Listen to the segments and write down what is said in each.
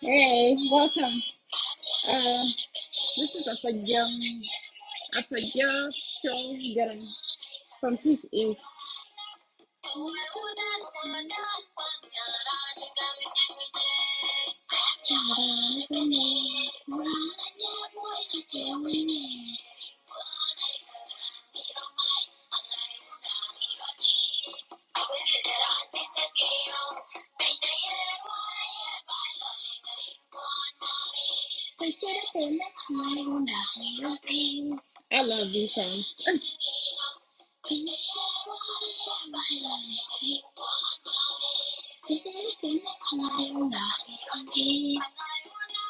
Hey, welcome. Uh, this is Apagyo, Apagyo Chongaram from Peace East. I love these songs.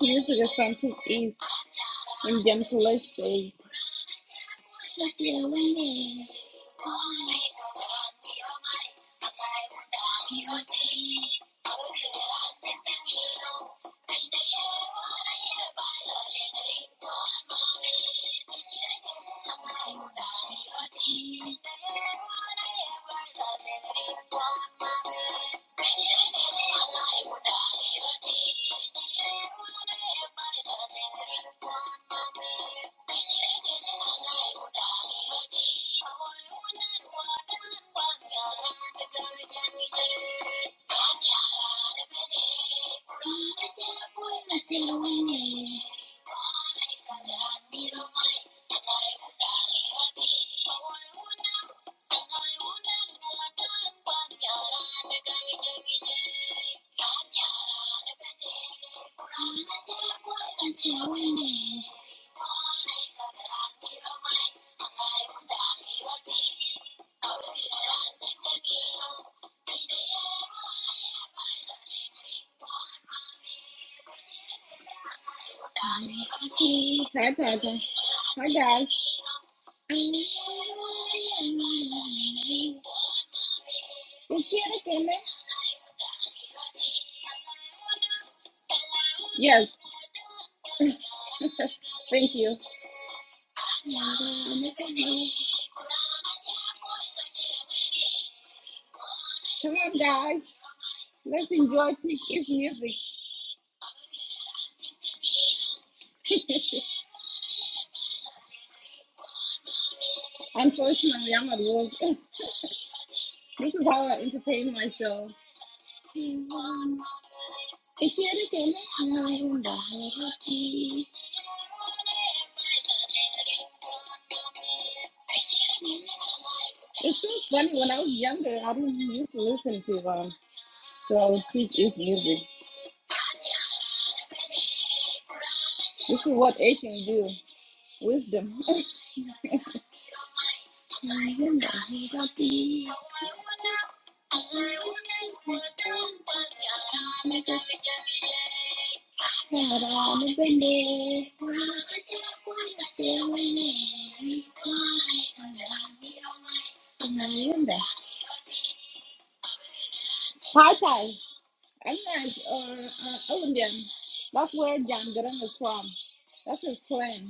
This music is from East Indian police state. Thank you. Hi, Papa. Hi, guys. Yes, thank you. Come on, guys. Let's enjoy Quick Ease music. Unfortunately, I'm at work. This is how I entertain myself. It's here to It's so funny. When I was younger, I didn't used to listen to um, so I would teach his music. This is what Asians do. Wisdom. Hi, Kai. I'm not, uh, uh, Olympian. That's where John Garang is from. That's his clan.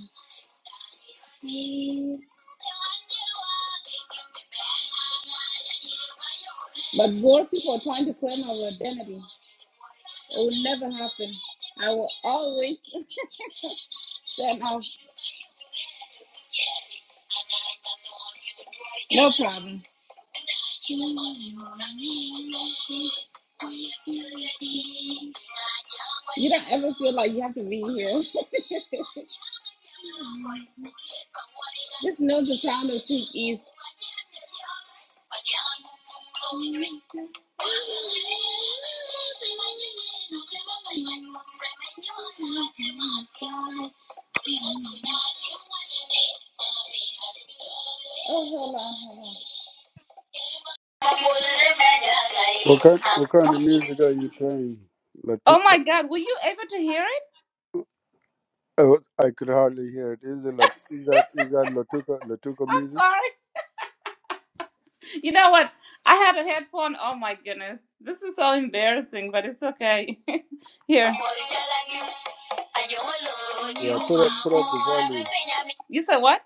But more people are trying to claim our identity. It will never happen. I will always stand out. No problem. You don't ever feel like you have to be here. Just know the time of peak is. Oh, What kind, what kind of music are you playing? Latu- Oh my God, were you able to hear it? oh, I could hardly hear it. Is it lat- is that is that Latuka Latuka I'm music? sorry. You know what? I had a headphone. Oh my goodness. This is so embarrassing, but it's okay. Here. Yeah, put up put up the volume. You said what?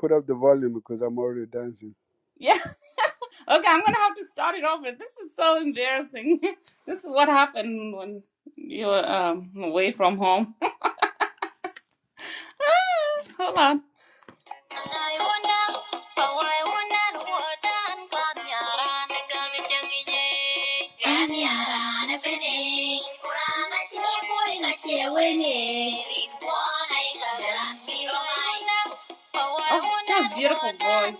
Put up the volume because I'm already dancing. Yeah. Okay, I'm going to have to start it over. This is so embarrassing. This is what happened when you were um, away from home. Hold on. Oh, what a beautiful voice.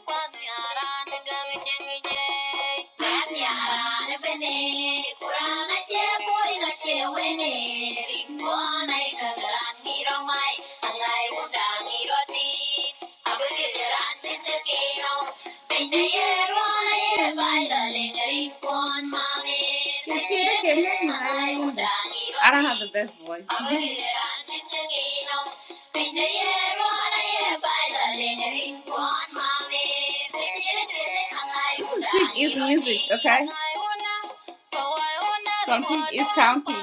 I don't have the best voice. this is Trick is music, okay? Compute is county,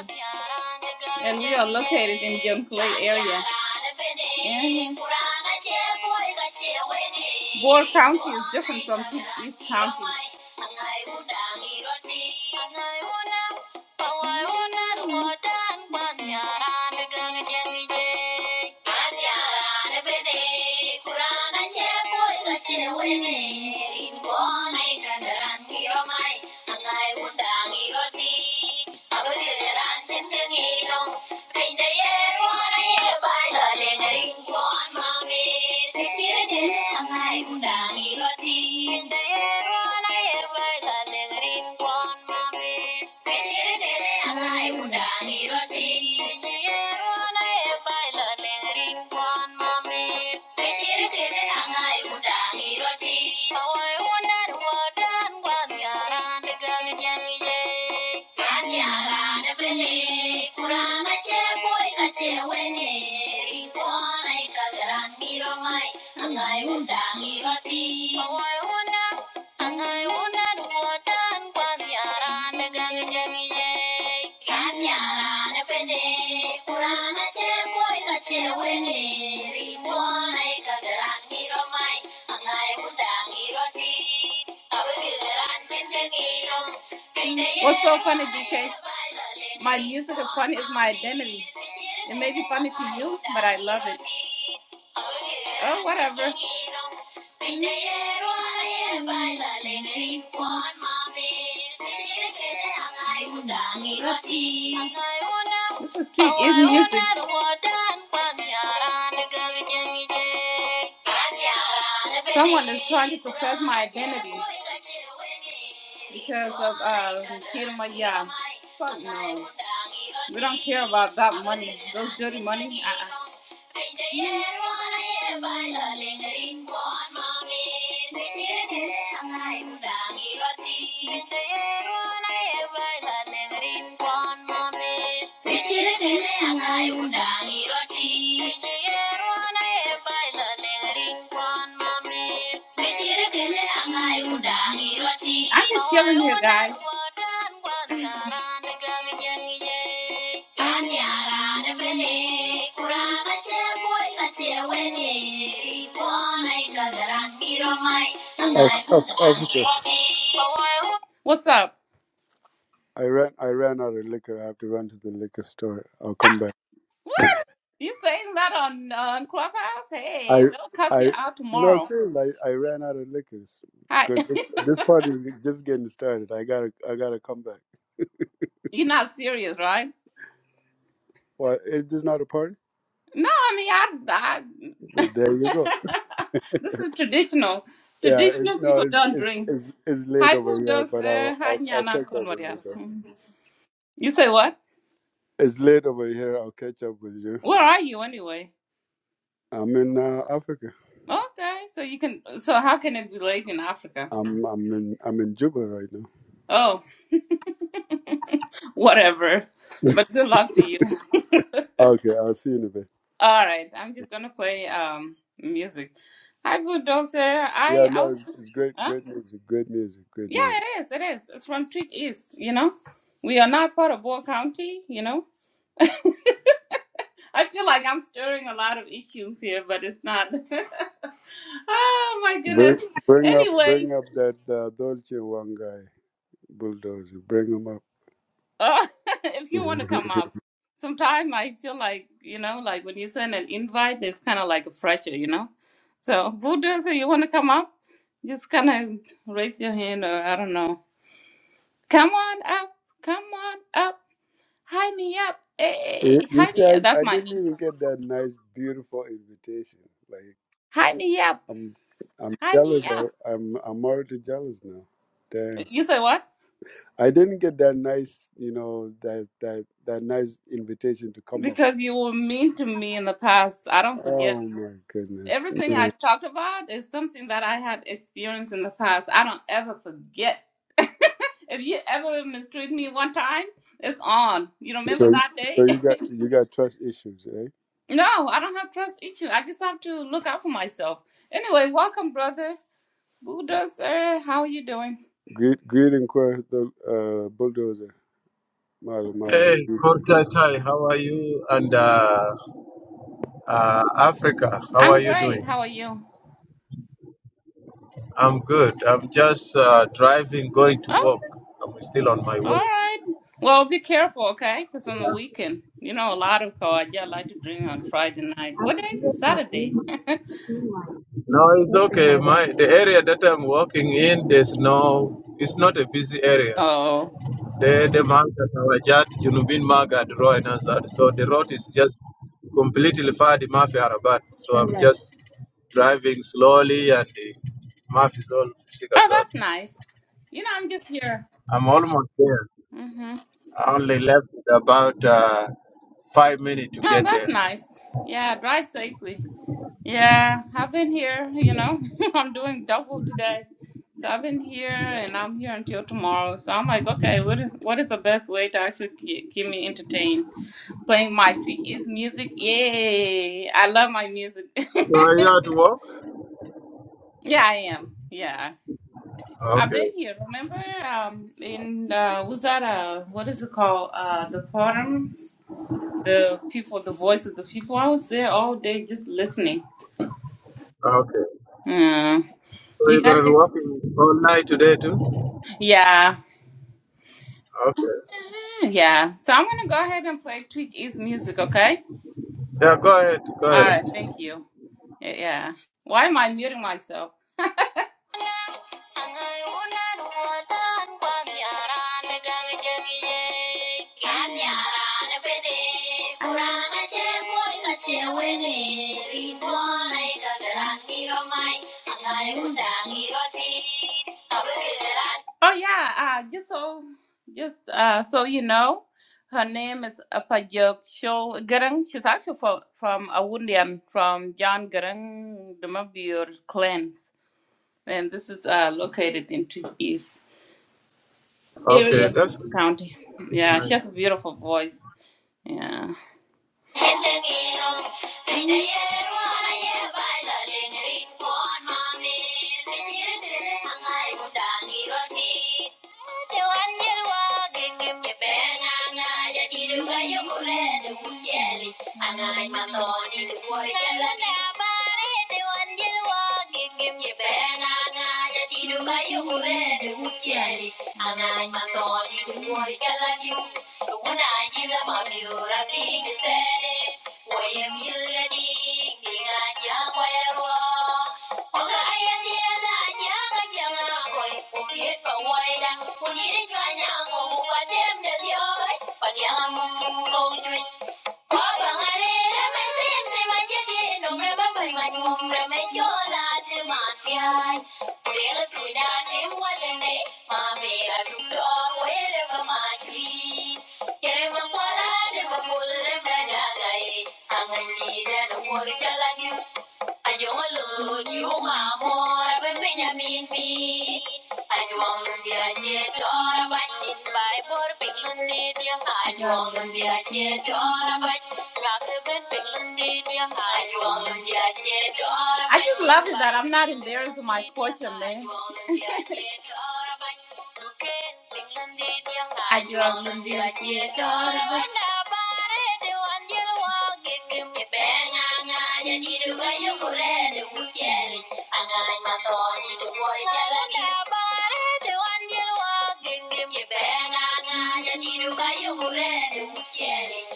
and we are located in Jonglei area. And Boer County is different from East County. Pawayonan wadan banyaran degang jengije. Banyaran bene kurana chepoy kachewene. Ingonay kandaran kiromay angay undang iroti. Abagiraran jengengilong Thank you. One mommy. Betiri kede anga iuda iroti. Oi unan wadan wan yaran degal jelje. Wan yaran bene kurama che boy kache wene. Ipona ikageran miromai anga iuda iroti. Oi unan Ang ayunan watan dagang jangi ye. Gan yara kurana che boy ka kagaran hiro mai ang ayunan hiro ti. What's so funny, BK? My music is funny, it's my identity. It may be funny to you, but I love it. Oh, whatever. This is Pete is not music. Someone is trying to suppress my identity because of uh Kira Maya. Fuck no. We don't care about that money. Those dirty money. Uh-uh. I'm just yelling here, guys. Af- Af- Africa. What's up? I ran I ran out of liquor. I have to run to the liquor store. I'll come back. You saying that on uh, Clubhouse? I Hey, they'll cut you I out no tomorrow. seriously. I, I ran out of liquor Hi, because this this party is just getting started. I gotta I gotta come back. you're not serious, right? Well, is this not a party? No, I mean, I, I There you go. this is traditional. Yeah, it's, Traditional no, people it's, don't it's drink. it's it's late Hi, over who here, does? but Uh, I'll hi, I'll, I'll Nyana catch up with Konwaria. you. Though. Hmm. You say what? It's late over here. I'll catch up with you. Where are you anyway? I'm in uh, Africa. Okay, so you can. So how can it be late in Africa? I'm I'm in I'm in Juba right now. Oh, whatever. But good luck to you. Okay, I'll see you in a bit. All right, I'm just gonna play um music. Hi, bulldozer. Yeah, I I no, was, it's, it's great, huh? great music, great music, great Yeah, music. it is. It is. It's from Tweed East. You know, we are not part of Ball County. You know, I feel like I'm stirring a lot of issues here, but it's not. oh my Bring goodness. bring up Anyways, bring up that uh, Dolce one guy bulldozer. Bring him up. Uh, if you want to come up, sometimes I feel like, you know, like when you send an invite, it's kind of like a fracture, you know? So, Buddha, so you want to come up? Just kind of raise your hand, or I don't know. Come on up. Come on up. High me up. you Hey, you high see, me I, up. That's I my didn't new even song. get that nice, beautiful invitation. Like, High me up. I'm I'm High jealous. me up. I- I'm I'm already jealous now. Damn. You say what? I didn't get that nice, you know, that that that nice invitation to come up. Because you were mean to me in the past. I don't Oh forget. my goodness. Everything Yeah. I talked about is something that I had experienced in the past. I don't ever forget If you ever mistreat me one time, it's on. You remember So that so day? you got you got trust issues, eh? no, I don't have trust issue. I just have to look out for myself. Anyway, welcome, brother Bulldozer. How are you doing? Greet greeting for the uh bulldozer. Mala Hey, mala. Kortatai, how are you? And uh, uh, Africa, how are I'm you great. doing? How are you? I'm good. I'm just uh, driving, going to Oh, work. I'm still on my all way. right. Well, be careful, okay? Because on the weekend, you know, a lot of cars. Yeah, I like to drink on Friday night. What day is it? Saturday. No, it's okay. My the area that I'm working in, there's no. It's not a busy area. Oh, The the market, Wajat, Junubin Market, Roy Nazar. So the road is just completely far the Mafi Arabat. So I'm just driving slowly, and the map is all oh, Sikazad. that's nice. You know, I'm just here. I'm almost there. hmm I only left about uh, five minutes to Oh, get there. that's nice. Yeah, drive safely. Yeah, I've been here, you know. I'm doing double today. So I've been here and I'm here until tomorrow. So I'm like, okay, what what is the best way to actually keep, keep me entertained? Playing my Twitch is music. Yay! I love my music. So are you at work? yeah, I am. Yeah. I've Okay. been here. Remember um in uh was that uh what is it called? Uh the forum, the people, the voice of the people. I was there all day just listening. Okay. Yeah. So you're You gonna got be it? working all night today too? Yeah. Okay. Yeah. So I'm gonna go ahead and play Tweet East music, okay? Yeah, go ahead, go All ahead. right. Thank you. Yeah. yeah. Why am I muting myself? Oh yeah, uh, just so just uh, so you know, her name is Apajok Shol Garang. She's actually from from Awundian, from John Garang Dumabur clans. And this is uh, located in Tweed East Okay, that's County. that's Yeah, she has nice. a beautiful voice. Yeah. Angai matoni tu muori chaladiu Unajila mabiura pigi tere, wayem yula ding dinga jangwa yarwa. Oga ayam diela janga janga boy, ukiet pa waida, unire jwa nyango upa tem de dioi, pa dianga mung Thank you. Ayong olod yung amor ben Benjamin mi. Ayong lundia jetora banin bay por pinglundi dia. Ayong lundia jetora ban rak ben pinglundi Ayong lundia jetora. I just love it that I'm not embarrassed of my portion, man. I drop on the idea, daughter, and I bought it. The one you walk, it can be bang. I'm not a deal where you could end it with jelly. And I'm not only the boy, tell her I bought it. one you walk, it can be bang. I'm not a deal where you could end it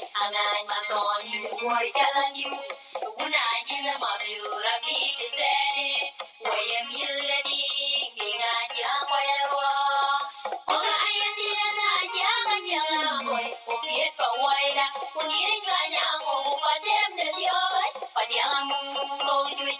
And I'm not only the boy, tell you. When I get a mobile, I beat the daddy. When you ain't got no more, but damn, the other, but young,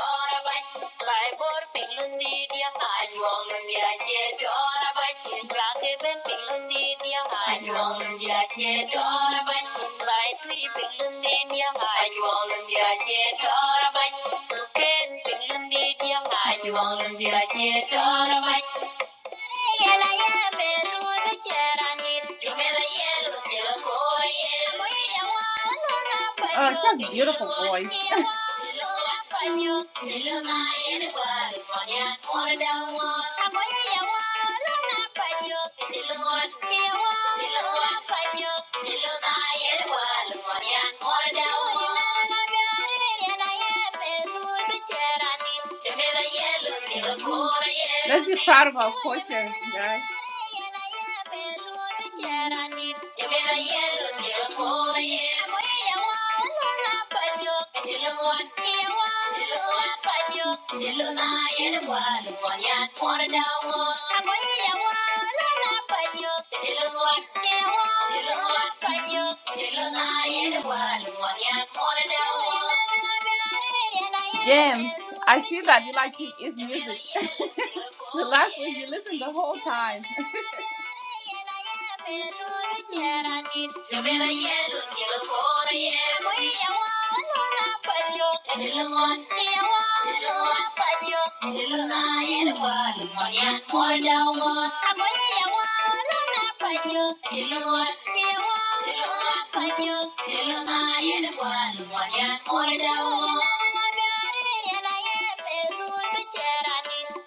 Thank you. Mai bor pilundi dia anyong dia che dora ban Plake ben pilundi dia anyong dia che dora ban Mai tui pilundi dia anyong dia che dora ban Luken pilundi dia anyong dia che dora ban Oh, she has a beautiful voice. Let's be proud of our culture, guys. James, I see that you like to eat music. the last week you listen the whole time.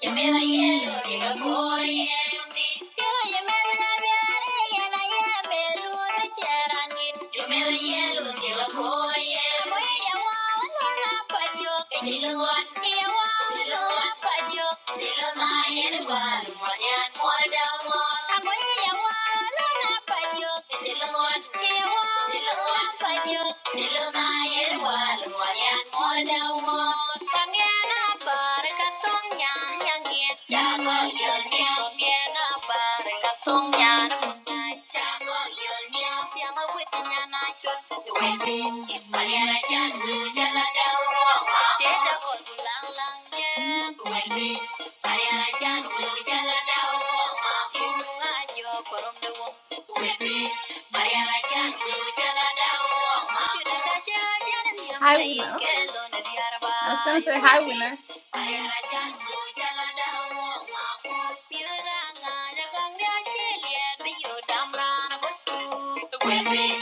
Yamela yelo, yamela yelo, Thank you. Hi, Winner. I was gonna say hi, Winner. We'll be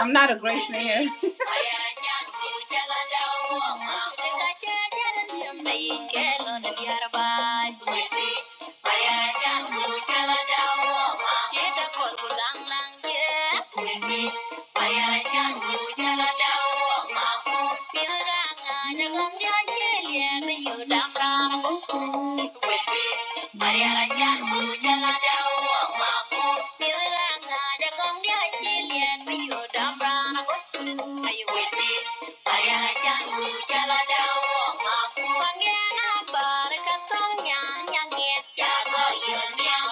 I'm not a great singer. Thank you. Ayana jangu jala dawo maku Panggena bar katong nyan nyangit Jago yul miang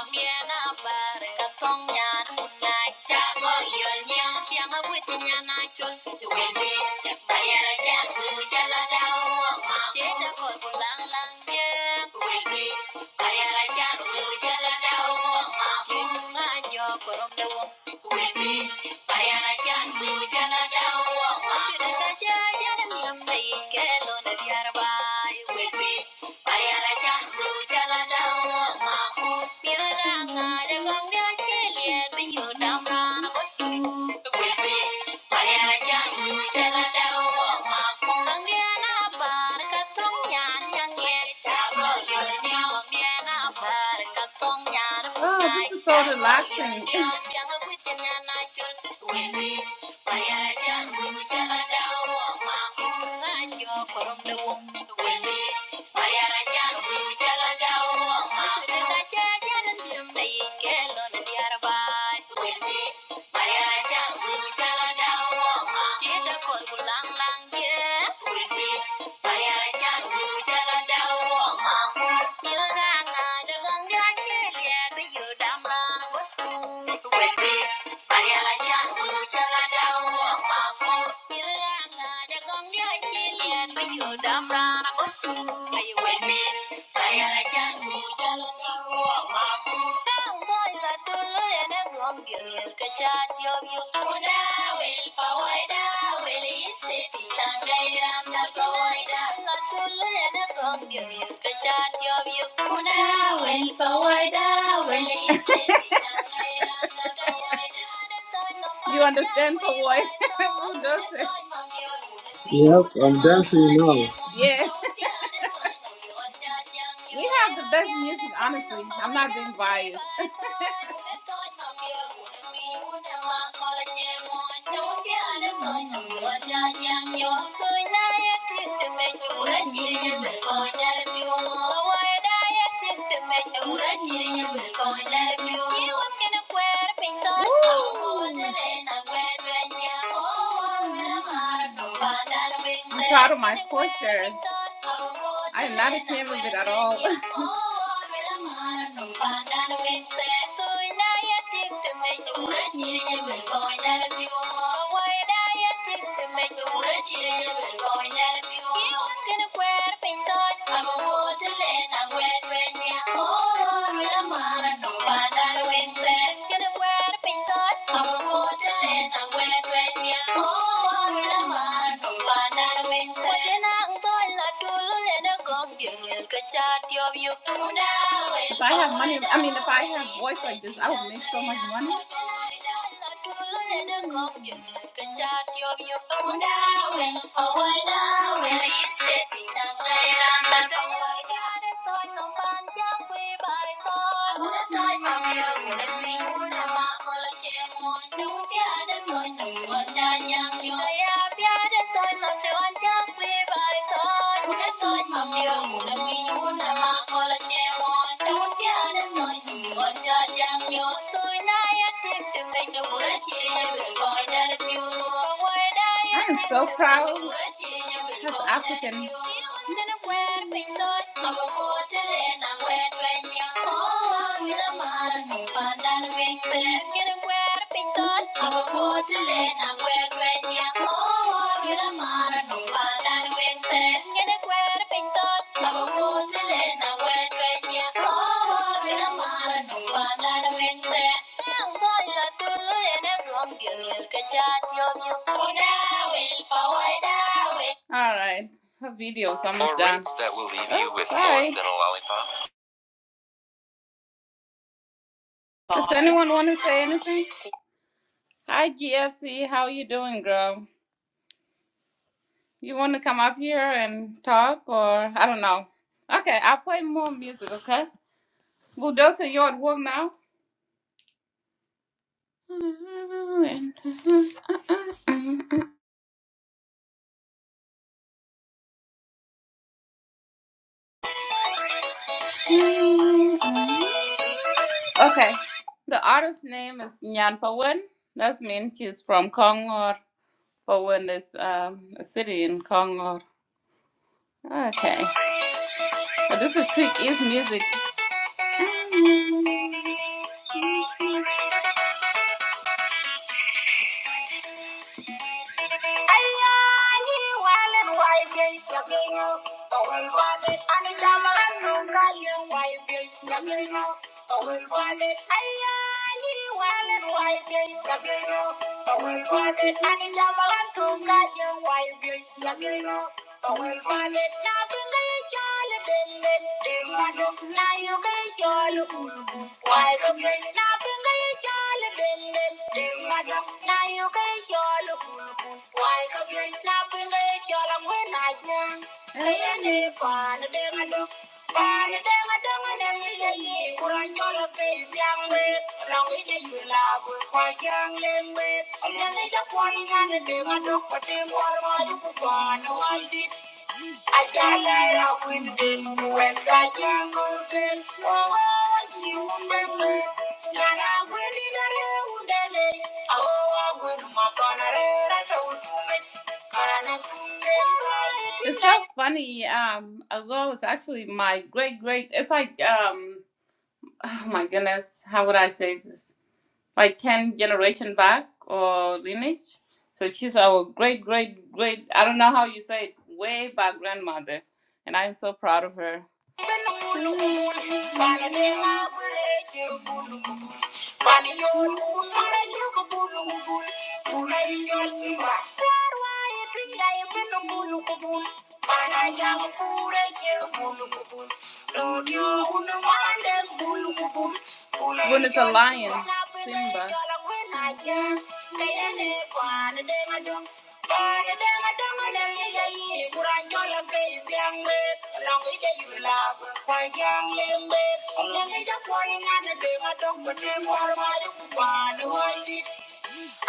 bar katong nyan unai Jago yul miang Tiang awit nyan acul Duwebe Ayana jangu jala dawo maku Jeda kor pulang lang ye Duwebe Ayana jangu jala dawo maku Jeda ngajo korom dawo Duwebe Mariana we were Jana Oh, this is so relaxing. Mày ai chẳng vui cha la lang lang yeah Quỳ quỳ Mày ai chẳng vui cha la đau bỏ mà Như ngang ngà cho găng đá chế lè Bây giờ đam la bất tu Quỳ quỳ Mày ai chẳng vui cha You understand for why? Who doesn't? Yep, I'm dancing now. Yeah. You have the best music, honestly. I'm not being biased. I'm proud of my culture. I am not a camera bit at all. If I have money, I mean, if I have voice like this, I would make so much money. I am so proud as African Ngana kwer pintot Amo motele na wetwen Wila mara ni pandan wekte Ngana kwer pintot Amo motele na wetwen Wila mara ni pandan wekte Ngana kwer pintot Amo motele na wetwen Wila mara ni pandan wekte Nang toy la tulu ene yom yuk wil pa All right. Her video's almost For done. rates that will leave you Oh, you with sorry. more than a lollipop. Does anyone want to say anything? Hi, GFC. How you doing, girl? You want to come up here and talk, or I don't know. Okay, I'll play more music. Okay, Bulldozer, you're at work now. Okay, the artist's name is Nyan Pawen. That means she's from Kongor. Pawen is um, a city in Kongor. Okay. This is Click Is Music. Owey kapi na pungay jalo dengdeng dengadung, na yungay jalo bulubul. Owey kapi na pungay jalo dengdeng dengadung, na yungay jalo bulubul. Owey kapi na pungay jalo kung itayang. Kaya depano dengadung, pano dengadung andeng ayi kung itayang we. Long itayu na bukaw yang lembet. Ano niya poni ano dengadung pati maramayupo panuandi. It's so funny. Um, ago was actually my great great. It's like um, oh my goodness, how would I say this? like 10 generation back or lineage. So she's our great, great, great, I don't know how you say it, way back grandmother. And I'm so proud of her. When it's a lion, Simba. Mm-hmm.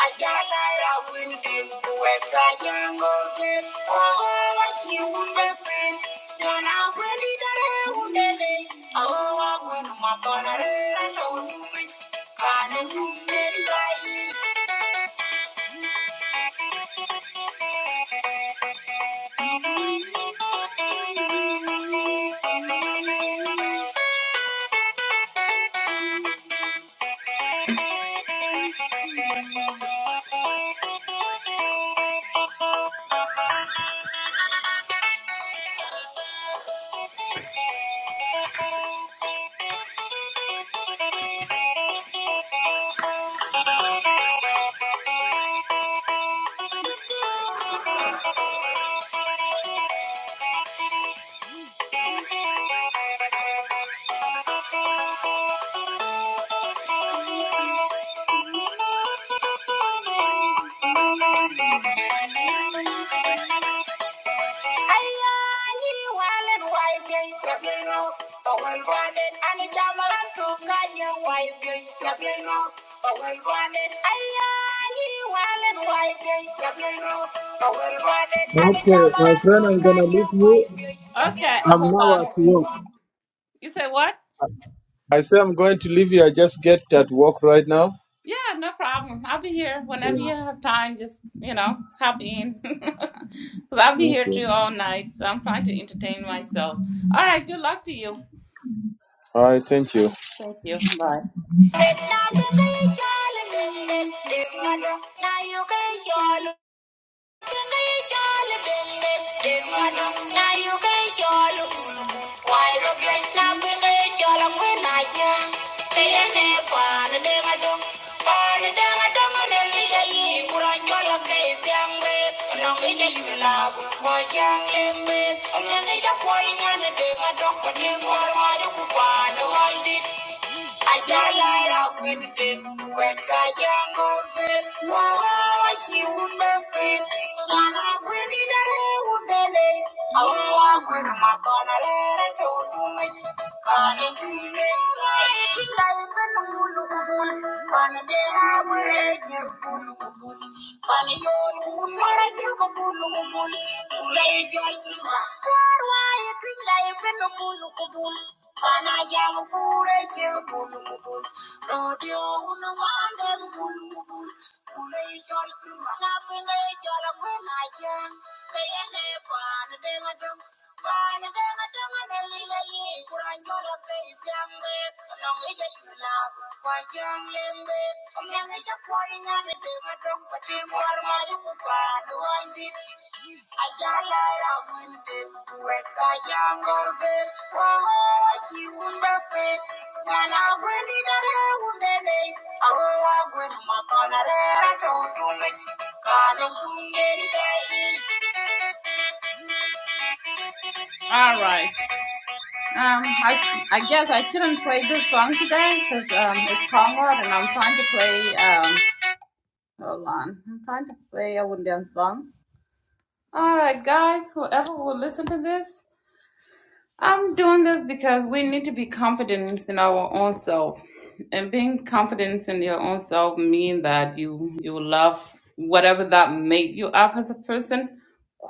Ajala winding, weka jango ke, oh kiumbe pin, jana wendi dare undele, oh agwenu makanare rata unungi, kane jumne kai. Okay, my friend, I'm gonna leave you. Okay, I'm hold on. now at work. You said what? I say I'm going to leave you. I just get at work right now. Yeah, no problem. I'll be here whenever Yeah. you have time. Just you know, hop in. because 'Cause I'll be here Okay. too all night. So I'm trying to entertain myself. All right. Good luck to you. All right. Thank you. Thank you. Bye. Thank you. Ayala era winde, weka yango be, wawa yiwunde fi, yana wini nere wundele, awa wini makana rere chowume, kane tuye wae, tinga ipen mulu kubul, kane deha wire jir bulu kubul, kane yon kubul mara jir kule jir sima, karwa ye tinga ipen Panayamukure bulmubul, rodeo unumande bulmubul, kule jorsi manapinga jola kwenaja, kayane pan dengadum, pan dengadum nelila li kuranjola kayambe, nongeja yula kwajang lembe, nongeja kwarinya dengadum, patimwar maju kupadu all right. Um, I I guess I could not play this song today because um it's Conrad and I'm trying to play um hold on I'm trying to play a Wundan song. All right, guys, whoever will listen to this, I'm doing this because we need to be confident in our own self. And being confident in your own self mean that you you love whatever that made you up as a person,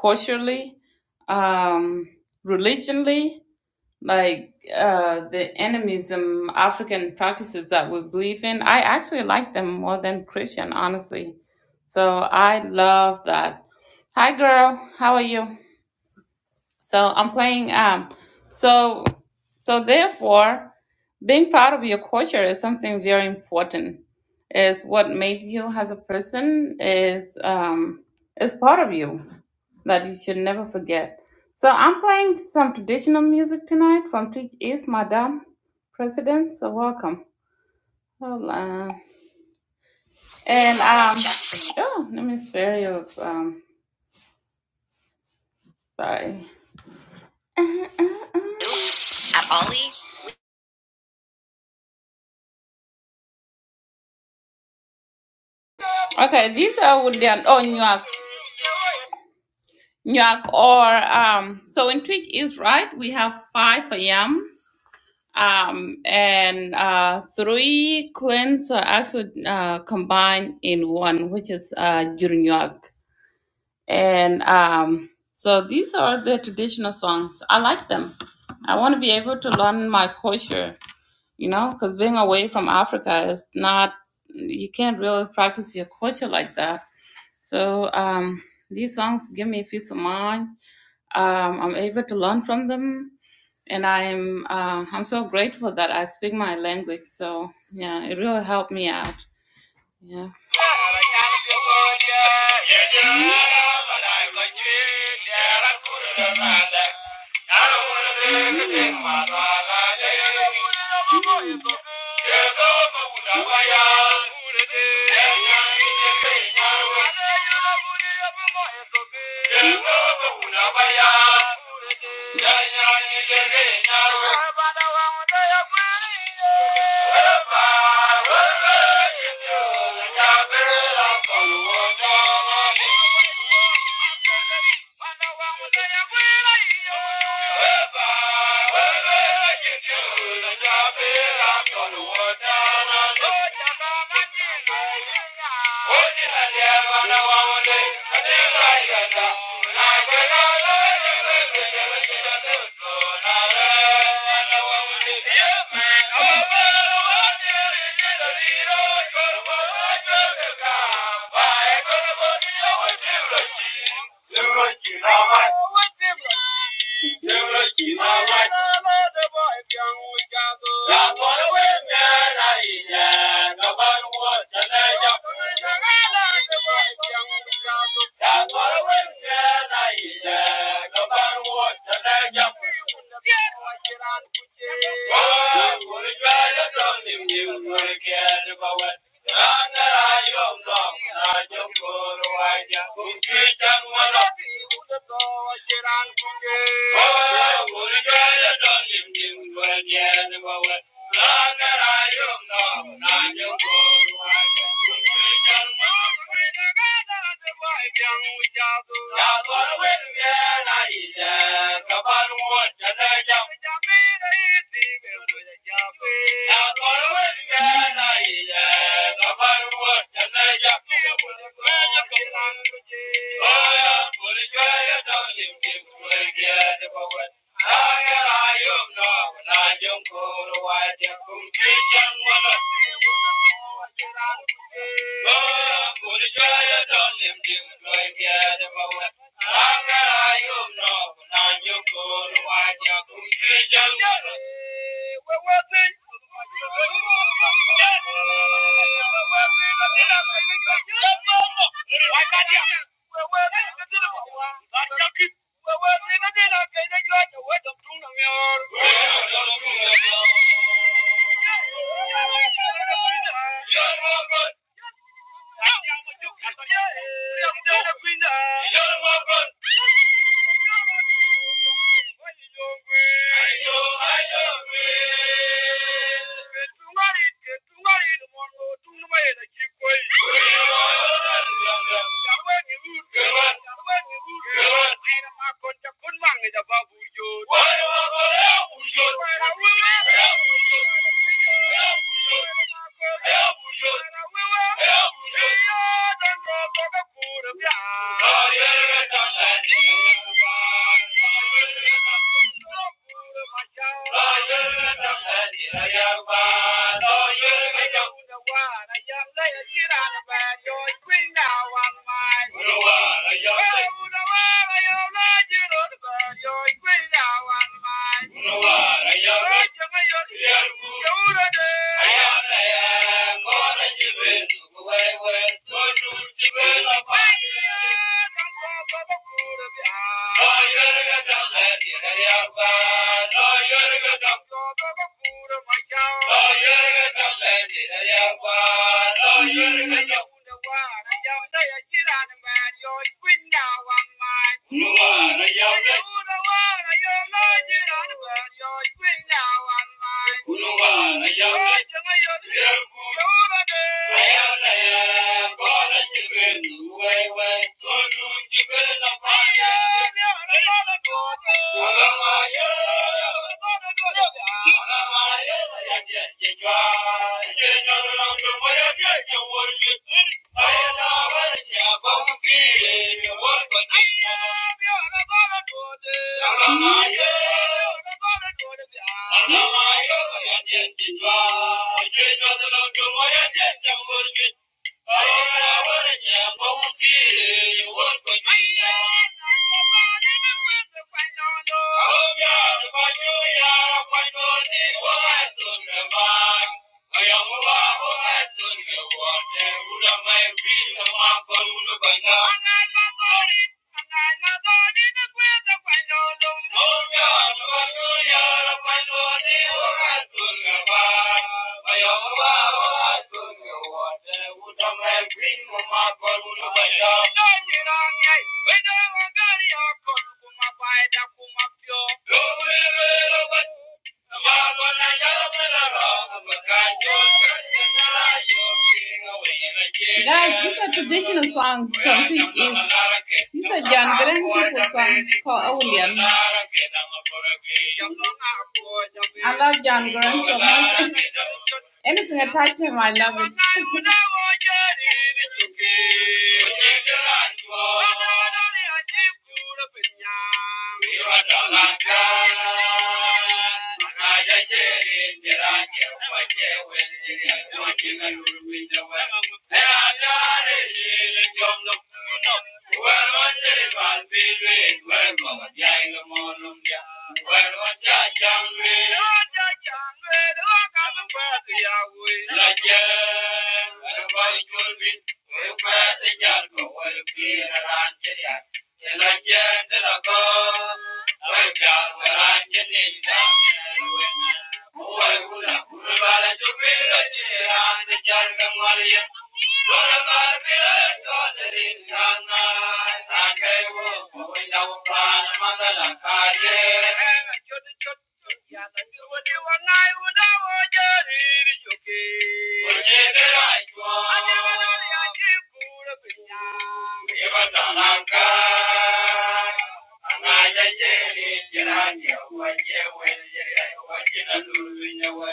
culturally, um, religionally, like uh, the animism, African practices that we believe in. I actually like them more than Christian, honestly. So I love that. Hi, girl. How are you? So I'm playing. Um, so so therefore, being proud of your culture is something very important. Is what made you as a person is um, is part of you that you should never forget. So I'm playing some traditional music tonight from Twitch East, Madame President. So welcome. Hold on. And um, oh, let me spare you. Um, sorry. Okay, these are William. Oh, York. Nyak or um, so in Twitch is right. We have five yams um, and uh, three clans are actually uh, combined in one, which is uh, Jurnyak. And um, so these are the traditional songs. I like them. I want to be able to learn my culture, you know, because being away from Africa is not, you can't really practice your culture like that. So um, these songs give me peace of mind um, I'm able to learn from them, and I'm uh, I'm so grateful that I speak my language. So yeah, it really helped me out. Yeah. Bye. Thank you. my boy. Yeah. Yeah. Yeah. Thank you. Thank you. Yeah. Thank you. Yeah. You Yeah. Thank Thank you. Thank you. Guys, these are traditional songs from Twitch is these are Jangaren people songs called Awlian. I love Jangaren so much. Anything attached to him, I love it. Yeah. Thank you.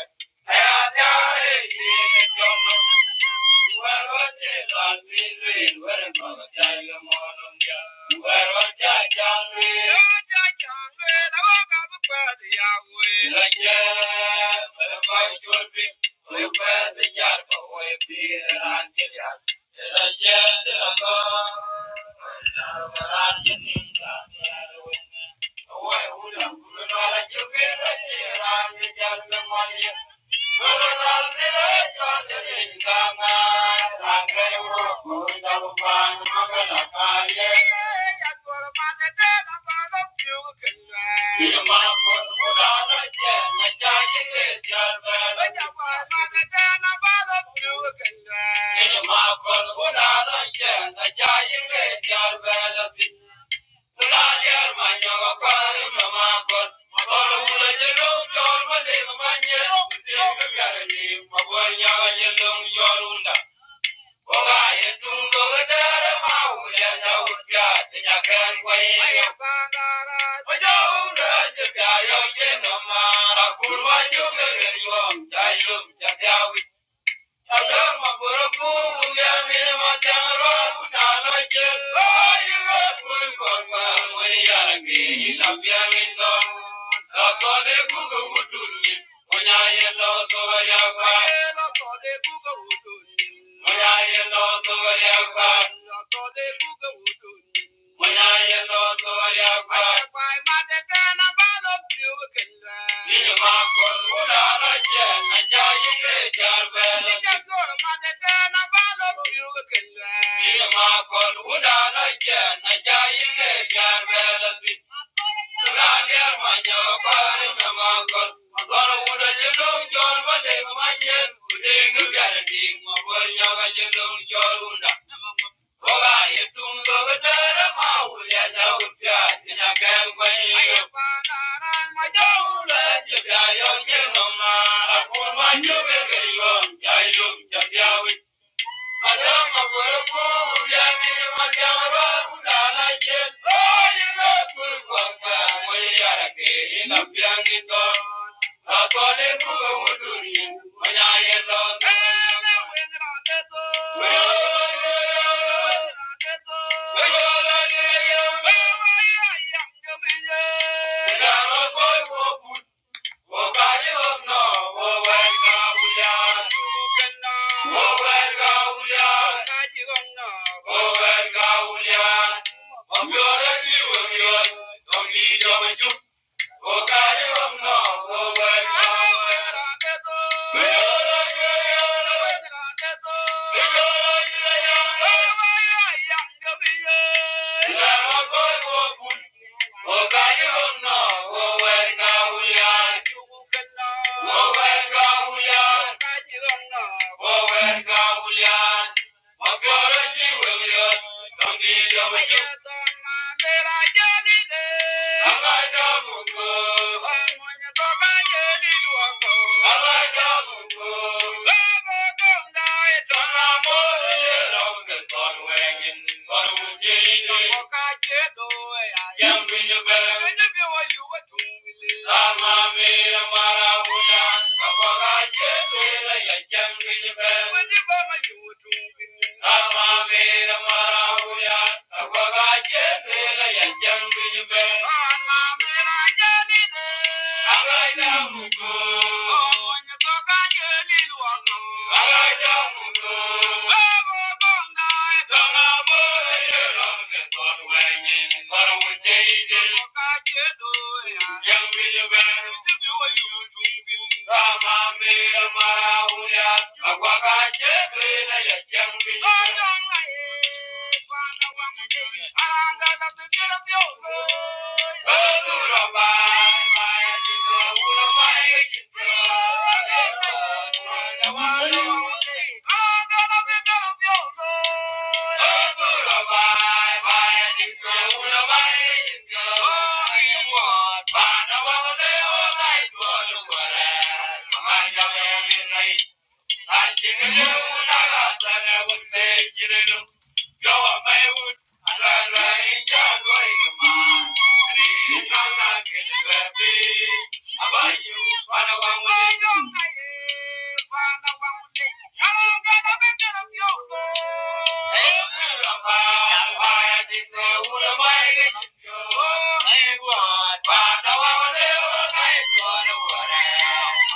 Yeah. Thank you. Thank you. can get you on. I look at how we Thank you. Yeah. Yeah. Yeah. Thank you. Oh, Thank you. Thank you. Bye.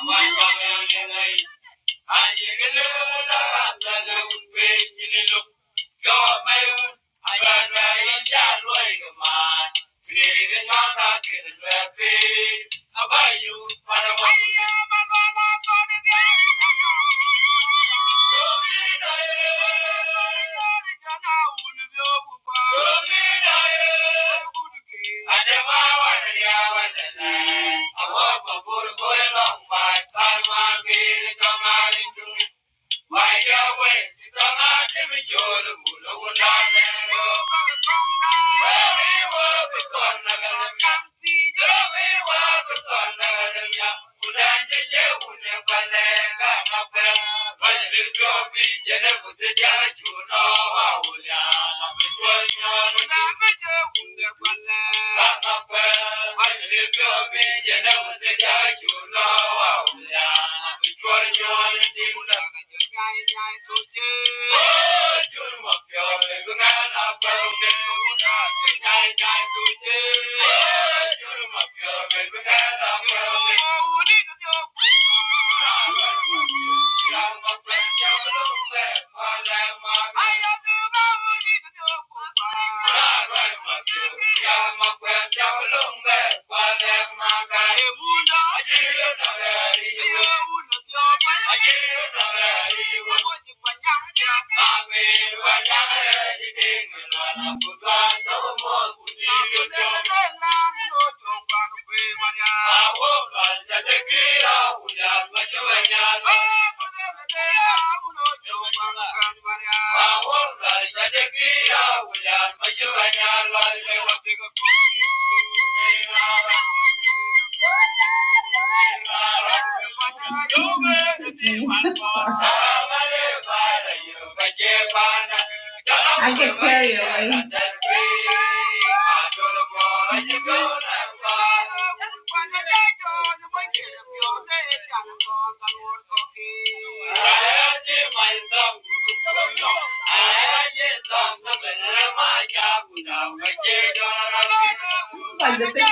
Bye. Thank you. Abayu, para mo. Ayam abala, pamilya mo. Tumid ay, pamilya na ulibog mo. Tumid ay, bukod kayo. Hindi ba wala niya wala na? Ako sa burol ko'y lang bay. Parang mabigat ang aringju. My Yahweh is the Lord giving you the moon of one Thank you. Yeah, my friend, down along there, while they're my guy. Thank you. I get carried away. This is like the 50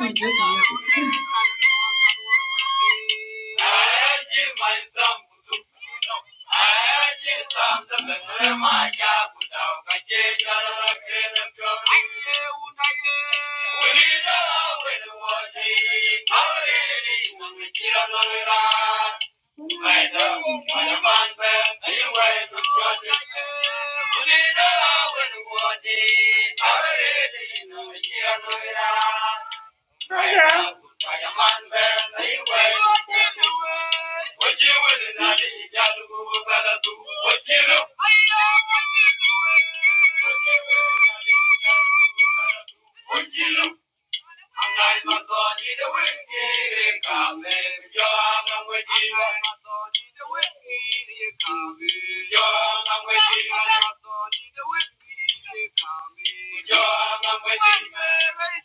listen, listen. listen. Thank you.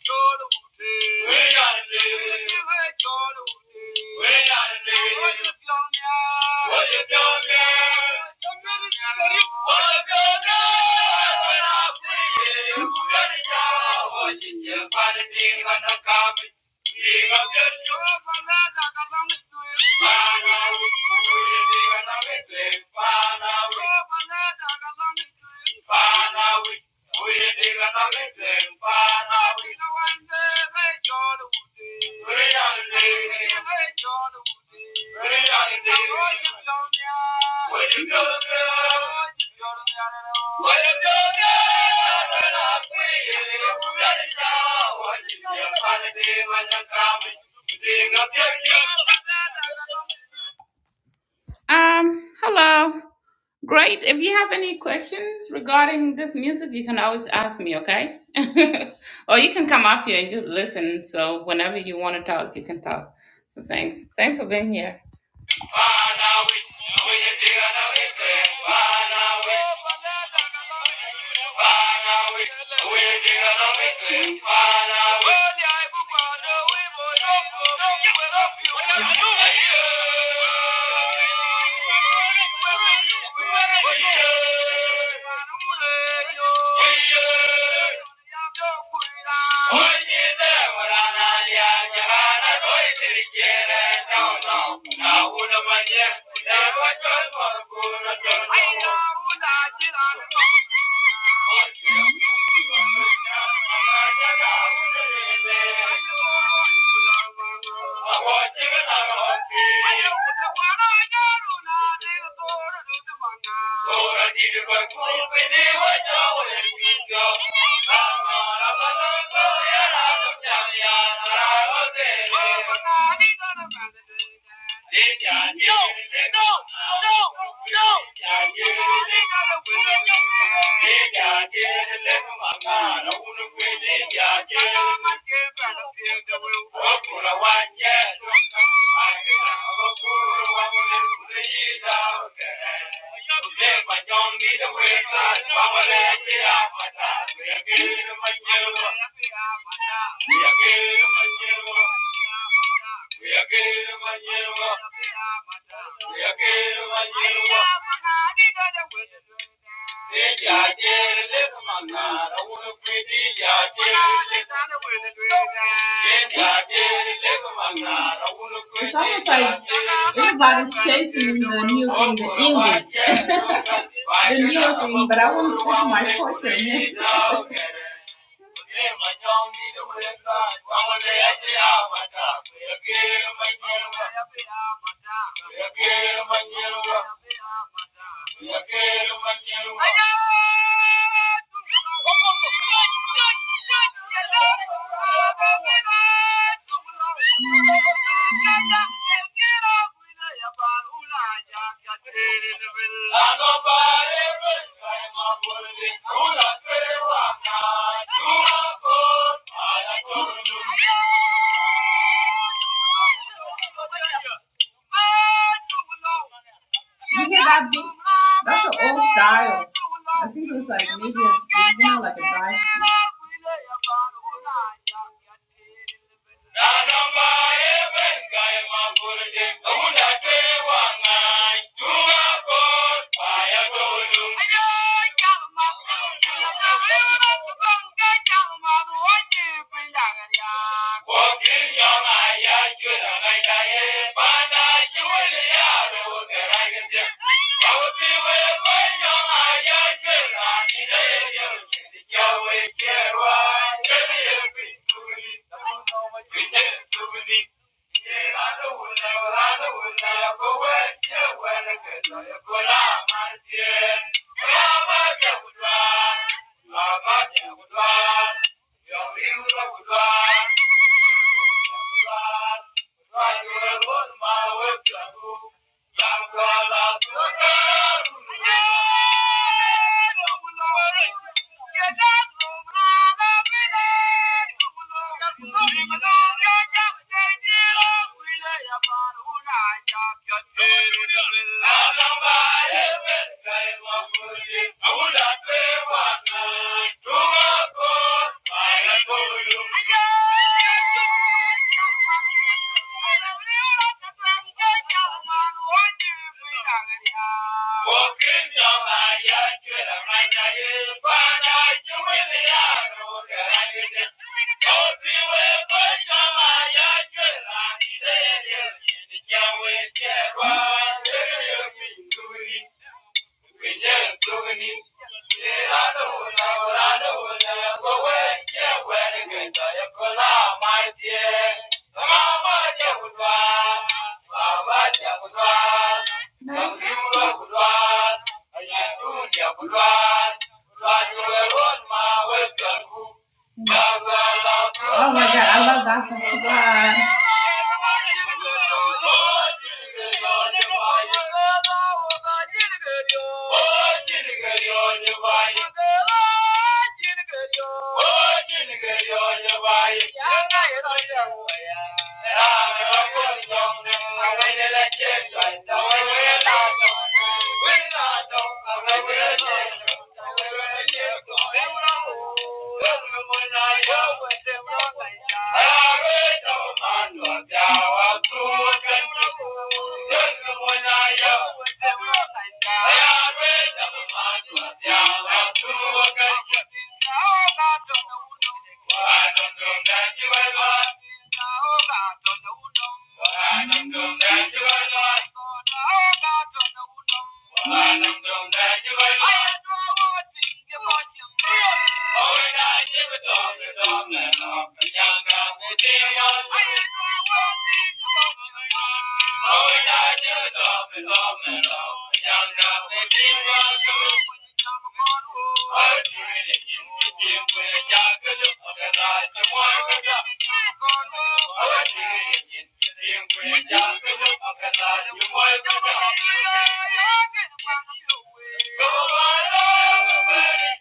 Thank you. Father, we no Um, hello. Great. If you have any questions regarding this music, you can always ask me, okay? or you can come up here and just listen. So whenever you want to talk, you can talk. So thanks. Thanks for being here. Father, we we just dig on our lips. Father, we Father, we we just dig on our lips. Father, we Onye zai wura na ya, ya ba na so ya tirke da Oh, yeah. It's almost like everybody's chasing the new thing, the English, the new thing, but I want to stick to my portion. Yeah. Thank you. You hear that beat? That's an old style. I think it was like maybe it's you know like a drive. Yeah. Thank you. Thank you. Thank you. Thank you. Oh my God, I love that from God. I don't Thank you. are lost. Oh, yeah, Thank you. Thank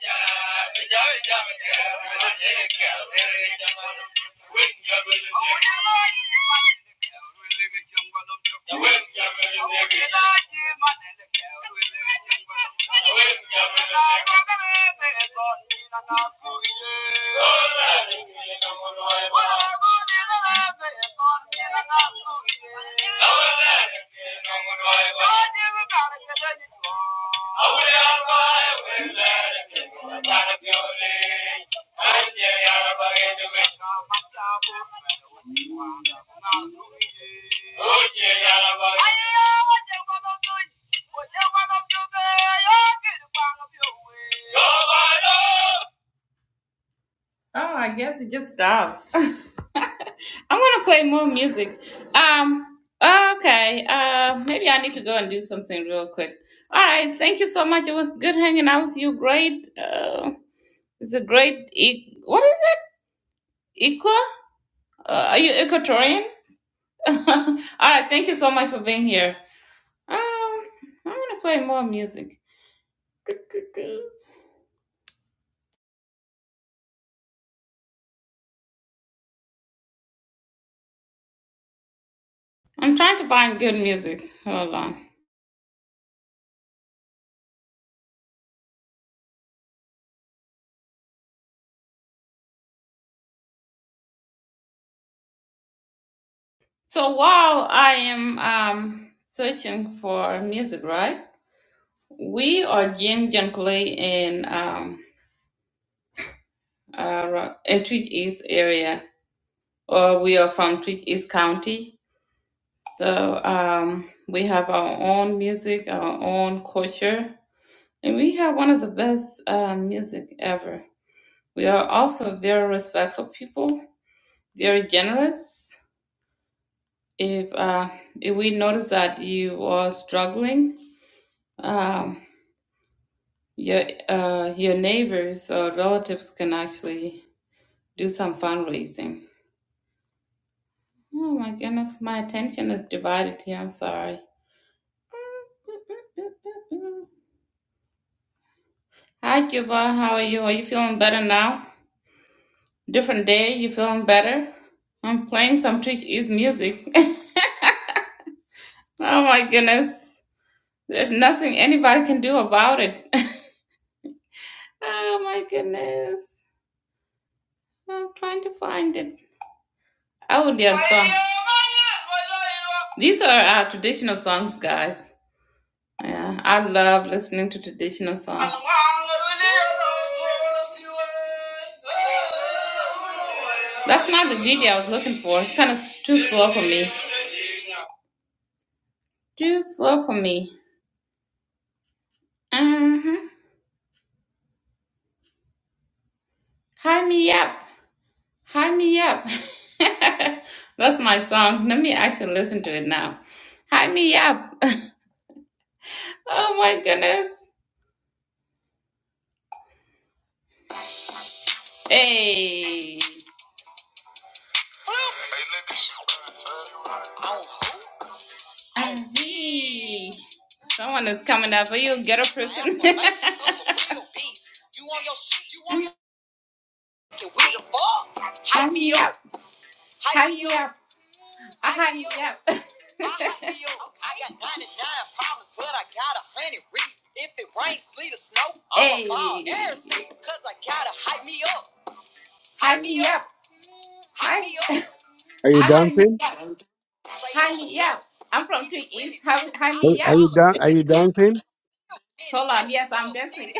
you. Nobody. Oh, I guess it just stopped. I'm gonna play more music. Um, okay. Uh, maybe I need to go and do something real quick. All right. Thank you so much. It was good hanging out with you. Great. Uh, it's a great. E- what is it? Equa? Uh, are you Equatorian? All right. Thank you so much for being here. Um, I'm gonna play more music. I'm trying to find good music. Hold on. So while I am um, searching for music, right? We are Jim Junkley in um, uh, Ro- in Tweed East area, or we are from Tweed East County. So um, we have our own music, our own culture, and we have one of the best uh, music ever. We are also very respectful people, very generous. If uh, if we notice that you are struggling, um. Your uh, your neighbors or relatives can actually do some fundraising. Oh my goodness, my attention is divided here. I'm sorry. Hi, Cuba. How are you? Are you feeling better now? Different day. You feeling better? I'm playing some Twitch East music. oh my goodness. There's nothing anybody can do about it. oh my goodness. I'm trying to find it. I would have song. These are our traditional songs, guys. Yeah, I love listening to traditional songs. That's not the video I was looking for. It's kind of too slow for me. Too slow for me. Mm-hmm. High me up. High me up. That's my song. Let me actually listen to it now. High me up. oh my goodness. Hey. I see. Someone is coming up for you. Get a person. Hype me up. Hype me up. I hype you up. I hype you up. I got ninety-nine problems, but I got a hundred reasons. If it rains, sleet, or snow, I'm Hey. about air season. Cause I gotta Hype me up. Hype me up. Hype me up. Are you I hype me dancing? up. Hype me up. I'm from Tweet East. Hype hype Are me are you dan Are you up. dancing? Hold on, yes, I'm definitely.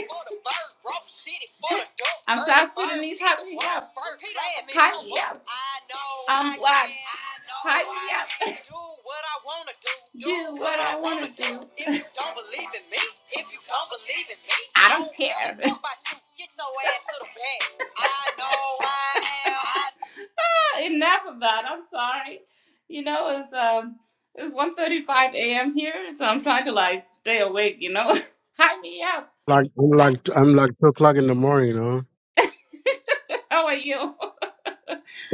I'm South Sudanese. How do you up? Hype me up. I'm black. Hype me up. Do what I want to do. I don't care. I enough of that. I'm sorry. You know, it's um it's 1:35 a.m. here, so I'm trying to like stay awake, you know. Hi me up. Like I'm like I'm like two o'clock in the morning. Huh? How are you?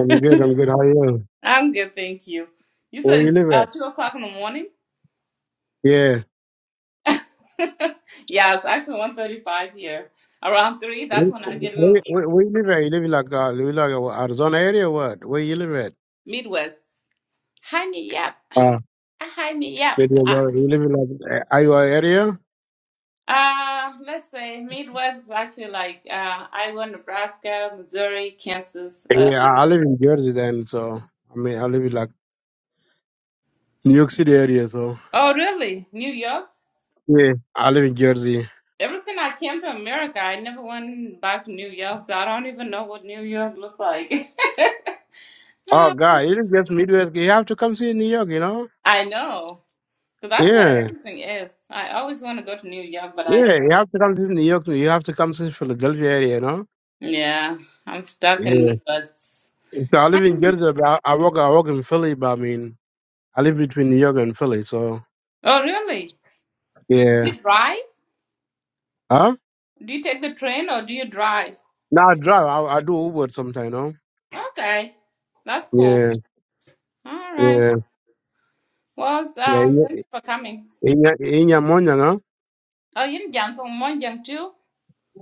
I'm good. I'm good. How are you? I'm good, thank you. You Where said you it's live uh, at? two o'clock in the morning? Yeah. yeah, it's actually 1:35 here. Around three, that's when Where, I get to where, where where you live at? You live in like uh, you live like uh, Arizona area? Or what? Where you live at? Midwest. Hi me up. Uh, Hi me up. it was, Uh, uh, you live in like uh, Iowa area? uh, let's say Midwest is actually like uh, Iowa, Nebraska, Missouri, Kansas. Uh, Yeah, I I live in Jersey then. So I mean, I live in like New York City area. So oh, really? New York? yeah, I live in Jersey. Ever since I came to America, I never went back to New York, so I don't even know what New York looked like. Oh God, it is just Midwest. You have to come see New York. You know? I know, 'cause that's where Yeah. everything is. I always want to go to New York, but I Yeah, you have to come to New York. You have to come to Philadelphia area, you know. yeah, I'm stuck in Yeah. Midwest. So I live in Jersey, but I, I work. I work in Philly, but I mean, I live between New York and Philly. So Oh, really? Do yeah. you drive? Huh? Do you take the train or do you drive? No, I drive. I, I do Uber sometimes, you know. Okay, that's cool. Yeah, All right. yeah, Well, yeah. uh, In thank you for coming. in in your morning, huh? Oh, you Jiang from Monjiang too?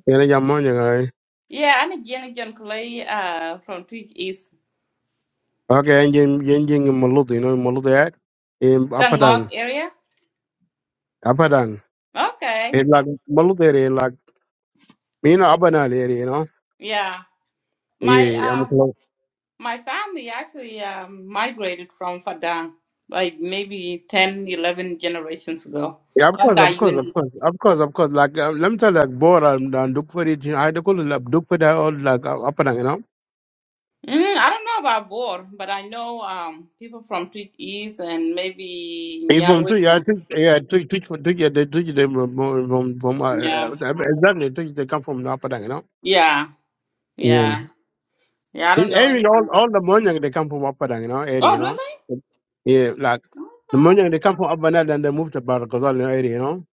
Yeah, in your morning, I. Yeah, I'm a Jiang Jiang Clay uh, from Twig East. Okay, and in in in Maluti, you know Maluti at in The Ngok Apadang, area? Apadang. Okay. It like Maluti area, like you know Apadang area, you know. Yeah. My Yeah, I'm uh close. my family actually um migrated from Fadang like maybe 10, 11 generations ago. Yeah, of course, Kaka of course, of UND. course, of course, of course. Like, uh, let me tell you, like, Bora and, and Duke for it, I had to call it like, Duke for that, all like, uh, up and down, you know. Mm, I don't know about Bor, but I know um people from Tweet East and maybe If from Nyarwe. two, yeah, and- two, yeah, two, two, two, two, yeah, they, two, they, from, from, from, uh, uh, Yeah. exactly, two, they come from the upper down, you know. Yeah. Yeah. Yeah. Yeah, I It, don't know I all, anything. all the money, they come from upper down, you know, area, you Oh, know. really? Yeah, like, the money, they come from upper down, then they move to Barakazal area, you know.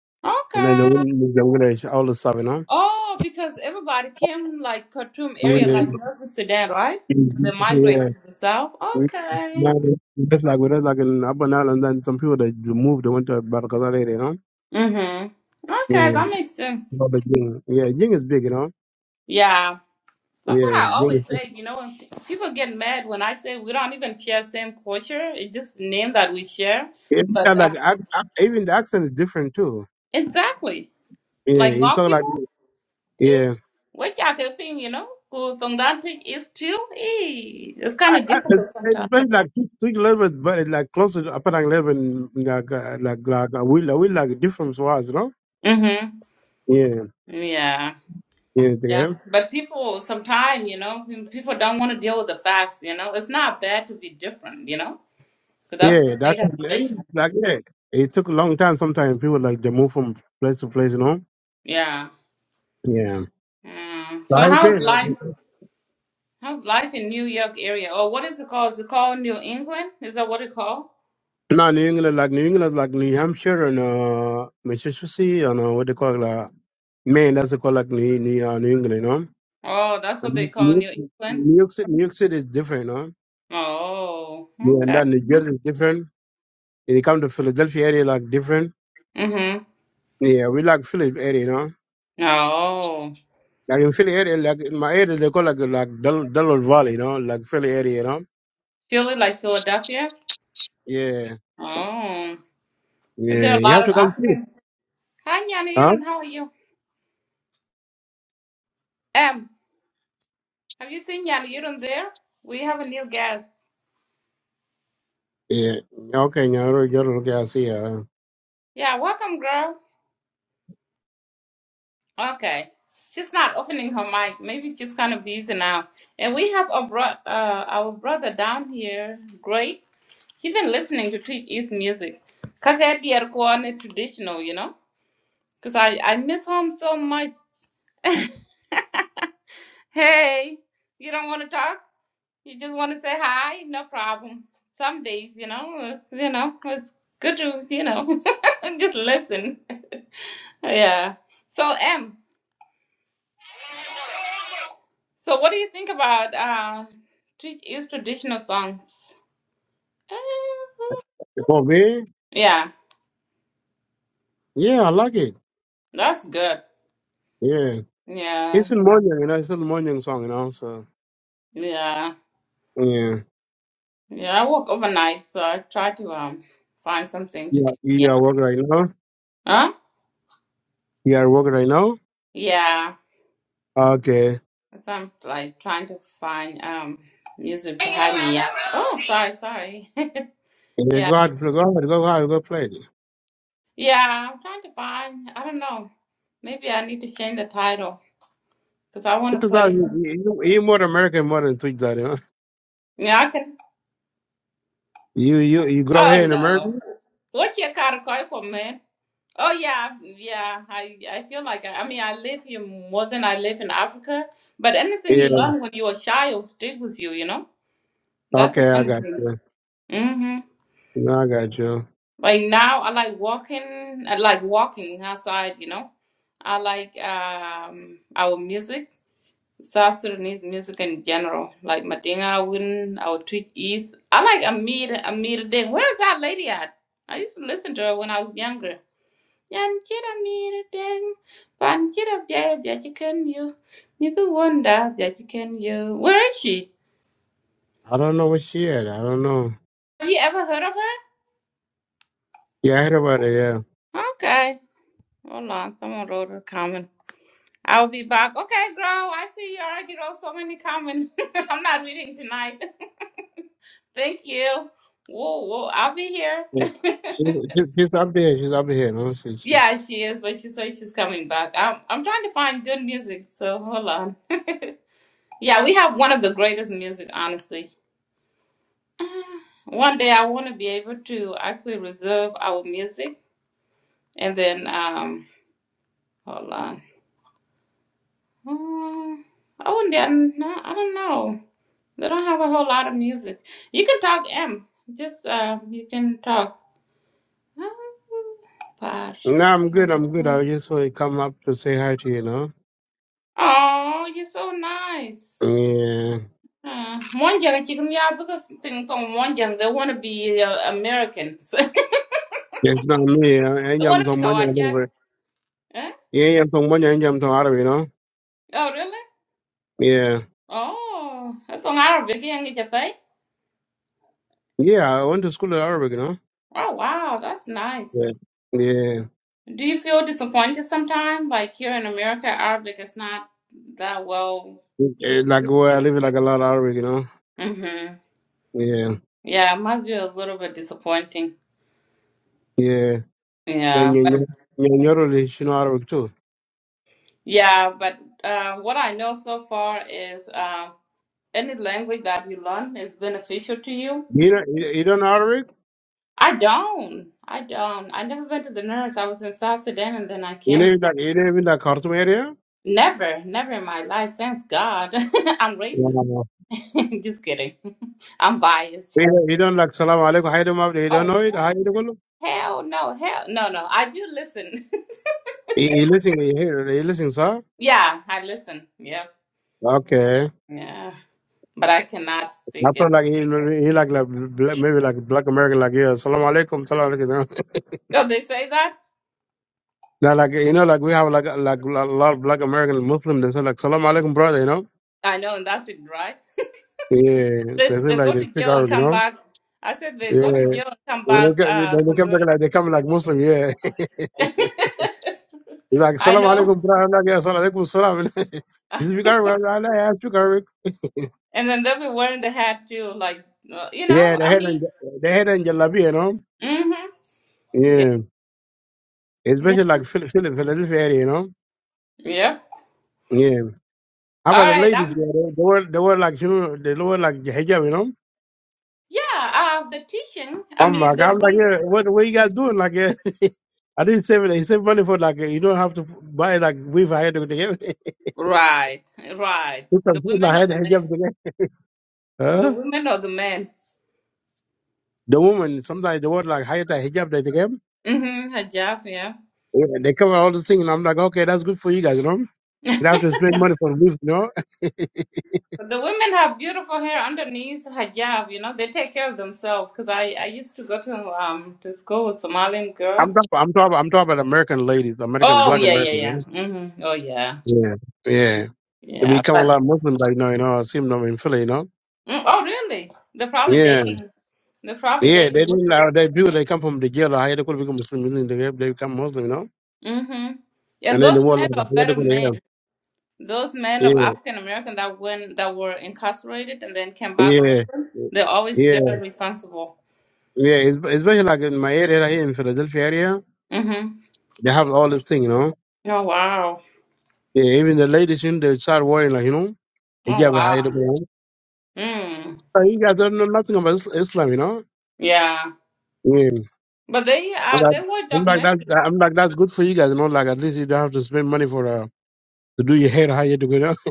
And then they Okay. win, they win all the stuff, you know. Oh, because everybody came like Khartoum area, like Northern Sudan, right? They Yeah. migrated to the south. That's that's Okay. like that's like بسلك up الأبن and then some people that moved went to Barcaza area, you know. Mhm. Okay, Yeah, that makes sense. about the Jing. Yeah, Jing is big, you know. Yeah, that's Yeah, what I Jing. Is always big. say. You know, when pe- people get mad when I say we don't even share same culture. It's just name that we share. Yeah, you But got, like uh, ac- ac- even the accent is different too. exactly, Yeah, like you Ngok talk like people, eh? yeah. What y'all can think, you know? Who from that thing is too? Eh? It's kind of It's, difficult it's sometimes. very like Twitch level, but it's like closer to upper level, like uh, like like uh, we like we like different was, you know. Mhm. Yeah, Yeah. yeah, Yeah, yeah. but people sometimes, you know, people don't want to deal with the facts. You know, it's not bad to be different. You know, because that's Yeah, what made that's us special. like yeah. It took a long time. Sometimes people like they move from place to place, you know. Yeah. Yeah. Mm. So So how you how's life? been? How's life in New York area? Or what is it called? Is it called New England? Is that what it called? No, New England, like New England, like New Hampshire and uh, Mississippi and uh, what they call uh, Maine. That's what they call like New New, uh, New England, you know. Oh, that's what they And call New New York, England. New York City, New York City is different, you know. Oh, Yeah, and okay. then New Jersey is different. When you come to Philadelphia area, like different. Mm-hmm. Yeah, we like Philly area, you know. Oh, Like in Philly area, like in my area, they call like like Del Delaware Valley, you know, like Philly area, you know. Philly, like Philadelphia. Yeah, Oh, is yeah, there a you lot have of to come see, Africans? Hi, Yana huh? Yurun. How are you? Um, have you seen Yana Yurun there? We have a new guest. Yeah, okay, you you're okay. I see. Uh, Yeah, welcome, girl. Okay. She's not opening her mic. Maybe she's kind of busy now. And we have a bro- uh, our brother down here, Great. He's been listening to Tweet East music. Kaka dear Kwane traditional, you know? Because I, I miss home so much. Hey, you don't want to talk? You just want to say hi? No problem. Some days, you know, it's, you know, it's good to, you know, just listen. yeah. So, M, So, what do you think about um, tr- is traditional songs? Uh, for me, yeah, yeah, I like it. that's good. Yeah. Yeah, It's in morning, you know, it's in morning song, you know, so yeah, yeah. yeah. I work overnight, so I try to um find something to. Yeah, keep- Yeah. you are working right now. Huh? You are working right now. Yeah. Okay. So I'm like trying to find um music to help me out. Oh, sorry, sorry. Yeah, yeah, go out, go out, go out, go play it. yeah. I'm trying to find. I don't know. Maybe I need to change the title because I want to It's that play. you, Some, you, you more American more than Twitch that, you know. yeah, I can. You you you grew up here Oh in America? no. What's your car called, man? Oh yeah, yeah. I I feel like I, I mean I live here more than I live in Africa. But anything Yeah. you learn when you're a child stick with you, you know? That's the Okay, I funny got thing. you. Mm-hmm. No, I got you. Like now I like walking I like walking outside, you know. I like um our music. South Sudanese music in general, like Madinga Win, our Twitch East. I like Amir Amir Deng. Where is that lady at? I used to listen to her when I was younger. Yanjira Amir Deng, pan kira Jaya Jajikan You, Mizu Wanda Jajikan You. Where is she? I don't know what she had. I don't know. Have you ever heard of her? Yeah, I heard about it, yeah. Okay. Hold on, someone wrote a comment. I'll be back. Okay, girl, I see you already wrote so many comments. I'm not reading tonight. Thank you. Whoa, whoa, I'll be here. Yeah. She's, she's she's up there, she's up here, you know. She's, she's... Yeah, she is, but she said she's coming back. I'm I'm trying to find good music, so hold on. Yeah, we have one of the greatest music, honestly. One day I want to be able to actually reserve our music, and then um, hold on. Um, I wouldn't. I don't know. I don't know. They don't have a whole lot of music. You can talk, M. Just uh, you can talk. But No, I'm good, I'm good. I just want to come up to say hi to you, you know. oh, you're so nice. Yeah. Mm, one young chicken yeah because thing from one young they want to be uh, American. So Yes, no, me. I they am want to be from Manya. Kawajat. Eh? Yeah, I'm from Manya. I'm from Arabic, you know. Oh really? Yeah, Oh, that's from Arabic young Japan. yeah. I went to school in Arabic, you know. Oh wow, that's nice. Yeah, yeah. Do you feel disappointed sometimes? Like here in America, Arabic is not that well Eh, Like received. where I live, like a lot of Arabic, you know. Mm-hmm. Yeah, Yeah, it must be a little bit disappointing. yeah. And Yeah, you, but you you know English, you know Arabic too. yeah, but uh, what I know so far is um, any language that you learn is beneficial to you You know, you you don't know Arabic. I don't. I don't. I never went to the nurse. I was in South Sudan and then I You came. live in like you live in like Khartoum area. Never, never in my life. Thanks God. I'm racist. Yeah. Just kidding. I'm biased. You don't you don't like Salam Alaikum. How you don't Oh, know it? How hell you do it? hell no. Hell no, no. I do listen. You you listen, you hear, you listen, sir. yeah, I listen. Yep. Okay. Yeah. But I cannot I speak it. feel like he he like, like black, maybe like black American like yeah, salam alaikum, salam alaikum. No, they say that. Now like you know like we have like like a lot of black American Muslims they say like salam alaikum brother, you know. I know, and that's it, right? Yeah, they They, think they like go they to speak jail and Arabic, you come know. back. I said they go to Yeah, jail and come when they back get uh, when they come back converted. like they come like Muslim, yeah. He's like I salam know. alaikum brother, I'm like yeah, salam alaikum salam. He speak Arabic, I'm like, yeah, I speak Arabic. And then they'll be wearing the hat too, like uh, you Yeah, know. they I had mean, in they had in Jalabi, you know. mm-hmm. Yeah, Yeah, yeah, especially like Phil- Phil- Philadelphia area, you know. yeah. Yeah. How All about the right. ladies? Um. Yeah, they, they were they were like you, know, they were like hijab, you know. Yeah. Uh, the teaching. I Oh my mean, the god! I'm like, re- yeah, what what you guys doing? Like, yeah. I didn't save it. He saved money for like you don't have to buy like weave ahead of the game. right, right. Put The some food women or ahead the hijab men. the game. The Huh? women or the men. The woman sometimes the word like higher hijab that they game. Mm-hmm. Hijab. Yeah. Yeah, they cover all the things, and I'm like, okay, that's good for you guys, you know. You don't have to spend money for weave, you know. But the women have beautiful hair underneath hijab. You know, they take care of themselves. Cause I I used to go to um to school with Somalian I'm girls. talking, I'm talking, I'm talking about American ladies, American Oh black yeah, yeah, yeah. Americans. Mm-hmm. Oh yeah, you know? Yeah, yeah. They yeah. become a But lot of Muslims right now, you know. I see them in Philly, you know. mm, oh really? They're probably Yeah. dating. They're probably Yeah, they dating didn't. Muslim. Uh, they people they come from the jail. I they could become Muslim. you know, They they become Muslim, you know. hmm And And then the those more men like I are they could better men. go Those men Yeah, of African American that went that were incarcerated and then came back yeah, Muslim, yeah, they're always yeah. very responsible. yeah, It's especially like in my area here in Philadelphia area, hmm they have all this thing, you know. Oh wow. Yeah, even the ladies in they start wearing like you know Oh hijab. I had to wow. go. Mm. So you guys don't know nothing about Is- Islam, you know. Yeah. Yeah, But they I'm uh like, they were I'm like documented. that. I'm like that's good for you guys, you know. Like at least you don't have to spend money for uh, to do your hair. How you to go. you know?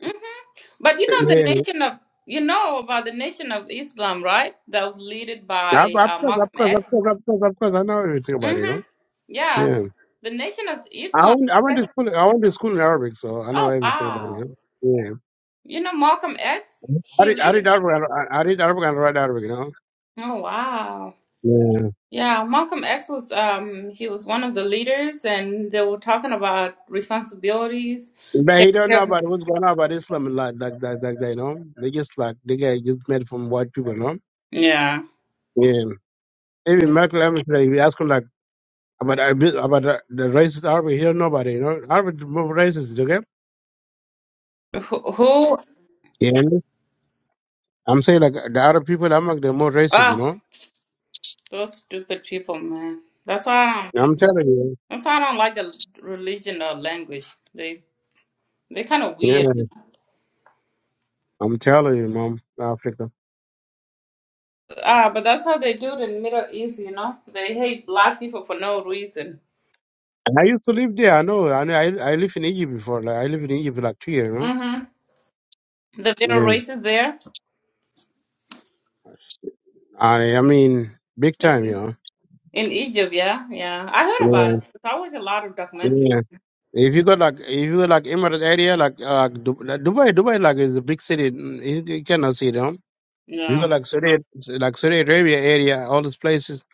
hmm But you know the nation of you know about the nation of Islam, right? That was led Yeah, of by of uh, course, of Malcolm course, of X. course, of course, of course. I know everything about it, you know. hmm Yeah. Yeah. The nation of I Islam. went, I went to school. I went to school in Arabic, so I know Oh everything about wow. it. Yeah. You know Malcolm X? Yeah. I He did. I did leader. Arabic. I, I did Arabic and write Arabic. You know. Oh wow. Yeah. Yeah, Malcolm X was um he was one of the leaders and they were talking about responsibilities. But Take he don't care know about of- what's going on about Islam and like like that, like that. You know. They just like they get just made from white people. You know. Yeah. Yeah. Even yeah. Michael Evans, like, we ask him like about about the, the racist Arabic. He don't know about it. You know. Arabic is more racist. Okay. Who, who Yeah. I'm saying like the Arab people, I'm like they're more racist. You ugh, know. those stupid people, man. That's why I don't, I'm telling you. that's why I don't like the religion or language. They they kind of Yeah. weird. I'm telling you, mom. Africa. Ah, but that's how they do it in the Middle East, you know? They hate black people for no reason. I used to live there. I know. I I, I lived in Egypt before. Like I lived in Egypt for like two years. Huh? Mm-hmm. The little Yeah. races there. I I mean, big time, you know. In Egypt, yeah, yeah. I heard about it. There's always a lot of documentaries. Yeah. Yeah. If you go like if you go like Emirates area, like uh, Du- like Dubai, Dubai like is a big city. Mm, You, you cannot see them. You go Yeah. like Saudi, like Saudi Arabia area, all these places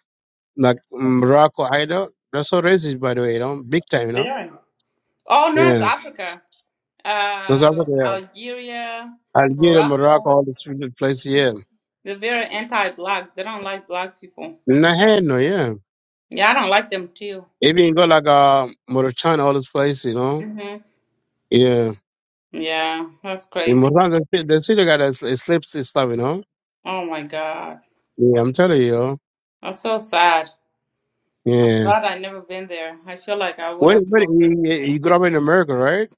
like Morocco, Ida. That's all racist, by the way. You know, big time, you know. Very. All North Yeah. Africa, That's Africa. uh, yeah. Algeria, Algeria, Morocco, Morocco. all these places. Yeah. They're very anti-black. They don't like black people. Nah, hell no, yeah. Yeah, I don't like them too. Maybe you go like uh Mauritania, all this place, you know. hmm Yeah. Yeah, that's In crazy. Mauritania, they still, they still got a, a slip stuff, you know. Oh my God. Yeah, I'm telling you. That's so sad. Yeah. Glad I never been there. I feel like I would Wait, wait, have. you, you you grew up in America, right?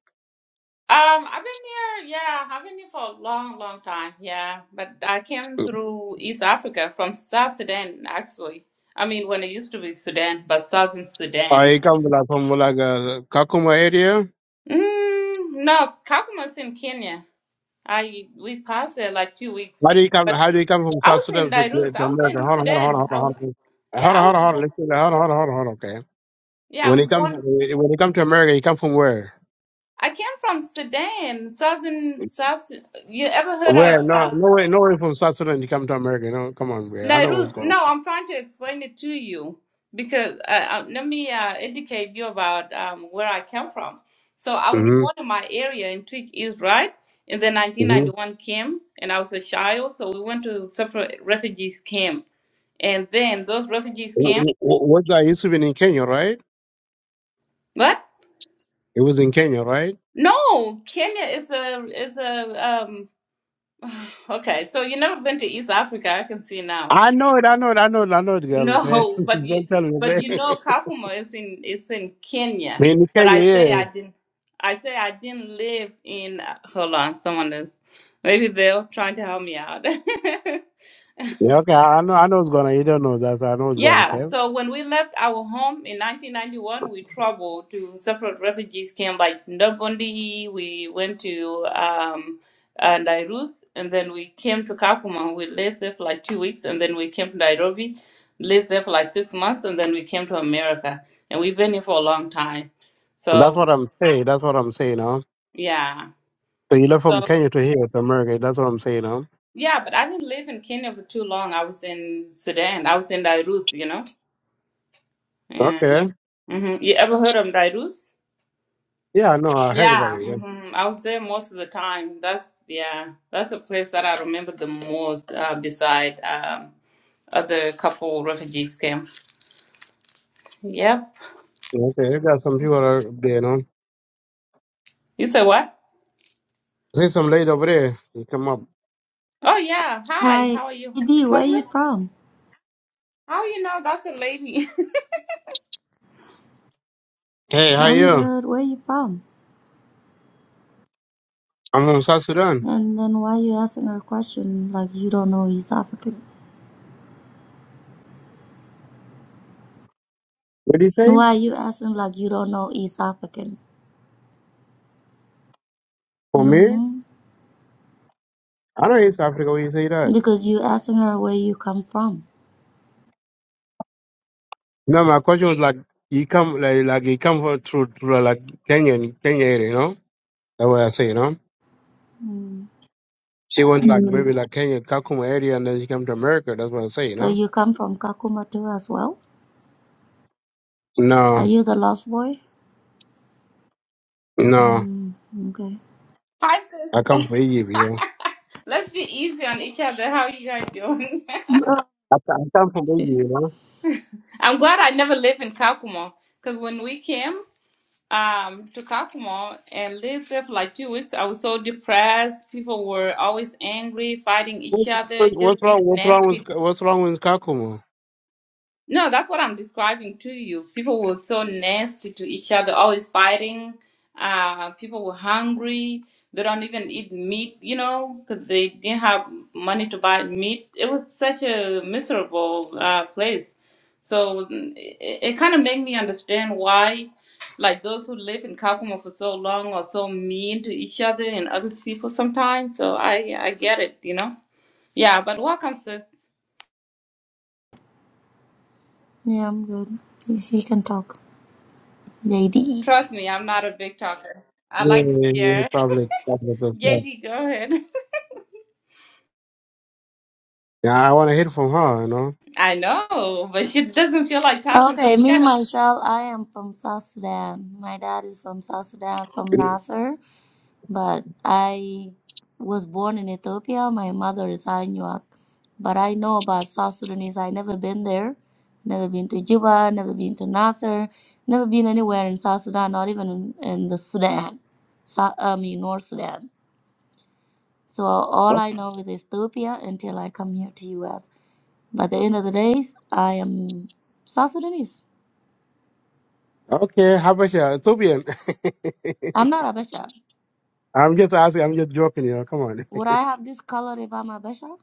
Um, I've been here, yeah, I've been here for a long, long time, yeah. But I came through East Africa from South Sudan, actually. I mean, when it used to be Sudan, but Southern Or Sudan. you come like from like uh, Kakuma area? Mm, no, Kakuma's in Kenya. I we passed there like two weeks, How do you come? but How do you come from I South was Sudan in to, Dairuz. to I was America? in Hold on, hold on, hold Sudan. on, hold I on, was, hold on, yeah, hold on, hold on, I was hold on, born. let's see, hold on, hold on, hold on, hold on, okay. Yeah, When I you was come, born. when you come to America, you come from where? I came from Sudan, Southern South. Su- You ever heard Where? of? No, Uh, no way, no way from South Sudan. You come to America, No, Come on, man. I know what's Nairuz, going on. no, I'm trying to explain it to you because uh, uh, let me uh, educate you about um, where I came from. So I was born Mm-hmm. in my area in Twitch East, right? And then mm-hmm. 1991 came, and I was a child, so we went to separate refugees camp. And then those refugees W- came. w- What's that? It's in Kenya, right? What? It was in Kenya, right? No, Kenya is a is a um. Okay, so you never been to East Africa? I can see now. I know it. I know it. I know it. I know it, girl. okay? No, but Don't you tell me. but you okay? know Kakuma is in it's in Kenya. in But I Kenya, say yeah. I didn't I say I didn't live in uh, hold on, someone is maybe they're trying to help me out. Yeah, okay. I know. I know it's gonna. You don't know that. I know it's gonna. Yeah, Okay. so when we left our home in 1991, we traveled to separate refugees camps, like Ndogondi, we went to um, uh, Nairus, and then we came to Kakuma. We lived there for like two weeks, and then we came to Nairobi, lived there for like six months, and then we came to America. And we've been here for a long time. That's what So, I'm saying. That's what I'm saying. Huh? yeah. So you left from So, Kenya to here to America. That's what I'm saying. Huh? yeah, but I didn't live in Kenya for too long. I was in Sudan. I was in Nairus, you know? Yeah. Okay. hmm You ever heard of Nairus? Yeah, I know. I heard about Yeah, it. Yeah. hmm I was there most of the time. That's yeah, that's the place that I remember the most. Uh, beside um, other couple refugees camp. Yep. Yeah, Okay. You got some people are up there. No. You said what? See some lady over there. You come up. Oh yeah. Hi. Hi, How are you? D, where you Public? from? How you know that's a lady? Hey, how I'm you? good. Where you from? I'm from South Sudan. And then why you asking her question like you don't know East African? What do you say? Why you asking like you don't know East African? For me? hmm I know it's Africa. Where you say that? Because you asking her where you come from. No, my question was like he come like like he come for through through like Kenyan Kenya area, you know? That's what I say, you know. Mm. She went like Mm. maybe like Kenya Kakuma area and then she come to America, that's what I say, you So know? you come from Kakuma too as well? Are No, you the lost boy? no. Mm, okay. Hi I sis. come from Egypt, you know. Let's be easy on each other. How you guys doing? Oh, I, I come from Egypt, you know. I'm glad I never lived in Kakuma because when we came. um, to Kakumo and lived there for like two weeks. I was so depressed. People were always angry, fighting What, each what, other, what's just wrong being what's wrong with nasty what's wrong with Kakuma? no, that's what I'm describing to you. People were so nasty to each other, always fighting. Uh, people were hungry. They don't even eat meat, you know, because they didn't have money to buy meat. It was such a miserable uh, place. So mm, it, it kind of made me understand why, like those who live in Kakuma for so long are so mean to each other and other people sometimes. So I I get it, you know. Yeah, but welcome, sis. Yeah, I'm good. He he can talk. JD. Trust me, I'm not a big talker. I Yeah, like to yeah, yeah, share. probably probably that's right. JD, go ahead. Yeah, I wanna hear from her, you know. I know, but she doesn't feel like talking, so Okay, we me gotta leave. myself, I am from South Sudan. My dad is from South Sudan, from Nasser. but I was born in Ethiopia. My mother is Anuak, but I know about South Sudanese. I never been there, never been to Juba, never been to Nasser, never been anywhere in South Sudan, not even in, in the Sudan, so, I mean North Sudan. So all I know is Ethiopia until I come here to U.S. But at the end of the day, I am South Sudanese. Okay, Habasha, Ethiopian. I'm not Abesha. I'm just asking, I'm just joking, you know, come on. Would I have this color if I'm Abesha?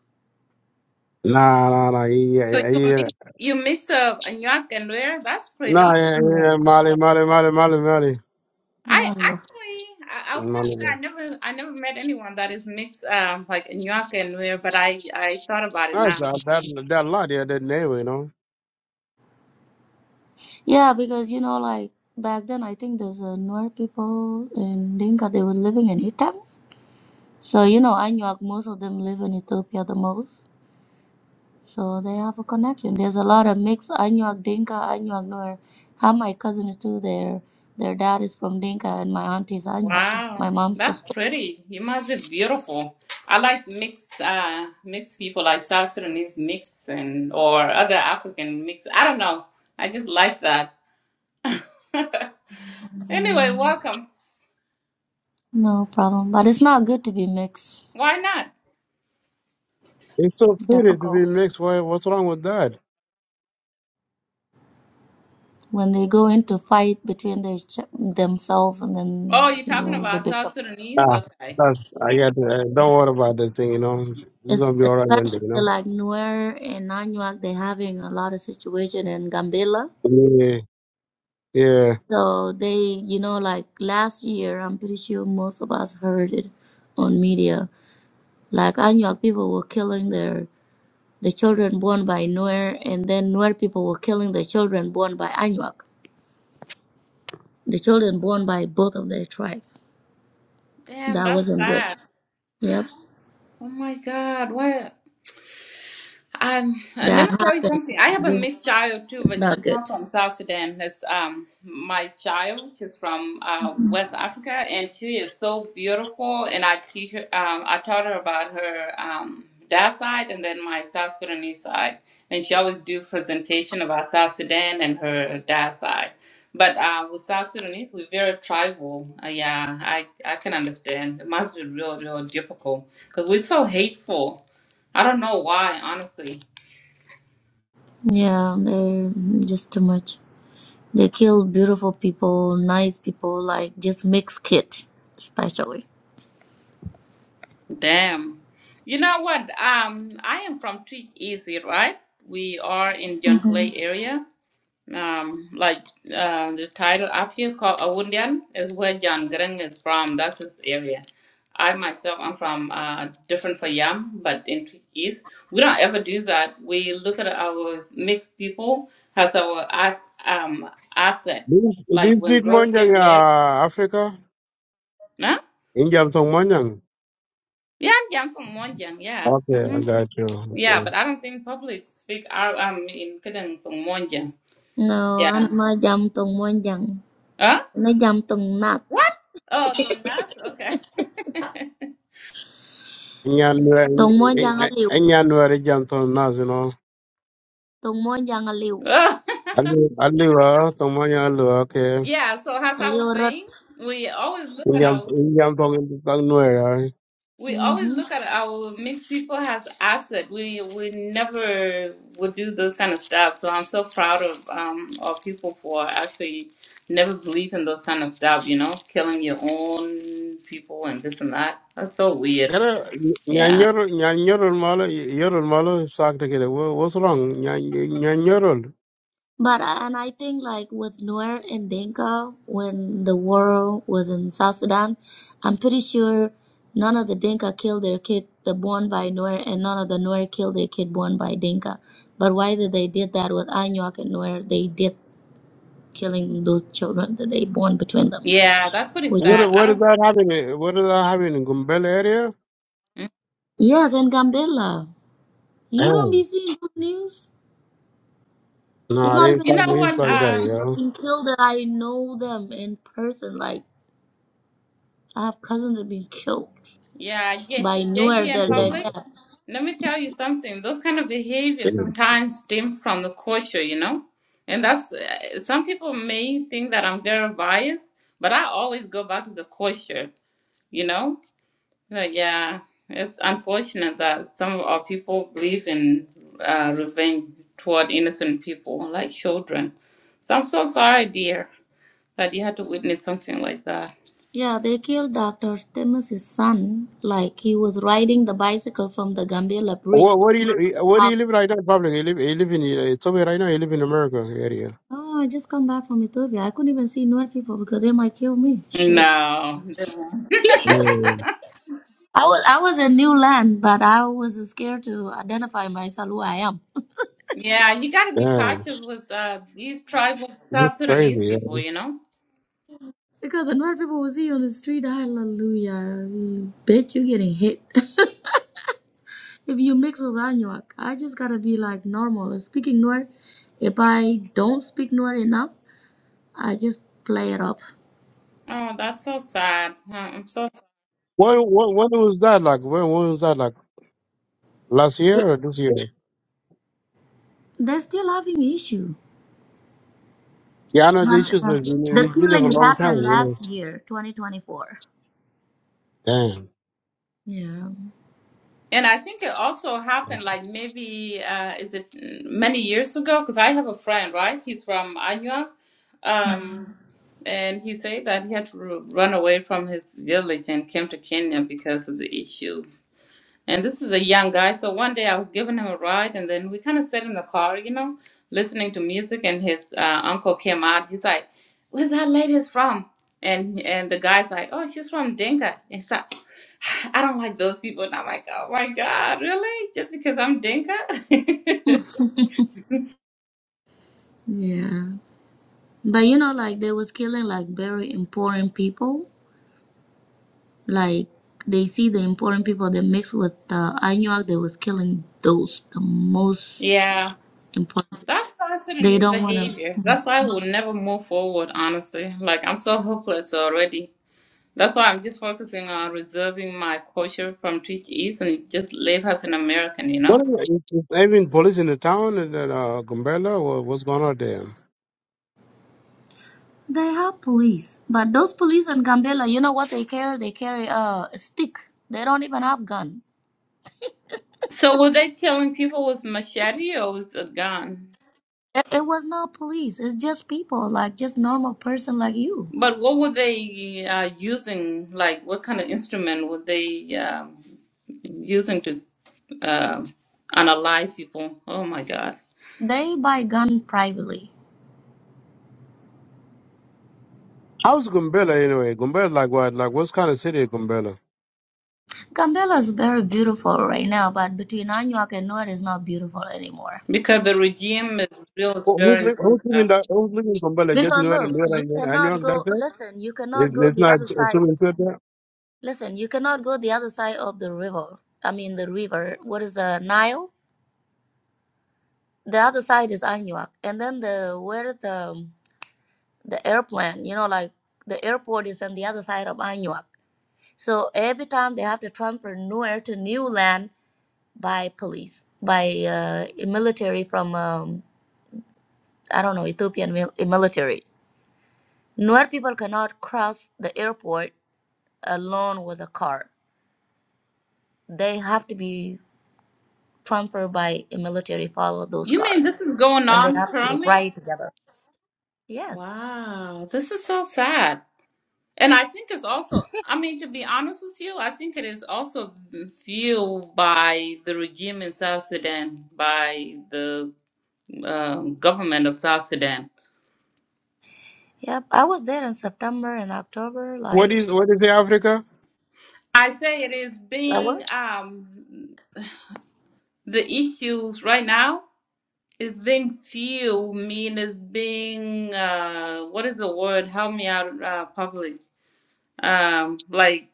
Nah, nah, nah. Yeah, So yeah, you yeah. mix, you mix up Anuak and Nuer. That's Nah, pretty. yeah, yeah. Molly, Molly, Molly, Molly, Molly. I No. actually, I, I was gonna Molly. say I never, I never met anyone that is mixed, um, like Anuak and Nuer, but I, I thought about it That's now. that, that, that lot, yeah, that name, you know. Yeah, because you know, like back then, I think there's uh, Nuer people in Dinka. They were living in Itang. So you know, Anuak. Most of them live in Ethiopia the most. So they have a connection. There's a lot of mixed Anuak Dinka, Anuak Nuer. Have my cousins too. Their their dad is from Dinka, and my auntie is Anuak. Wow, My mom's that's sister. pretty. You must be beautiful. I like mixed uh mixed people like South Sudanese mix and or other African mix. I don't know. I just like that. Anyway, welcome. No problem. But it's not good to be mixed. Why not? It's so pretty to Difficult be mixed. Why, what's wrong with that? when they go into fight between their, ch- themselves, and Oh, then you're talking you're the about victim. South Sudanese? Ah, Okay. that's, I got uh, don't worry about that thing, you know. It's going Es- to be all right one day, Especially you know. like Nuer and Nanyuak, they're having a lot of situation in Gambela. Yeah, yeah. So they, you know, like last year, I'm pretty sure most of us heard it on media. Like Anuak people were killing their the children born by Nuer, and then Nuer people were killing the children born by Anuak. The children born by both of their tribe. Damn, That that's wasn't good. sad. Yep, Oh my God, what? Um, and let that me tell you happened. something. I have It's a just- mixed child too, it's but not she's not good. from South Sudan. That's um my child. She's from uh, West Africa, and she is so beautiful. And I teach her. Um, I taught her about her um dad side and then my South Sudanese side. And she always do presentation about South Sudan and her dad side. But uh, with South Sudanese, we're very tribal. Uh, yeah, I I can understand. It must be real, real difficult because we're so hateful. I don't know why, honestly. Yeah, they're just too much. They kill beautiful people, nice people, like just mixed kid, especially. Damn. You know what? Um, I am from Tweed Easy, right? We are in Clay area. Um, like uh, the title up here called Awundian is where John Greng is from. That's his area. I myself am from uh, different Fayam, but in Tweed East. We don't ever do that. We look at our mixed people as our as, um, asset. This, this Like when big girls get Monjang, married. uh, Africa? Nah? Injam Tong Monjang. Yeah, I'm from Monjang, yeah. Okay, hmm I got you. Yeah, Okay. but I don't think public speak Arab. I mean, couldn't some Monja. No, Yeah. ano ma jam tong mo jang. Huh? Na jam tong nat. What? Oh, some Nas? Okay. Nyanwere, Tong mo jang aliw. Nyanwere Jam Tong Nas, you know. Tong mo jang aliw. Oh, Aliwa, aliwa, tomanya aliwa, okay. yeah. So as I Aliw was saying, rot. we always look at Inyam, our inyam tong tang nuera. we always look Mm-hmm. at our mixed people as asset. We we never would do those kind of stuff. So I'm so proud of um of people for actually never believe in those kind of stuff. You know, killing your own people and this and that. That's so weird. Gara, Yeah. nyanyor, nyanyorol malo, yorol malo, sakta kere. What's wrong? Nyanyorol. But and I think like with Nuer and Dinka, when the war was in South Sudan, I'm pretty sure none of the Dinka killed their kid the born by Nuer, and none of the Nuer killed their kid born by Dinka. But why did they did that with Anuak and Nuer? They did killing those children that they born between them, Yeah, that's pretty which is What, sad. I what is don't, that happening? What is that happening in Gumbel area? yes, and Gambela. You don't Oh. be seeing good news. It's No, it not ain't even you know like, good it's news. what? like There's that, the Um, people yo. being killed that I know them in person. Like I have cousins that been killed yeah, yeah, by JP nowhere and that they're Mm, public. dead. Let me tell you something. Those kind of behaviors mm. sometimes stem from the culture, you know, and that's uh, some people may think that I'm very biased, but I always go back to the culture, you know. But yeah, it's unfortunate that some of our people believe in uh, revenge toward innocent people like children. So I'm so sorry, dear, that you had to witness something like that. Yeah, they killed Dr. Stemus's son. Like he was riding the bicycle from the Gambela bridge. What, what do you, li- what do How- you live right now, public? You live, you live in, uh, Toby right now, you live in America area. Oh, I just come back from Ethiopia. I couldn't even see Nuer people because they might kill me. Shit. No. Yeah. I was I was in new land, but I was scared to identify myself who I am Yeah, you gotta be Damn. cautious with uh, these tribal it's South Sudanese crazy, yeah. people, you know? because the North people will see you on the street. Hallelujah, bitch, you're getting hit if you mix with Anuak. I just gotta be like normal speaking North. If I don't speak North enough, I just play it up. Oh, that's so sad. Huh, I'm so, What, what, when was that like? When, when was that like? Last year or this year? They're still having issue. Yeah, I know the But, issues have uh, been, the it's been there for a killings long happened time. last year, 2024. Yeah. Yeah, and I think it also Damn. happened like maybe uh, is it many years ago? Because I have a friend, right? He's from Anya, um, and he said that he had to ru- run away from his village and came to Kenya because of the issue And this is a young guy. So one day I was giving him a ride, and then we kind of sat in the car, you know, listening to music. And his uh, uncle came out. He's like, "Where's that lady from?" And and the guy's like, "Oh, she's from Dinka." And so I don't like those people. And I'm like, "Oh my God, really? Just because I'm Dinka?" yeah. But you know, like they was killing like very important people Like they see the important people that mix with the Anuak that was killing those the most yeah, important. that's South They Sudanese don't want behavior. to. That's why we'll never move forward. Honestly, like I'm so hopeless already That's why I'm just focusing on reserving my culture from Twitch East and just live as an American, you know? What is it? Is there even police in the town and then uh, Gumbella? What, what's going on there? They have police, but those police in Gambela, you know what they carry? They carry uh, a stick. They don't even have gun. So were they killing people with machete or with a gun? It, it was not police. It's just people, like just normal person like you. But what were they uh, using? Like, what kind of instrument were they um, using to uh, unalive people? Oh my God. They buy gun privately. How's Gumbella anyway? Gumbella like what? Like what's kind of city is Gumbella? Gambela is very beautiful right now, but between Anuak and Nuer it's not beautiful anymore. Because the regime is real Who- Who's stirring li- things who's living up. that? Who's living in Gumbella? Just Because near and look, near you and I know cannot that's go, it. listen, you cannot It's go it's the not other it's side. really good there. Listen, you cannot go the other side of the river. I mean, the river. What is the Nile? The other side is Anuak. And then the, where the, the airplane, you know, like the airport is on the other side of Anuak. So every time they have to transfer nowhere to new land by police, by uh, military from, um, I don't know, Ethiopian mil- military. Nuer people cannot cross the airport alone with a car they have to be trampled by a military follow those You cars mean this is going and they on have to currently? ride together. Yes. Wow, this is so sad. And I think it's also, I mean, to be honest with you, I think it is also fueled by the regime in South Sudan, by the um, government of South Sudan. Yep. I was there in September and October, What like is what is the Africa? I say it is I was. being, um, the issues right now is being fueled, mean is being, uh, what is the word? Help me out, uh, public. Um, like,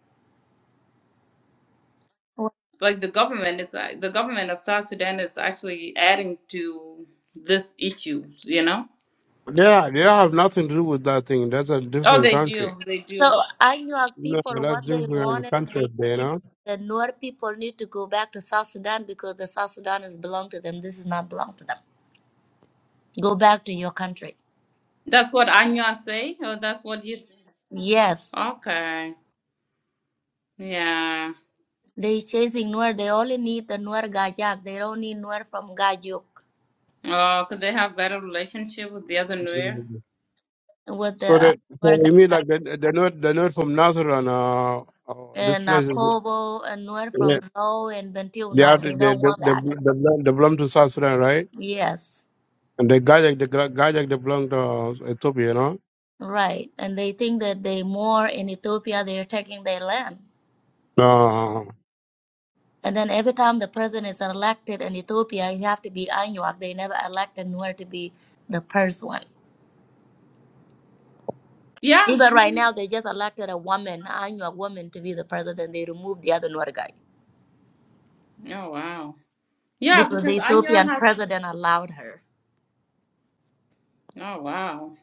like the government is, uh, the government of South Sudan is actually adding to this issue, you know? Yeah, they have nothing to do with that thing. That's a Oh, different they country. do. They do. So I knew our No, people that's what they want different is, They country there, said you the Nuer people need to go back to South Sudan because the South Sudan is belong to them. This is not belong to them. Go back to your country. That's what Anya say. Oh, that's what you. Yes. Okay. Yeah. They chasing Nuer. They only need the Nuer Gajak. They don't need Nuer from Gajuk. Oh, could they have better relationship with the other New know. With the So uh, that so Nuer you mean Gajak. like they, they're not they're not from Nazareth uh, or this and uh, place? is- Kobo and Nuer from Yeah. Low and Bentiu. They are No, they they they, don't they, want they, that. belong, they belong to South Sudan, right? Yes, And the Gajak the Gra- they belong to uh, Ethiopia, you know. right. And they think that they more in Ethiopia, they are taking their land. No. And then every time the president is elected in Ethiopia, he have to be Anuak. They never elected Nuer to be the first one. Yeah. Even right now, they just elected a woman, Anuak woman, to be the president. They removed the other Nuer guy Oh wow. Yeah, because the because Anya Ethiopian has. president allowed her. Oh wow.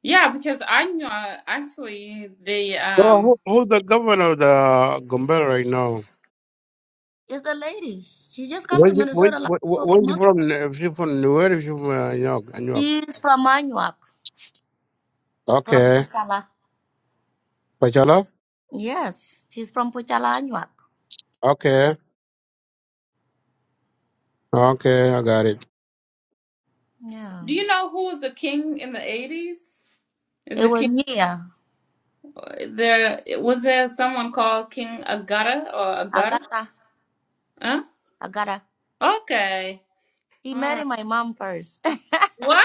Yeah, because Anya actually the So um. who, who's the governor of the Gombe right now? It's a lady. She just come to Where's you, where, Minnesota like where, for a where's you month. from? If you from where? If you from uh, New York, New York. She's from Anuak. From Okay, Puchala. Pachala. Yes, she's from Puchala, Anuak. Okay, okay, I got it. Yeah. Do you know who was the king in the eighties? Is It the was king Nia, there? Was there someone called King Agata or Agata? Agata, Huh? Agata. Okay. He All married right. my mom first. it, What?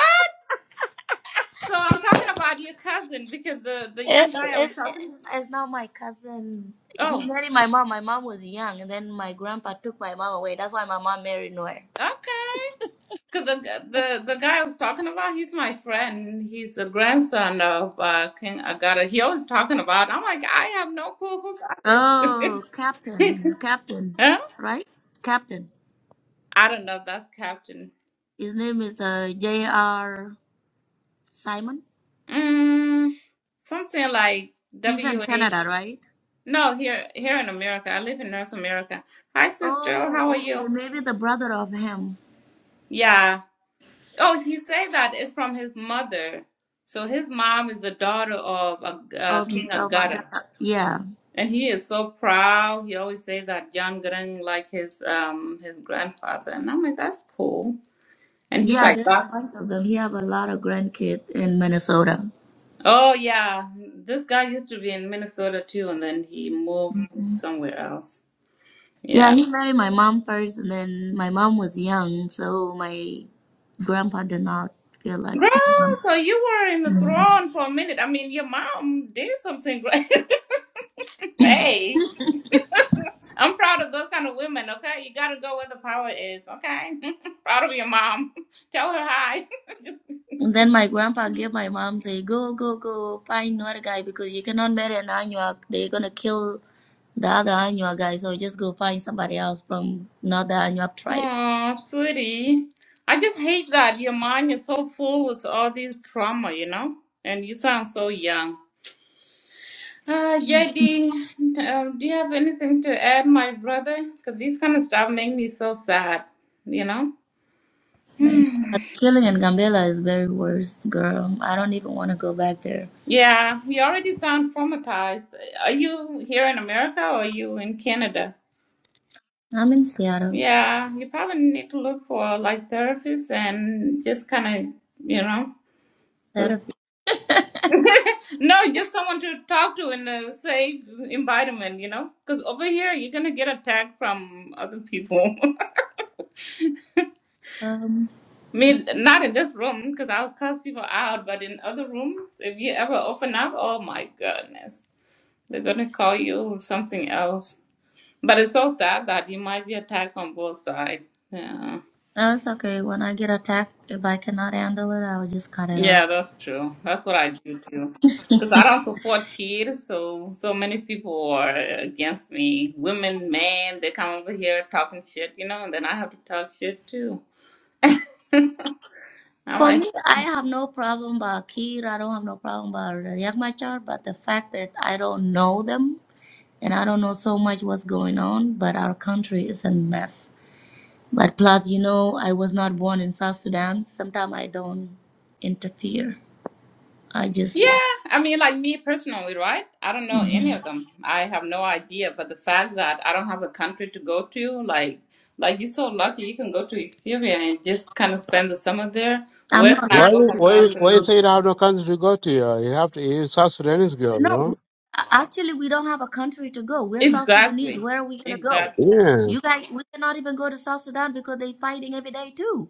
So I'm talking about your cousin because the the it, young guy I it, was talking. it's it's not my cousin. He Oh, married my mom. My mom was young, and then my grandpa took my mom away. That's why my mom married Noir. okay. Because the the the guy I was talking about, he's my friend. He's the grandson of uh, King Agata. He always talking about. I'm like, I have no clue who that Oh, is. Captain, Captain, huh? right? Captain. I don't know. if That's Captain. His name is uh, J.R. Simon. Mm, something like He's in W A. Canada, right? No, here here in America. I live in North America. Hi, sister. Oh, How are okay. you? Maybe the brother of him. Yeah. Oh, he say that it's from his mother. So his mom is the daughter of a, uh, Oh, King oh my Agata, God. Yeah. and he is so proud. He always say that John Grang like his um his grandfather, and I'm like, that's cool. And he's Yeah, like, there's a "God- bunch of them. He have a lot of grandkids in Minnesota. oh yeah, this guy used to be in Minnesota too, and then he moved Mm. somewhere else. Yeah, Yeah, he married my mom first, and then my mom was young, so my grandpa did not feel like my girl. mom. So you were in the Mm. throne for a minute. I mean, your mom did something great. hey. I'm proud of those kind of women, okay? You gotta go where the power is, okay? proud of your mom. Tell her hi. just And then my grandpa gave my mom say, "Go, go, go, find another guy because you cannot marry an Anuak. They're gonna kill the other Anuak guy, so just go find somebody else from not the Anuak tribe." Oh, sweetie. I just hate that your mind is so full with all these trauma, you know? And you sound so young. Uh, Yeti, um, do you have anything to add, my brother? Because these kind of stuff make me so sad, you know? Right. But the killing in Gambela is very worse, girl. I don't even want to go back there. Yeah, you already sound traumatized. Are you here in America or are you in Canada? I'm in Seattle. Yeah, you probably need to look for like therapists and just kind of, you know, Therapy. no, just someone to talk to in a safe environment, you know, because over here you're gonna get attacked from other people. I Um, mean, not in this room because I'll cuss people out, but in other rooms, if you ever open up, oh my goodness, they're gonna call you something else. But it's so sad that you might be attacked on both sides. Yeah. no, it's okay. When I get attacked, if I cannot handle it, I will just cut it Yeah, off. that's true. That's what I do too. Because I For don't support kids, so so many people are against me. Women, men, they come over here talking shit, you know, and then I have to talk shit too. I'm like, me, I have no problem about Kir. I don't have no problem about Riek Machar, but the fact that I don't know them and I don't know so much what's going on, but our country is a mess. But plus, you know, I was not born in South Sudan. Sometimes I don't interfere. I just, yeah. I mean, like me personally, right? I don't know any Mhm. of them. I have no idea. But the fact that I don't have a country to go to, like, like you're so lucky you can go to Ethiopia and just kind of spend the summer there. I'm Where can not I Why go, lucky to go to why South why you Ethiopia. Sudan? say you have no country to go to? Uh, you have to. you South Sudanese girl, No, no? w- a- actually, we don't have a country to go. We're South Sudanese. Exactly. Where are we gonna go? Exactly. Yeah. You guys, we cannot even go to South Sudan because they're fighting every day too.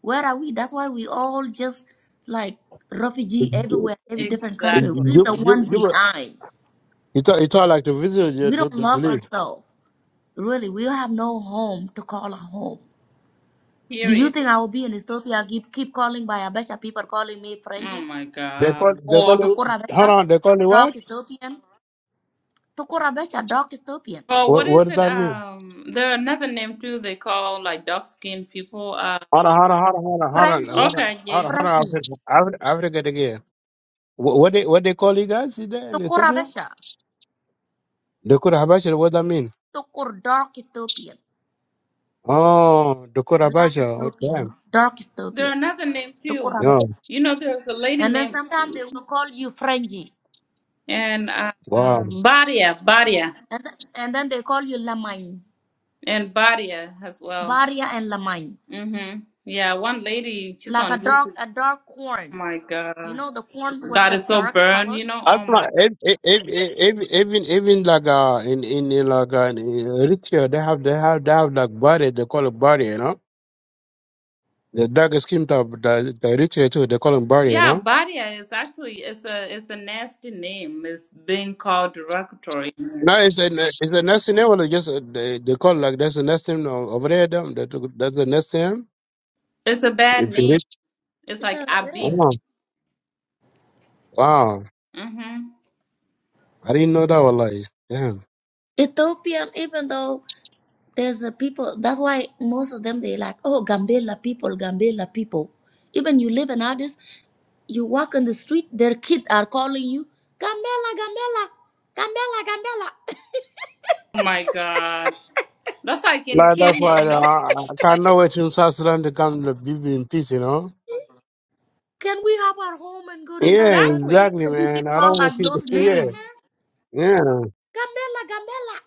Where are we? That's why we all just like You, refugee you, everywhere, every different country. Exactly. We're you, the one you, behind. you talk, you talk like the visitor you We to, don't to, to love leave. ourselves. Really, we have no home to call a home. Do you Period. think I will be in Ethiopia? Keep keep calling by Abesha. People calling me Oh Frenchie, my They call, God. they call Or it, Tukura hold Abesha, on, they call it Dark what? Ethiopian, Tukura Abesha, Dark Ethiopian. or what What, what is does it? that mean? Um, there are another name too. They call like dark skinned people. Uh, Hold on, hold on, hold on, hold on, hold on, Frangie, okay, hold on, hold yeah. on, hold on, Frangie, Africa, Africa, Africa again. What, what they, what they call you guys is there in tukur apa Ethiopia? The Kurabasha, what that mean? Tukur dark Ethiopian, Oh, the black Kurabasha, oh Ethiopian, damn. dark There are Ethiopian, another name tukur too. apa Yeah. You know, there's a lady And then named sometimes they will call you Frangie, and uh, Wow. um, Badia, Badia, and then, and then they call you Lamine, and Badia as well. Baria and Lamine, Mm-hmm. Yeah, one lady. She's like on a dark YouTube. a dark Oh corn. my You God, know the corn with God the is so dark burned. color. You know. Oh my. Asma, even, even, even like, uh, in, in, in like, uh, in Eritrea, they have, they have, they have like body, they call it body, you know? The darkest skin type, the, the rich too, they call him Barry, you Yeah, know? Badia is actually it's a it's a nasty name. It's being called derogatory. No, it's a, it's a nesting name, or just uh, they, they call like that's a nesting name o- over there, them. That, that's the nesting name. It's a bad If you name. reach, It's It's like a, it Abib. is oh, wow. Mm-hmm. I didn't know that, wallahi. Damn. Ethiopian, even though there's a people. That's why most of them they like oh Gambela people, Gambela people. Even you live in Addis. You walk in the street, their kids are calling you, Gambela, Gambela, Gambela, Gambela. Oh my God. That's like in Like, that's Kenya, why you uh, know? I I can't Like, know it in South Sudan to come to live in peace, you know? Can we have our home and go to South Yeah, Sudan? exactly. exactly, We be man. I don't called want like to see those the, hmm names. yeah. Yeah, Gambela, Gambela.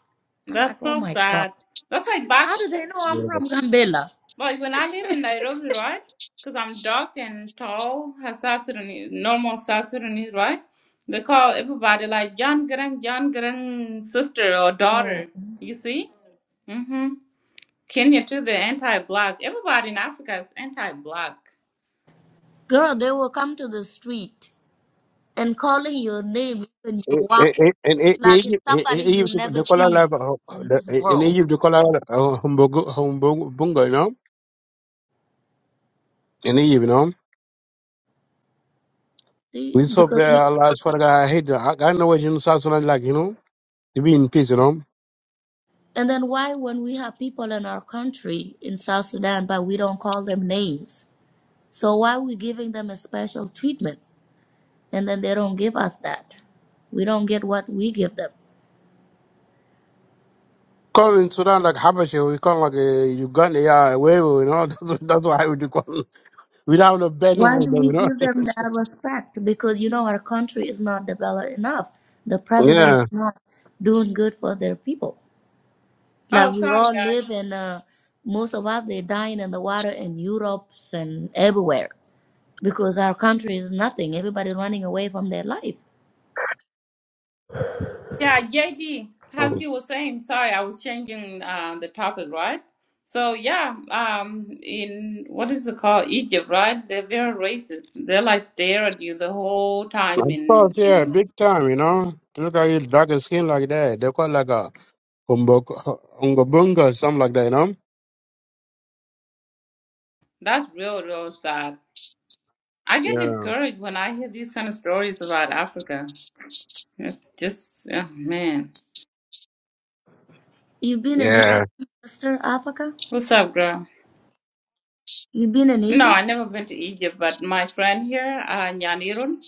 I'm like, That's oh so my God. sad. That's like How back, do they know I'm yeah. from Gambela? like when I live in Nairobi, right? Because I'm dark and tall, as South Sudanese, normal South Sudanese, right? They call everybody like John Grang, John Grang sister or daughter. Oh. You see? Mm-hmm. Kenya too, they're anti-black. Everybody in Africa is anti-black. Girl, they will come to the street and calling your name when Eh, you're eh, walking. eh, in E- Like it's Egypt, eh, somebody eh, you Egypt, never they call it like seen uh, in this the- in world. Egypt they call it uh, humbug, humbug, bunga, you know. And you know, See, we so because pray we Allah as far as I hate that. I got no way in South Sudan, like, you know, to be in peace, you know. And then why, when we have people in our country, in South Sudan, but we don't call them names? So why are we giving them a special treatment and then they don't give us that? We don't get what we give them. Call in Sudan like Habasha, we call like uh, Uganda, yeah, where you know, that's, what- that's why we do call. it. We don't have no benefit, Why of do them, we you know. give them that respect? Because you know our country is not developed enough. The president is Yeah. not doing good for their people. Like Oh, we sorry, all guys. live in, uh, most of us they dying in the water in Europe and everywhere because our country is nothing. Everybody running away from their life Yeah, JB, as you Of were saying, sorry, I was changing uh, the topic, right? So yeah, um, in what is it called, Egypt, right? They're very racist. They like stare at you the whole time, in course, yeah, in big time, you know. To Look at you, darker skin like that. They call like a umbok- umbobunga, something like that, you know. that's real, real sad. I get Yeah. discouraged when I hear these kind of stories about Africa. It's just, oh, man, You've been in Yeah. Egypt, Sister Africa? what's up, girl? You've been in No, Egypt? I never been to Egypt, but my friend here, uh, Nyanirun,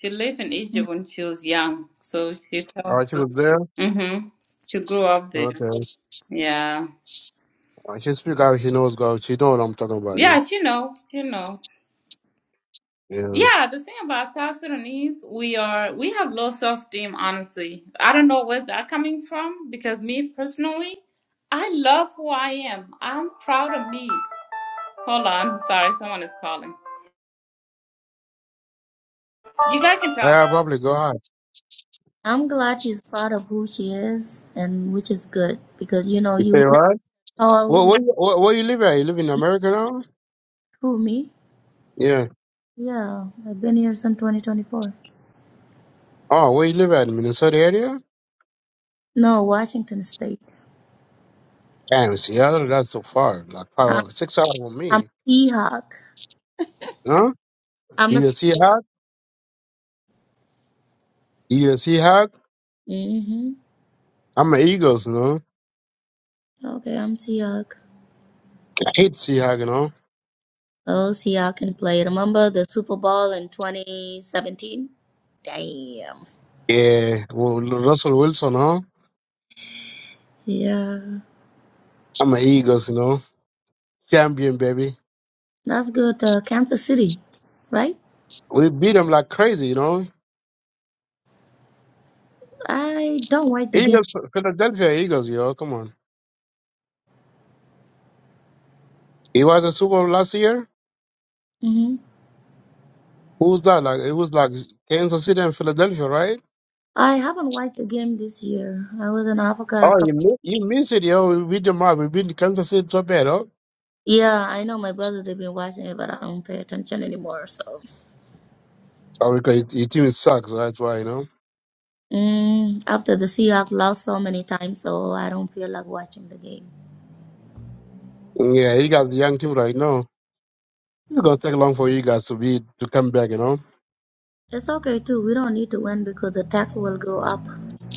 she lived in Egypt when she was young, so she tells Oh, she me. was there? Mm-hmm. She grew up there. Okay. Yeah. Oh, She speak how she knows, girl. She know what I'm talking about, you know. Yeah, she knows. She knows. Yeah, the thing about South Sudanese, we are we have low self esteem, honestly. I don't know where that coming from because me personally, I love who I am. I'm proud of me. Hold on, sorry, someone is calling. You guys can Yeah. talk. Yeah, probably go ahead. I'm glad she's proud of who she is and which is good because you know You you say would never what? Well, call where, you- where, where you live at? You live in America now? who me. Yeah. Yeah, I've been here since 2024. Oh, where you live at? Minnesota area? No, Washington State. Damn, Seattle, that's so far. Like five, I'm, hours- six hours from I'm me. a Seahawk. Huh? I'm a You a Seahawk? You a Seahawk? Mm-hmm. I'm an Eagles, no? Okay, I'm Seahawk. I hate Seahawk, you know? Oh, Seahawk can play. Remember the Super Bowl in 2017? Damn. Yeah. Well, Russell Wilson, huh? Yeah. I'm an Eagles, you know? Champion, baby. That's good. Uh, Kansas City, right? We beat them like crazy, you know? I don't watch the game. Eagles, Philadelphia Eagles, yo. Come on. It was a Super Bowl last year. hmm Who's that? Like it was like Kansas City and Philadelphia, right? I haven't watched the game this year. I was in Africa a Oh, you couple. mi- you miss it, yo. We beat them up. We beat Kansas City so bad, oh. Yeah, I know my brother. They've been watching it, but I don't pay attention anymore. So Oh, because your team sucks. That's why, you know. mm, after the Seahawks lost so many times, so I don't feel like watching the game. Yeah, you got the young team right now. It's gonna take long for you guys to be to come back, you know. It's okay too. We don't need to win because the tax will go up,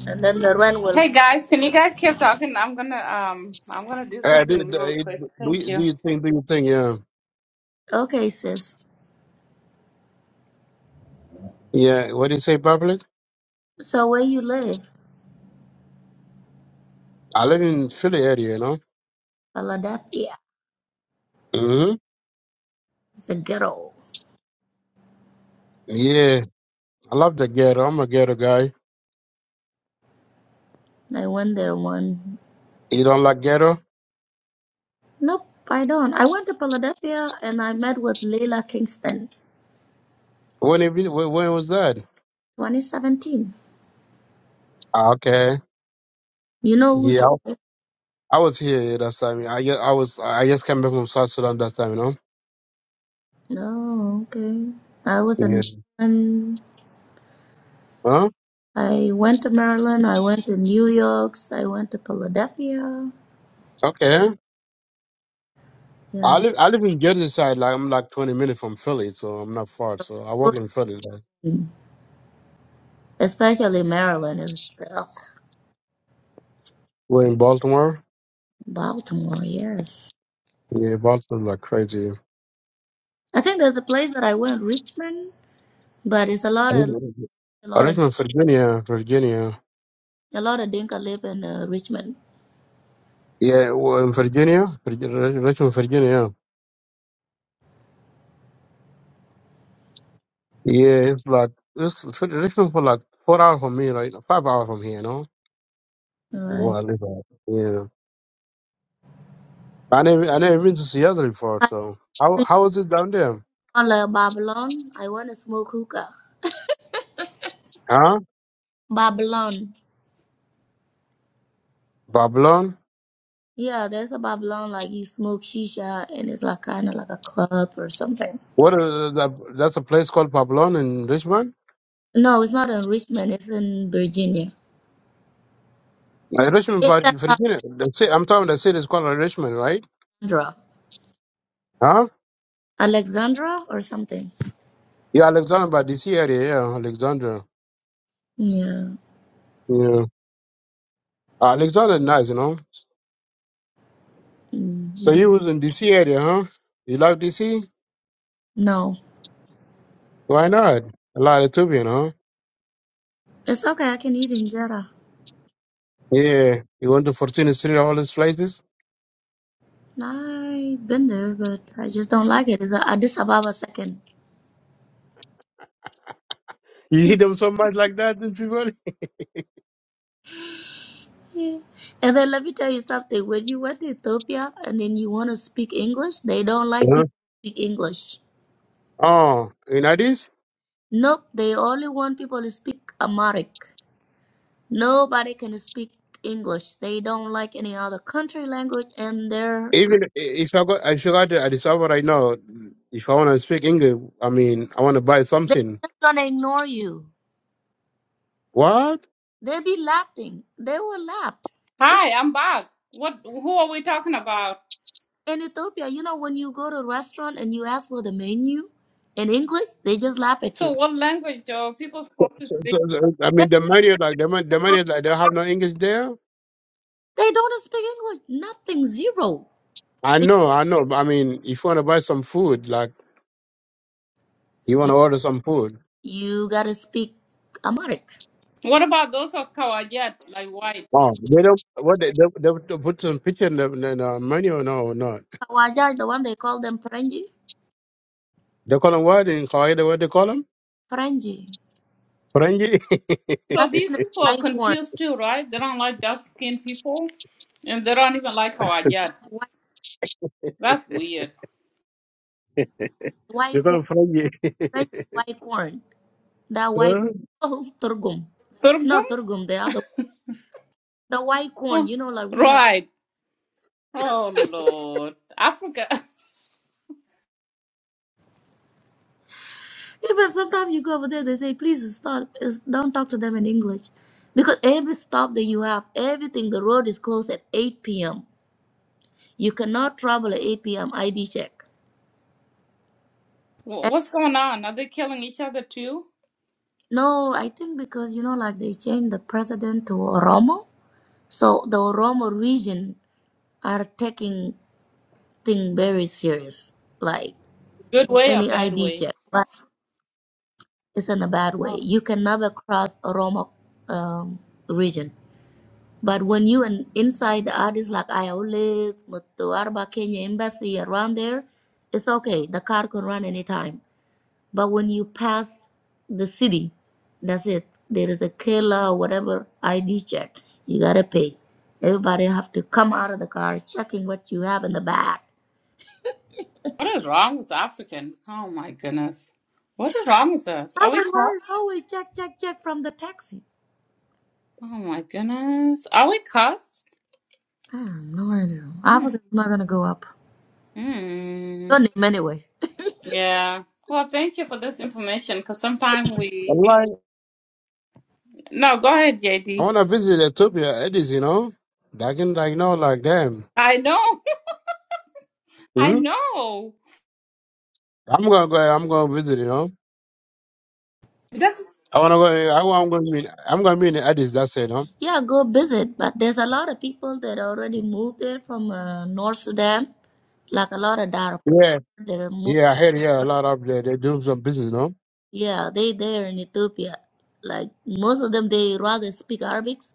and then the rent will. Hey guys, can you guys keep talking? I'm gonna um I'm gonna do Uh, do, do, something real quick. do, Thank you, do you. you think? Do you think? Yeah, Okay, sis. yeah. What do you say, public? So where you live? I live in Philly area, you know. Philadelphia. hmm It's a ghetto. Yeah, I love the ghetto. I'm a ghetto guy. I went there one. You don't like ghetto? Nope, I don't. I went to Philadelphia and I met with Leila Kingston. When have you, when, when was that? 2017. Ah, Okay. You know who she Yeah, is? I was here that time. I just, I was I just came back from South Sudan that time, you No, okay. I was know. in Maryland. Huh? I went to Maryland. I went to New York. I went to Philadelphia. Okay. I Yeah. live I live in Jersey side. Like I'm like 20 minutes from Philly, so I'm not far. So I work in Philly. Like. Especially Maryland is ugh, We're in Baltimore. Baltimore, yes. Yeah, Baltimore like crazy. I think there's a place that I went, Richmond, but it's a lot of Richmond, a lot live of Virginia, Virginia. a lot of Dinka live in uh, Richmond. Yeah, well, in Virginia, Virgi- Rich- Richmond, Virginia. Yeah, it's like it's Richmond for like four hours from me, like five hours from here. You know. Oh, Right. I live out. Yeah. I never I never been to Seattle before. I So how went how is it down there? to Babylon. I went to smoke hookah. Huh? Babylon. Babylon. Yeah, there's a Babylon like you smoke shisha and it's like kind of like a club or something. What uh, that, that's a place called Papillon in Richmond? No, it's not in Richmond. It's in Virginia. Uh, Richmond, It's but in Virginia. The city, I'm talking the city is called Richmond, right? Alexandra, Huh? Alexandra or something. Yeah, Alexandria, but DC area, yeah, Alexandria. Yeah. Yeah. Uh, Alexander, nice, you know. Mm, So be- you was in DC area, huh? You like DC? no, Why not? A lot of Tubian, huh? it's okay. I can eat injera. Yeah. You went to 14th Street, all these places? I've been there, but I just don't like it. It's a Addis Ababa second. You need them so much like that, these people? Yeah. And then let me tell you something. When you went to Ethiopia and then you want to speak English, they don't like Huh? people who speak English. Oh, in Addis? Nope, they only want people to speak Amharic. Nobody can speak English. They don't like any other country language and they're Even if I got if I got to Addis Ababa right now, if I want to speak English, I mean, I want to buy they're something. just gonna ignore you. What? They'll be laughing. They were laughed. Even Hi, I'm back. What who are we talking about? in Ethiopia, you know when you go to a restaurant and you ask for the menu in English, they just laugh at So you. what language are people supposed to So, speak? so- so, I They mean, the Marriott, like the, Ma- the Marriott, like they have no English there. they don't speak English. Nothing zero. I It, know, I know. But I mean, if you want to buy some food, like you want you, to order some food. you gotta speak Amharic. What about those of Kawajat, like white? Oh, they don't. What they they, they, they put some picture in the, in the menu or no or not? Kawaja is the one they call them Prenji. They call them what in Qaeda? What they call them? Prenji. Frangie. So That's these mean it's people are white corn. confused too, right? They don't like dark skinned people and they don't even like Kawajat. White, That's weird. white they corn. call them Frangie. Right, white corn. That white Huh? oh, turgum. Sorghum? Not turgum, the other the white corn, Oh, you know, like we have right. Oh, Lord. Africa. even sometimes you go over there they say, please stop is don't talk to them in English. Because every stop that you have, everything the road is closed at eight PM. You cannot travel at eight PM ID check. Wha- And What's going on? Are they killing each other too? no, I think because you know like they changed the president to Oromo. So the Oromo region are taking thing very serious. Like Good way or any bad ID way? check. Like, It's in a bad way. Oh, You can never cross Oromo um, region. But when you and inside the artists like Iolis, Mutu Arba Kenya Embassy around there, it's okay. The car can run anytime. But when you pass the city, that's it. There is a killer or whatever ID check. You gotta pay. Everybody have to come out of the car checking what you have in the bag. what is wrong with African? Oh, my goodness. What is wrong with us? I'm Are we like, is cussed? always check, check, check from the taxi? Oh, my goodness. Are we cussed? I don't know. Africa's not gonna go up. Mm. Your name anyway. Yeah. Well, thank you for this information because sometimes we. Online. No, go ahead, J I D. want to visit Ethiopia, Addis. You know, I can like know like them. I know. I Hmm? know. I'm gonna go. I'm gonna visit it. Huh? That's I wanna go. I want. I'm gonna meet. I'm gonna meet in Addis. That's it. Huh? Yeah, go visit. But there's a lot of people that already moved there from uh, North Sudan, like a lot of Darfur. Yeah. They are moved. Yeah. I heard. Yeah. A lot of they. they do some business. No. Yeah, they there in Ethiopia. Like most of them, they rather speak Arabics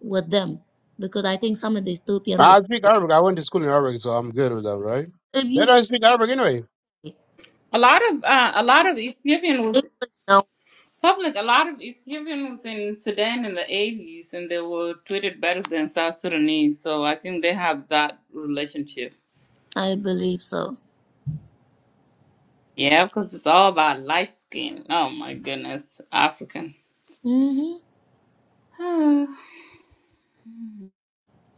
with them because I think some of the Ethiopian they I speak speak Arabic. Arabic. I went to school in Arabic, so I'm good with them, right? If you They don't speak speak Arabic anyway. a lot of uh, a lot of Ethiopian was English, no, public. A lot of Ethiopian was in Sudan in the eighties, and they were treated better than South Sudanese. So I think they have that relationship. I believe so. Yeah, because it's all about light skin. Oh my goodness, African. Mhm. so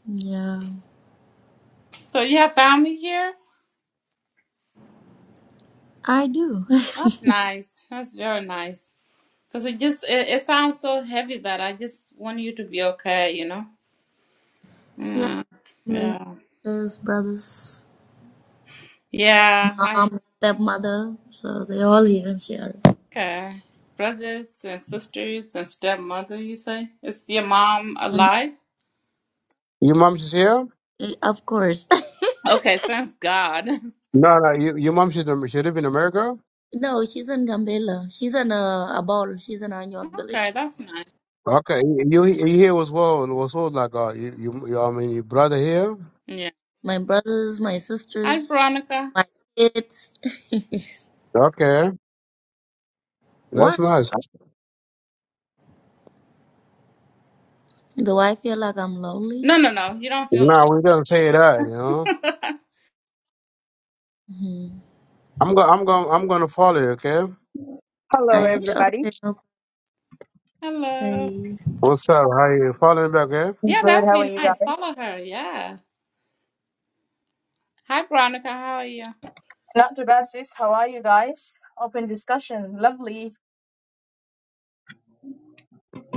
Yeah, you have family here. I do. That's nice. That's very nice. Because it just it, it sounds so heavy that I just want you to be okay, you know? yeah, Yeah. family, Yeah. sisters, brothers, Yeah. Hi. mom, stepmother, so they all here in Sierra. Okay. Brothers and sisters and stepmother, you say? Is your mom alive? Your mom she's here. Eh, Of course. Okay, thanks God. No, no. You, your mom she she live in America. no, she's in Gambela. She's in uh, Abol. She's in Anyuak okay, village. that's nice. Okay. You you here was well was well like uh you, you you I mean your brother here. Yeah. My brothers, my Hi, sisters, Veronica. my kids. Okay. Why? That's nice. Do I feel like I'm No, lonely? no, no. You don't feel No, we don't say that. You know. alone. hmm I'm going. I'm going. I'm going to follow you. Okay. I okay, Hello. okay. What's up? How you falling back, eh? Yeah, that would be nice. Follow her. Yeah. Hi, Veronica. How are you?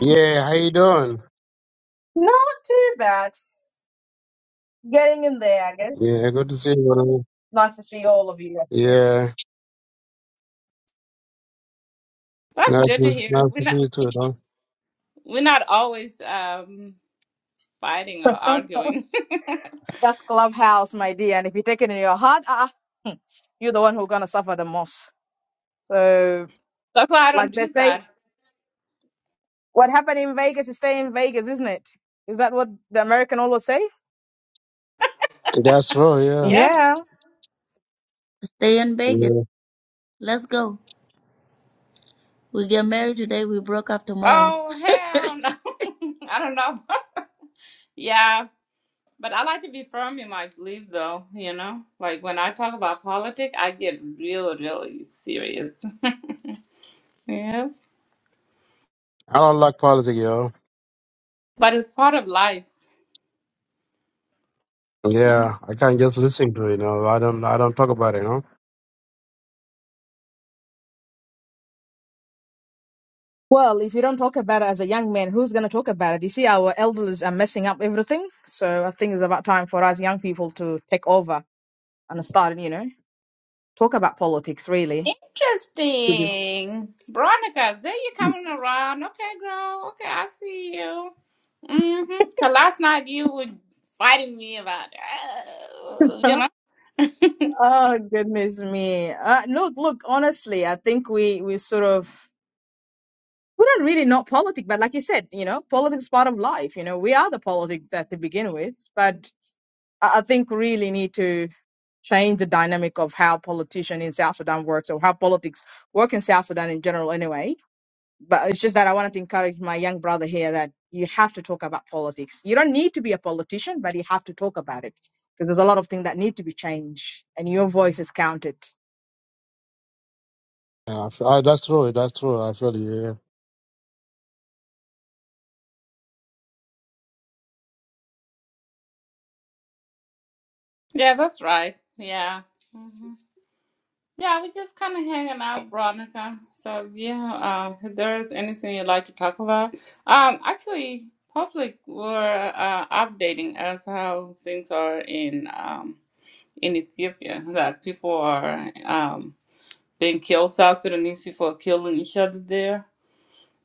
Yeah, how you doing? Yeah, good to see you, brother. Yeah, That's nice good to to, hear. nice to We're see not you too, though. we're not always um fighting or arguing. That's why I don't do that. That's right, yeah. Yeah. Stay in Vegas. yeah. Let's go. We get married today. We broke up tomorrow. Oh hell no. I don't know. yeah. But I like to be firm in my belief though, you know? Like when I talk about politics I get real, really serious. yeah. I don't like politics, yo. But it's part of life. Mm. Yeah, I can't just listen to it, you know. I don't, I don't talk about it, you know. Interesting. Veronica, there you coming around. Okay, girl. Okay, I see you. Mm-hmm. Cause last night you were fighting me about, "Oh," you know? Yeah, I, f- I- that's true, that's true. I feel you, yeah. Yeah, that's right. Yeah. Mm-hmm. Yeah, we just kind of hanging out, Veronica. So yeah, uh, if there is anything you'd like to talk about, um, actually, public were uh, updating us how things are in um in Ethiopia that people are um being killed. South Sudanese people are killing each other there.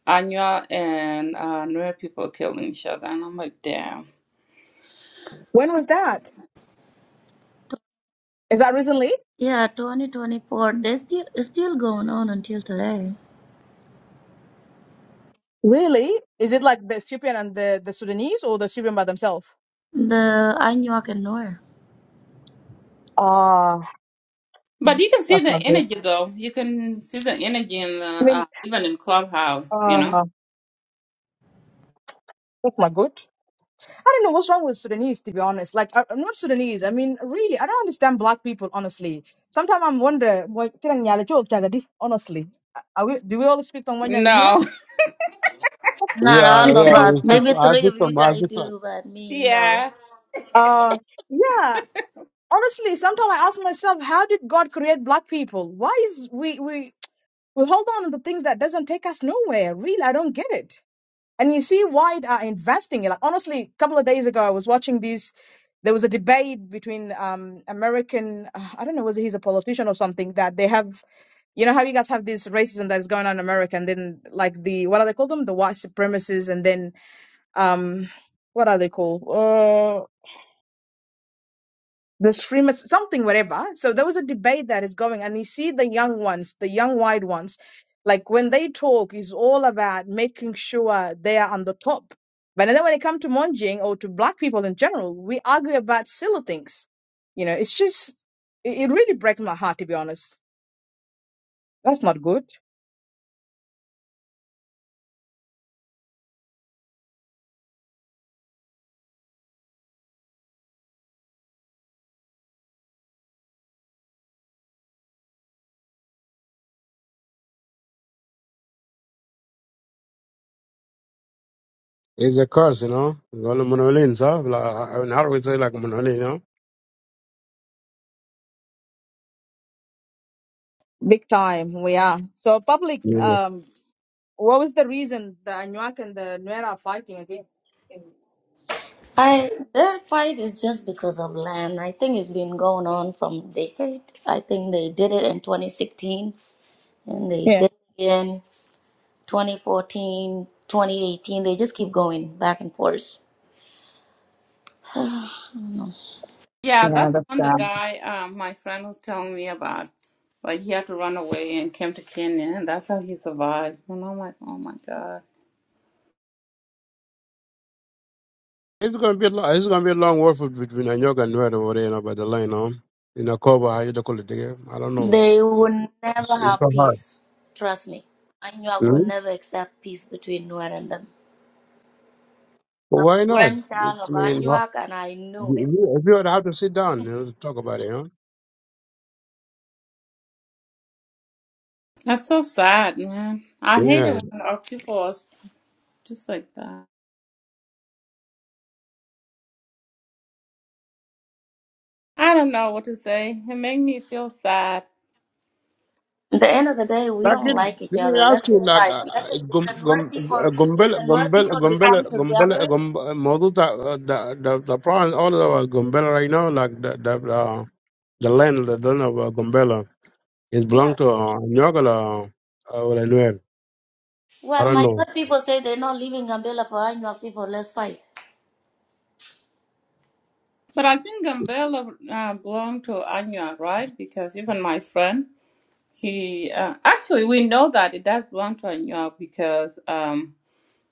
Anya and uh, Nuer people are killing each other, and I'm like, damn. Yeah, 2024. They still it's still going on until today. The Anyuak and Noir. But you can see the energy, though. You can see the energy in the uh, even in Clubhouse, you know. No. Not Yeah, all of yeah, us. it's just, Maybe I three think, of you some- I guys think some- do, but me, no. Yeah, it's a curse, you know. Well, monolin, so, like, I I would say like monolin, you know. I that fight is just because of land. I think it's been going on from decade. I think they did it in 2016 and they did it in 2014, 2018. They just keep going back and forth. Yeah, that's the one the guy, um, my friend was telling me about. Like he had to run away and came to Kenya, and that's how he survived. And I'm like, oh my god, It's gonna be a lo- it's gonna be a long war for, between Anyoka and Nuer over there, you know, by the line, huh? In a cover, how you they call it again? I don't know. They will never It's, it's have so hard. peace. Trust me. Anuak will hmm never accept peace between Nuer and them. But I'm a why not? grandchild It's of I mean, wha- Anuak and I know it. you- you- if you would have to sit down, you know, to talk about it, huh? that's so sad, man. I hate it Yeah. when our people are just like that. I don't know what to say. It made me feel sad. At the end of the day, we Like don't it, like each let me other. ask Let's say, you, like, like, uh, let's say uh, if gum the gum Nuer people, uh, if gumbel the Nuer gumbel people gumbel become gumbel together, gumbel model the the the the problem all over gumbel right now, like the the uh, the land the land of uh, gumbela is yeah. belong to uh, Nyogala uh, uh, or Nuer. I Well, don't my know. Nuer people say they're not leaving Gambela for Anuak people. Let's fight. But I think Gambela uh, belonged to Anya, right? Because even my friend, he uh, actually we know that it does belong to Anya because um,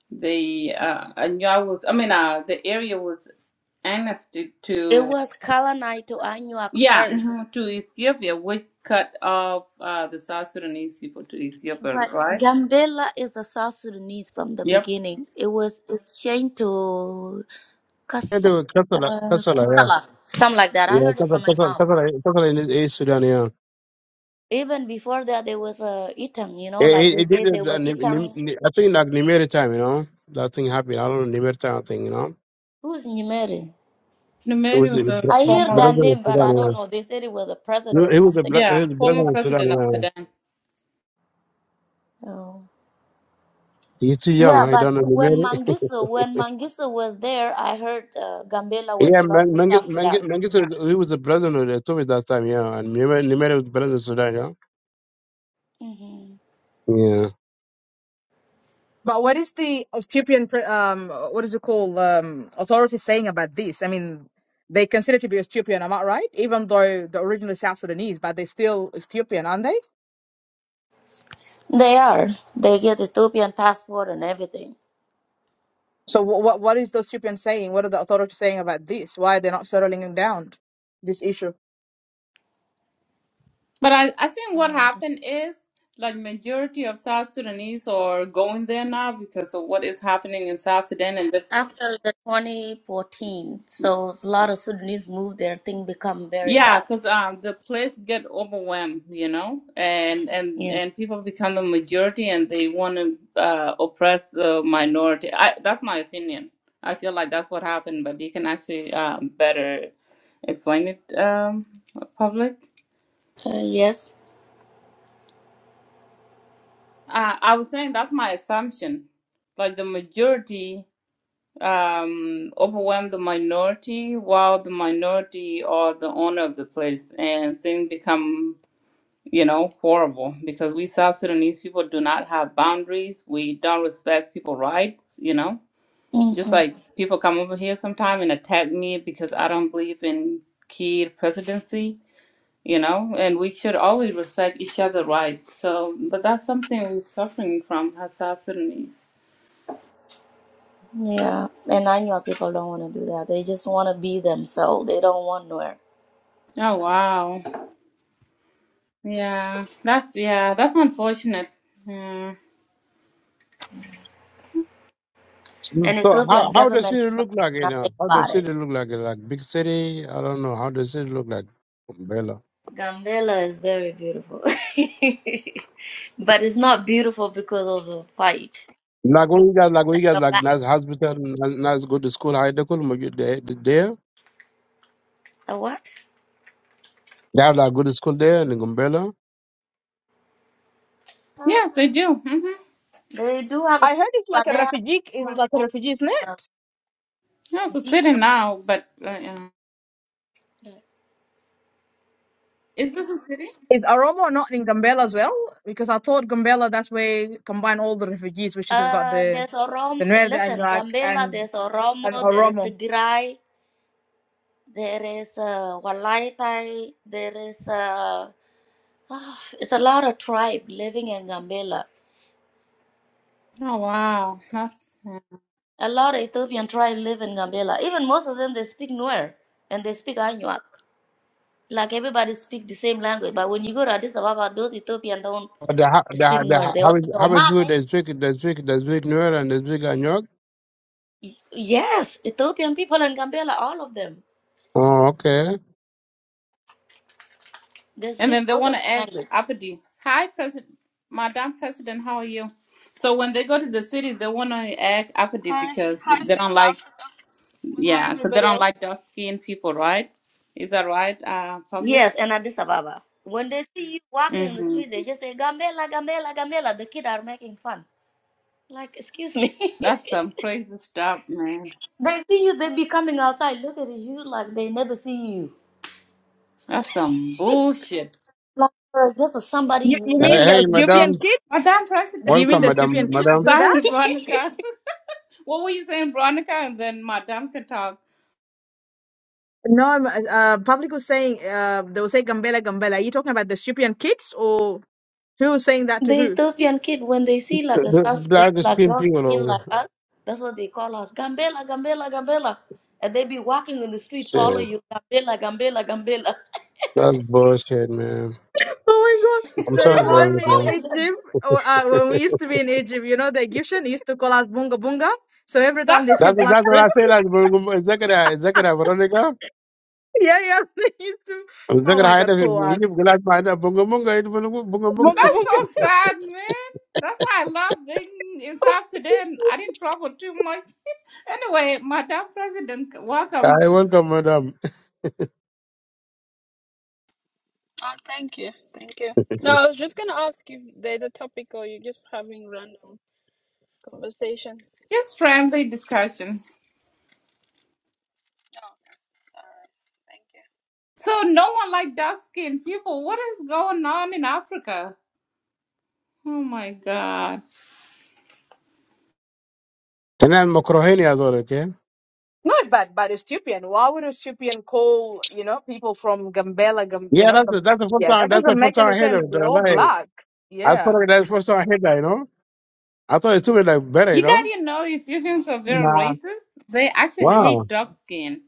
the uh, Anya was, I mean, uh, the area was annexed It to was colonized to Anuak yeah first, mhm, to Ethiopia, which cut off uh, the South Sudanese people to Ethiopia, but right? Gambela is a South Sudanese from the Yep. beginning. It was exchanged to Can't Kasa, do it. Kasala, uh, Kasala, yeah. Kasala, something like that. I Yeah, heard it Kasala, from my Kasala, mom. Kasala, Kasala in East East Sudan, yeah. Even before that, there was a Itang. You know, It, like it, they it did, say, there it, uh, was Nim- Nim- Itang. Ni- I think, like Nimeri time, you know. That thing happened. I don't know, Nimeri time, I think, you know. Who's Nyimere? It was Numeri the was a I br- hear former that brother in name, but I Sudan, yeah. don't know. They said it was a No, president He was the something. br- he yeah was the brother former in Sudan, president of yeah. Sudan, Oh. You're too young, Yeah, I but don't know, when Nimeri. Mangisu when Mangisu was there, I heard uh, Gambela was Yeah, belong Man- to Mangit, South Mangit, Sudan. Mangit, he was the brother of the that time, yeah. And Nimeri Nimeri was the brother in Sudan, yeah. hmm Yeah. They are. They get Ethiopian passport and everything. but I I think what I don't. happened is like majority of South Sudanese are going there now because of what is happening in South Sudan and the After the 2014, so a lot of Sudanese moved. Their thing become very Yeah, bad. because um, the place get overwhelmed, you know, and and Yeah. and people become the majority, and they want to uh, oppress the minority. I, that's my opinion. I feel like that's what happened, but you can actually um, better explain it, um, public. Uh, yes. Uh, I was saying that's my assumption. Like the majority um, overwhelm the minority, while the minority are the owner of the place, and things become you know, horrible because we South Sudanese people do not have boundaries. We don't respect people's rights, you know. Just Mm-hmm. like people come over here sometime and attack me because I don't believe in key presidency, you know, and we should always respect each other' rights. So, but that's something we're suffering from as South Sudanese. Yeah, and I know people don't want to do that. They just want to be themselves. They don't want nowhere. Oh, wow. Yeah, that's, yeah, that's unfortunate. Yeah. So And how Ethiopian how does government is it not look like? doing You know, nothing how about does it it. look like? Like big city? I don't know. How does it look like? Umbrella. Gambela is very beautiful. but it's not beautiful because of the fight. Like when you guys, like when you guys, Your like back. nice hospital, nice, nice good school. High school, Mogi- there, there. A what? They have like good school there in Umbrella. Yes, they do. Mm-hmm. They do have school, but they have school more than Yeah, it's a deep. city now, but uh, yeah. is this a city? Uh, there's Oromo. Listen, Gambela, there's Oromo, there is Tigray, there is uh, Walaitai, there is. Uh, it's a lot of tribe living in Gambela. Oh wow, that's right. A lot of Ethiopian tribe live in Gambela. Even most of them, they speak Nuer and they speak Anuak. Like everybody speak the same language. But when you go to Addis Ababa, those Ethiopian don't The ho- the speak the Nuer. They how all much know how much food Male. they speak they speak they speak New and they speak Anyok. Yes, Ethiopian people in Gambela, all of them, Oh, okay. they and speak then they both of want the to add language. Apodi. Hi, President, Madam President, how are you? So when they go to the city, they want to add Apodi Hi, because hi, they don't Sister like, Africa, and hi, yeah, because they everybody don't else. like dark skinned people, right? Is that right, uh, Yes, public? and Addis Ababa. When they see you walking in the Mm-hmm. street, they just say Gambela, Gambela, Gambela. The kids are making fun. Like, excuse me. That's some crazy stuff, man. they see you, they be coming outside looking at you like they never see you. That's some bullshit, Like bro, just somebody you Hey, never hey, been Uh, seen. madam, Madam President. welcome, madam, yeah. madam. Sorry, Veronica. What were you saying, Veronica? And then Madam can talk. The Ethiopian kid when they see The, like a the, South the Sudanese dark like skin dark people skin over. like us, that's what they call us. Gambela, Gambela, Gambela. And they be walking in the street, follow Shit, you, Gambela, Gambela, Gambela. that's bullshit, man. I'm People sorry, like, what's wrong bro. with them? That's what that's what I said. Like Bunga- Zechariah, Zechariah, Veronica, Zechariah. had a Egypt glass في يجيب قلعت bunga بونجا مونجا bunga bunga. That's so sad, man. That's why I love being in South Sudan. I didn't travel too much. Anyway, Madam President, welcome. I welcome madam. Uh, thank you, thank you. No, I was just gonna ask if there's a topic or you're just having random conversation. Just friendly discussion. Oh, okay. all right. Thank you. So no one like dark skinned people. What is going on in Africa? Oh my god. أنا المكروهين as well, okay. Yeah, that's the, that's the first time that's the first time I heard it. uh, Like I thought that's the first time I heard that, you know. I thought it took it like better, you You know. gotta know Ethiopians are very racist. They actually Wow. hate dark skin.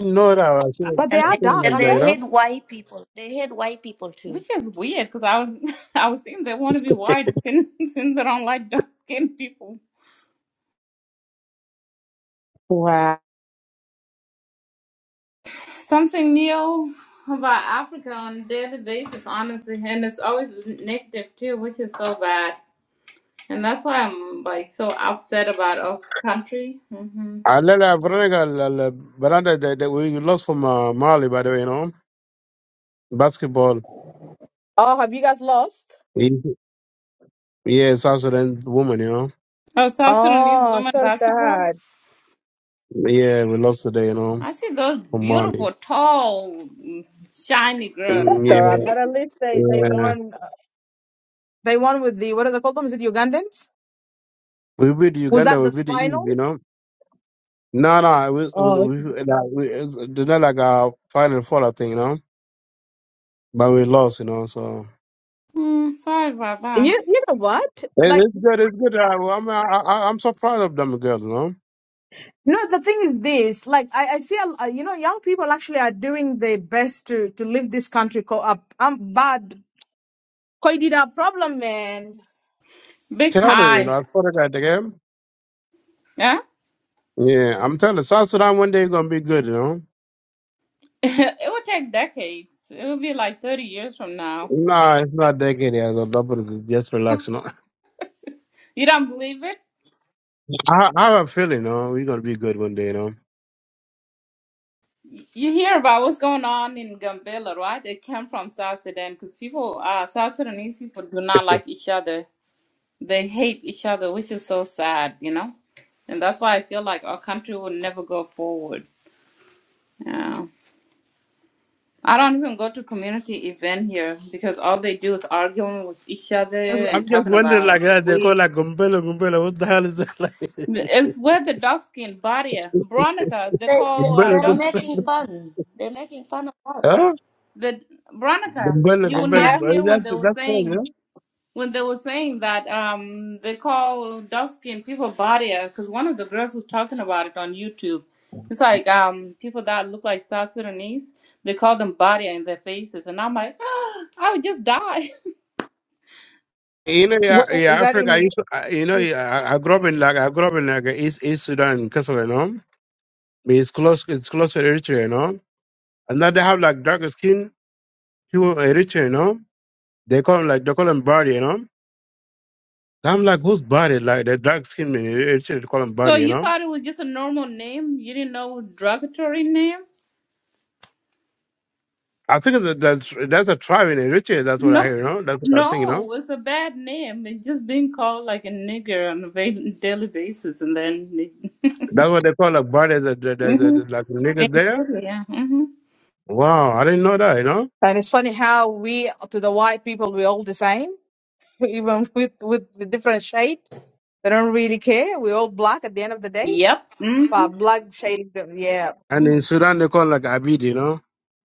No, that I see it, And I they see it like and that, they you know. hate white people. They hate white people too. Which is weird because I was I was thinking they want to be white since since they don't like dark skinned people. something new about Africa on a daily basis, honestly, and it's always negative too, which is so bad. And that's why I'm like so upset about our country. hmm I let uh, Veronica, l- l- Veranda, that, that we lost from uh, Mali, by the way, you know, basketball. Yeah, South Sudan woman, you know. Oh, South Sudanese women basketball. Yeah, we lost today, you know, I see those from Mali. beautiful, tall, mm, shiny girls. Mm, Yeah, yeah. We beat Uganda, we beat the Eve, you know. No, no, we, we, we, like, we it's it's not like a final four, thing, you know. But we lost, you know, so. Mm, sorry about that. It, it's good, it's good. I, I'm, I, I- I'm so proud of them girls, you know. Big Tell you, you know, time. I thought I got the game. Yeah? Yeah, I'm telling you, South Sudan one day going to be good, you know. it would take decades. It would be like 30 years from now. Nah, it's not that good. Yeah, so double, just relax, you know. You don't believe it? I, I have a feeling, you know, we're going to be good one day, you know. Y- You hear about what's going on in Gambela, right? It came from South Sudan because people, uh, South Sudanese people do not like each other. They hate each other, which is so sad, you know? And that's why I feel like our country will never go forward. Yeah. I don't even go to community event here because all they do is arguing with each other and I'm just talking wondering, about like, uh, they we. call like Gumbella Gumbella. What the hell is that? It's where the dark skin barrier, Like, Veronica. They They, call they uh, Gumbella they're dark Gumbella. skin making people. fun. They're making fun of us. Huh? The Veronica. Gumbella You will Gumbella. not hear when That's they were that's all, you saying know. when they were saying that um, they call dark skinned people barrier because one of the girls was talking about it on YouTube. It's like um, people that look like South Sudanese, they call them barrier in their faces, and I'm like, I would just die. You know, yeah, yeah, Africa. I used to, I- you know, yeah, I, I grew up in like I grew up in like East East Sudan, Kassala, you know. But It's close, it's close to Eritrea, you know. And now they have like darker skin people in Eritrea, you know. They call them like they call them body, you know. So I'm like, who's body? Like the dark skin men in Eritrea, they call them So body, you you know. thought it was just a normal name? You didn't know it was a derogatory name? I think that that's that's a tribe in Eritrea. That's what I No, hear, you know. That's what I think, you know. no, it's a bad name. It's just being called like a nigger on a va- daily basis, and then That's what they call a bar. There's a, it, there's a, hmm like and niggas it's there. silly, yeah. hmm Wow, I didn't know that, you know. Yep. mm-hmm. And in Sudan they call like Abid, you know,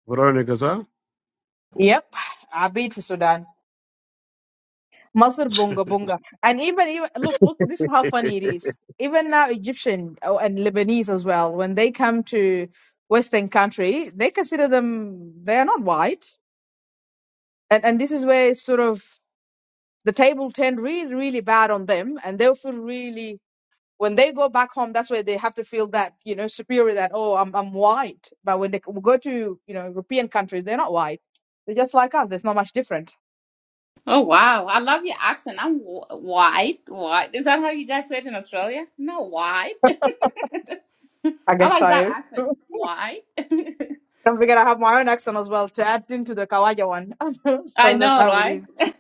Veronica. So, Oh wow, I love your accent. I'm wh- white, white. Is that how you guys say it in Australia? No, white. I like that accent. White. I know, right?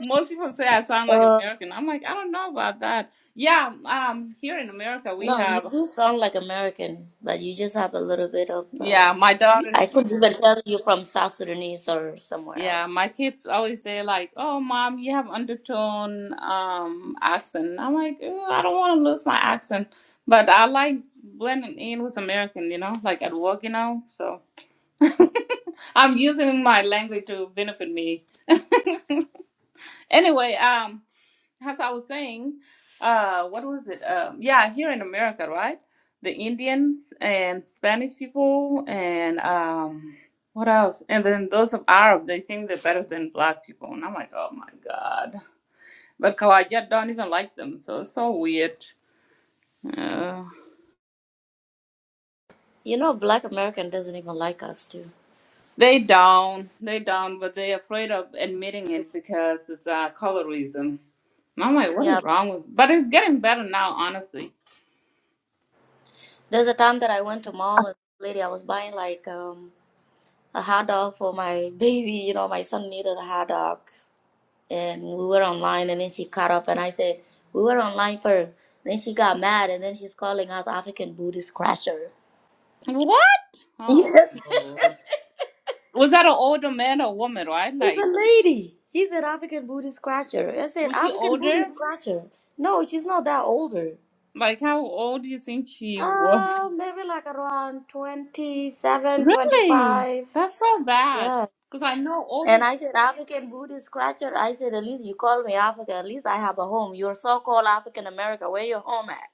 Most people say I sound like American. I'm like, I don't know about that. Yeah, um, here in America we No, you have. do sound like American, but you just have a little bit of. Um, Yeah, my you, daughter. I couldn't even tell you from South Sudanese or somewhere Yeah, else. my kids always say like, "Oh, mom, you have undertone um accent." I'm like, "Ew, I don't want to lose my accent, but I like blending in with American, you know, like at work, you know, so. I'm using my language to benefit me. anyway, um, as I was saying, uh, what was it? Um, yeah, here in America, right? The Indians and Spanish people, and um, what else? And then those of Arab, they think they're better than black people, and I'm like, oh my god. But Kawajat don't even like them, so it's so weird. Uh, You know, Black American doesn't even like us too. they not they don't, but they are afraid of admitting it because it's uh, colorism And I'm like, what Yeah, is wrong with? But it's getting better now, honestly. there's a time that I went to mall and this lady, I was buying like um, a hot dog for my baby. You know, my son needed a hot dog, and we were online, and then she caught up, and I said we were online first. Then she got mad, and then she's calling us African Buddhist crasher. What? Oh, Yes, was that an older man or woman? Right? It's a Like, lady. She's an African Buddhist scratcher. I said was she African older? Buddhist scratcher. No, she's not that older. Like, how old do you think she was? Uh, maybe like around 27, Really? 25. That's so bad. Yeah. Cause I know And older. I said, African Buddhist scratcher. I said, at least you call me African. At least I have a home. You're so-called African America. Where your home at?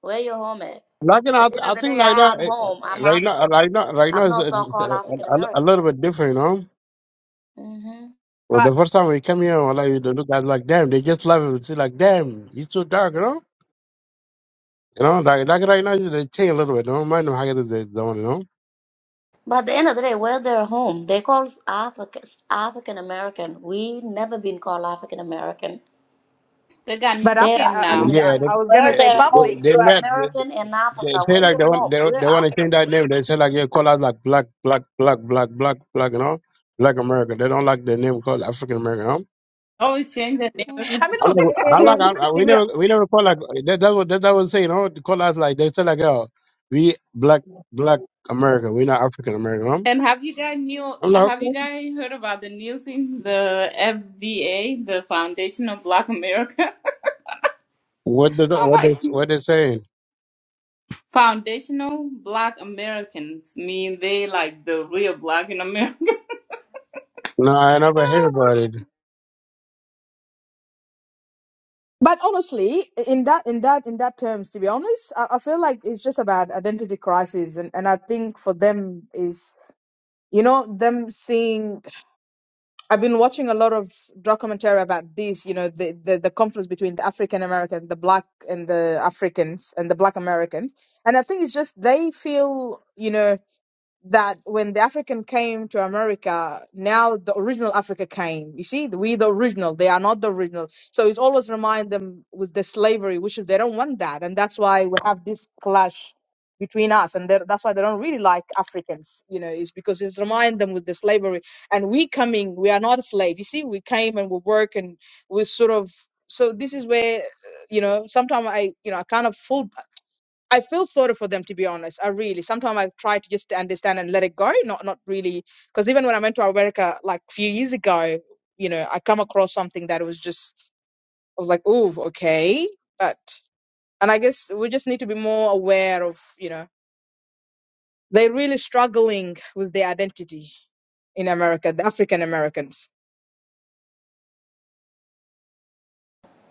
Where your home at? like, you know, The I, th- end of I the think day, I like that, have eh, home. eh, I'm right now, African. right now, right now I'm is not is, eh, so-called African a, a, American. a little bit different, you know. hmm Well, the first time we came here, well, like, the look at like, damn, they just love it. It's like, damn, it's so dark, you know. You know, like, like right now they change a little bit. Don't mind them how it is, they don't, you know. But at the end of the day, where they're home, they call Africans African American. We never been called African American. They got new They're name African now. Yeah, they, American. Where they, they're home, they, they you're met. American in They Africa. say Where like you're they want home, they, we're they want to African. change that name. They say like yeah, call us like black, black, black, black, black, black, you know, black America. They don't like the name called African American. You know? Always change the Mm. name. I'm like, I'm like, I, I, we never we never call like that. That was that, that was say you know to call us like they say like oh we black black America. We not African American. You know? And have you guys new? I'm like Have you okay, guys heard about the new thing? The FBA, the Foundation of Black America. what the Oh what they my! what they saying? Foundational Black Americans mean they like the real Black in America. No, I never heard about it.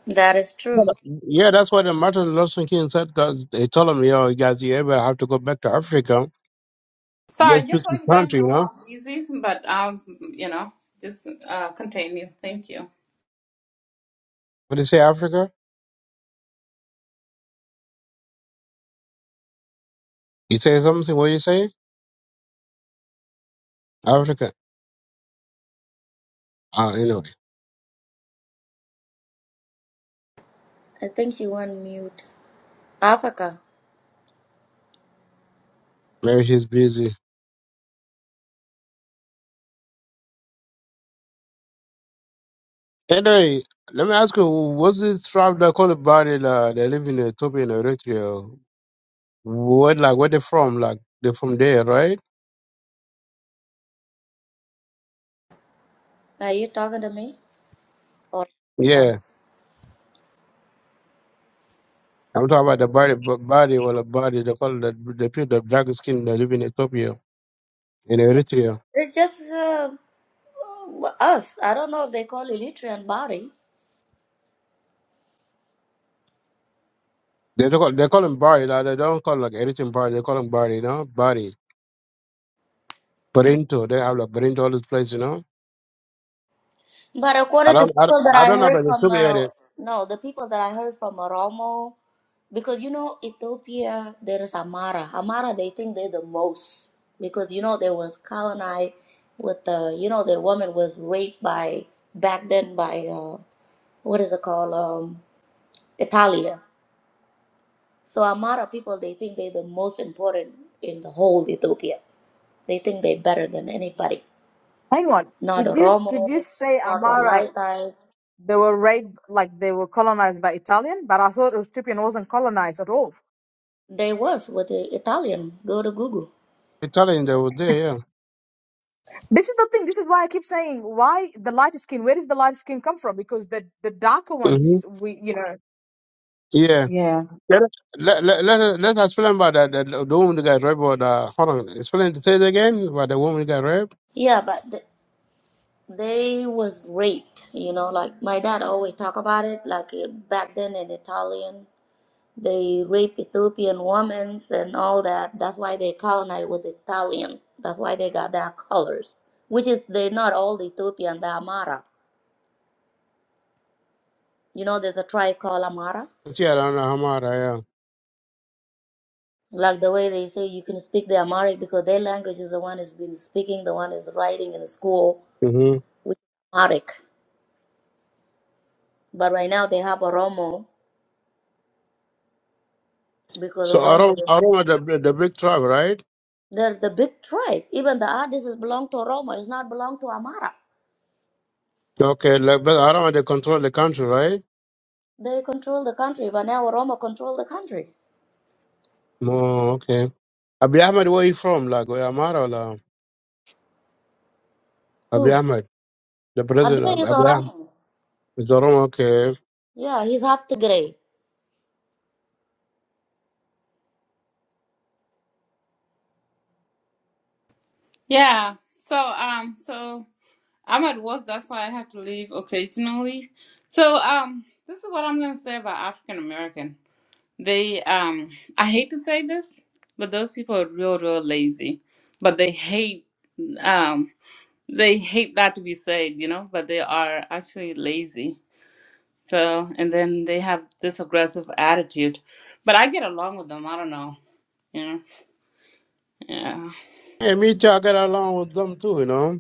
That is But, true. Yeah, that's what the Martin Luther King said. Cause they told him, you know, guys, you ever have to go back to Africa? Sorry, Yes, just choose so the you guys country, you know, know. I'm busy, but um, you know, just uh, continue. Thank you. What did you say, Africa? You say something? What you say? Africa. Uh, anyway, I think she went mute. Africa, maybe she's busy. Anyway, let me ask you, what's the tribe that call about it, uh, they live in Ethiopia and Eritrea? What, like, where they from? Like, they from there, right? are you talking to me or? Africa? Yeah. I'm talking about the body, b- body, well, the body, they call the, the people, the black skin that live in Ethiopia and Eritrea. It's just uh, us. I don't know if they call Eritrean body. They, they call, they call them body, like, they don't call, like, Eritrean body, they call them body, you know, body. Berinto, they have, like, Berinto, all these places, you know? But I according to don't, I don't, people that I I don't know about heard the from, Ethiopia area. uh, no, the people that I heard from Oromo, because you know, Ethiopia, there is Amara. Amara, they think they're the most. Because you know, they was colonized with, uh, you know, the woman was raped by, back then by, uh, what is it called, um, Italia. So Amara people, they think they're the most important in the whole Ethiopia. They think they're better than anybody. Not Oromo, not Walaitai. They was with the Italian. Go to Google. Italian they were there, yeah. hmm Yeah. Let, let, let, let, us- let us explain about that. the, the woman that got raped or the, hold on, explain the thing again about the woman that got raped. Yeah, but th- they was raped. You know, like my dad always talk about it. Like uh, back then in Italian, they rape Ethiopian women and all that. That's why they colonized with Italian. That's why they got their colors, which is they're not all the Ethiopian. The Amara. You know, there's a tribe called Amara. Yeah, I don't know how much, yeah. Like the way they say you can speak the Amharic because their language is the one has been speaking, the one is writing in the school, Mm-hmm. which is Amharic. But right now they have Oromo because So Oromo Aroma, they- Aroma the, the big tribe, right? they're the big tribe. Even the artists belong to Oromo. It's not belong to Amara. Okay, like, but Aroma they control the country, right? They control the country, but now Oromo control the country. Oh, okay. Abiy Ahmed, where you from? Like, where Amara or like, Who? Abiy Ahmed, the Abiy president, is Abiy Ahmed. Oromo. It's Aroma, okay. Yeah, he's half Tigray. Yeah. So um, so I'm at work. That's why I have to leave occasionally. So um, this is what I'm gonna say about African American. They um, I hate to say this, but those people are real, real lazy. But they hate um They hate that to be said, you know, but they are actually lazy. So, and then they have this aggressive attitude. But I get along with them. I don't know. You know, yeah. Hey, me too, I get along with them too, you know.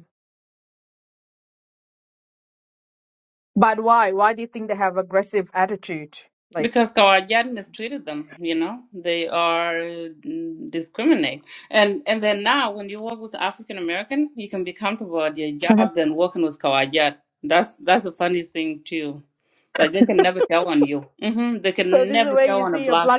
Because Kawajan mistreated them, you know, they are mm, discriminate. And and then now when you work with African American, you can be comfortable at your job than working with Kawajat. That's that's a funny thing too. Like they can never tell on you. hmm They can never tell on a black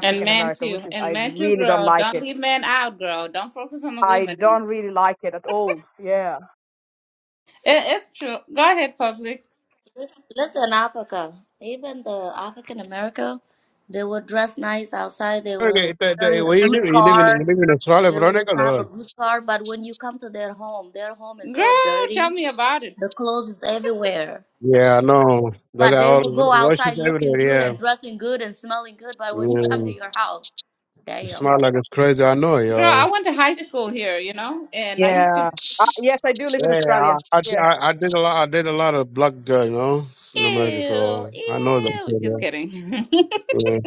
And men too. And men too, girl. Don't leave men out, girl. Don't focus on the women. It, it's true. Go ahead, public. Listen, Africa. Even the African America, they will dress nice outside. They Okay, will it- it- it- carry a where you live, good you live in, you car. live in Australia, They will have Veronica? a good car, but when you come to their home, their home is Girl, so tell dirty. me about it. The clothes is everywhere. Yeah, I know. They But got they all will the go outside Russians looking everywhere. good Yeah, and dressing good and smelling good. But when you come to yeah. your house, It damn. smell like it's crazy. I know, Girl, y'all. I went to high school here, you know, and I used to. Yeah, I, I, I I did a lot. I did a lot of black girl, you know, in America. Ew, So I know that. ew. Just kidding. Yeah,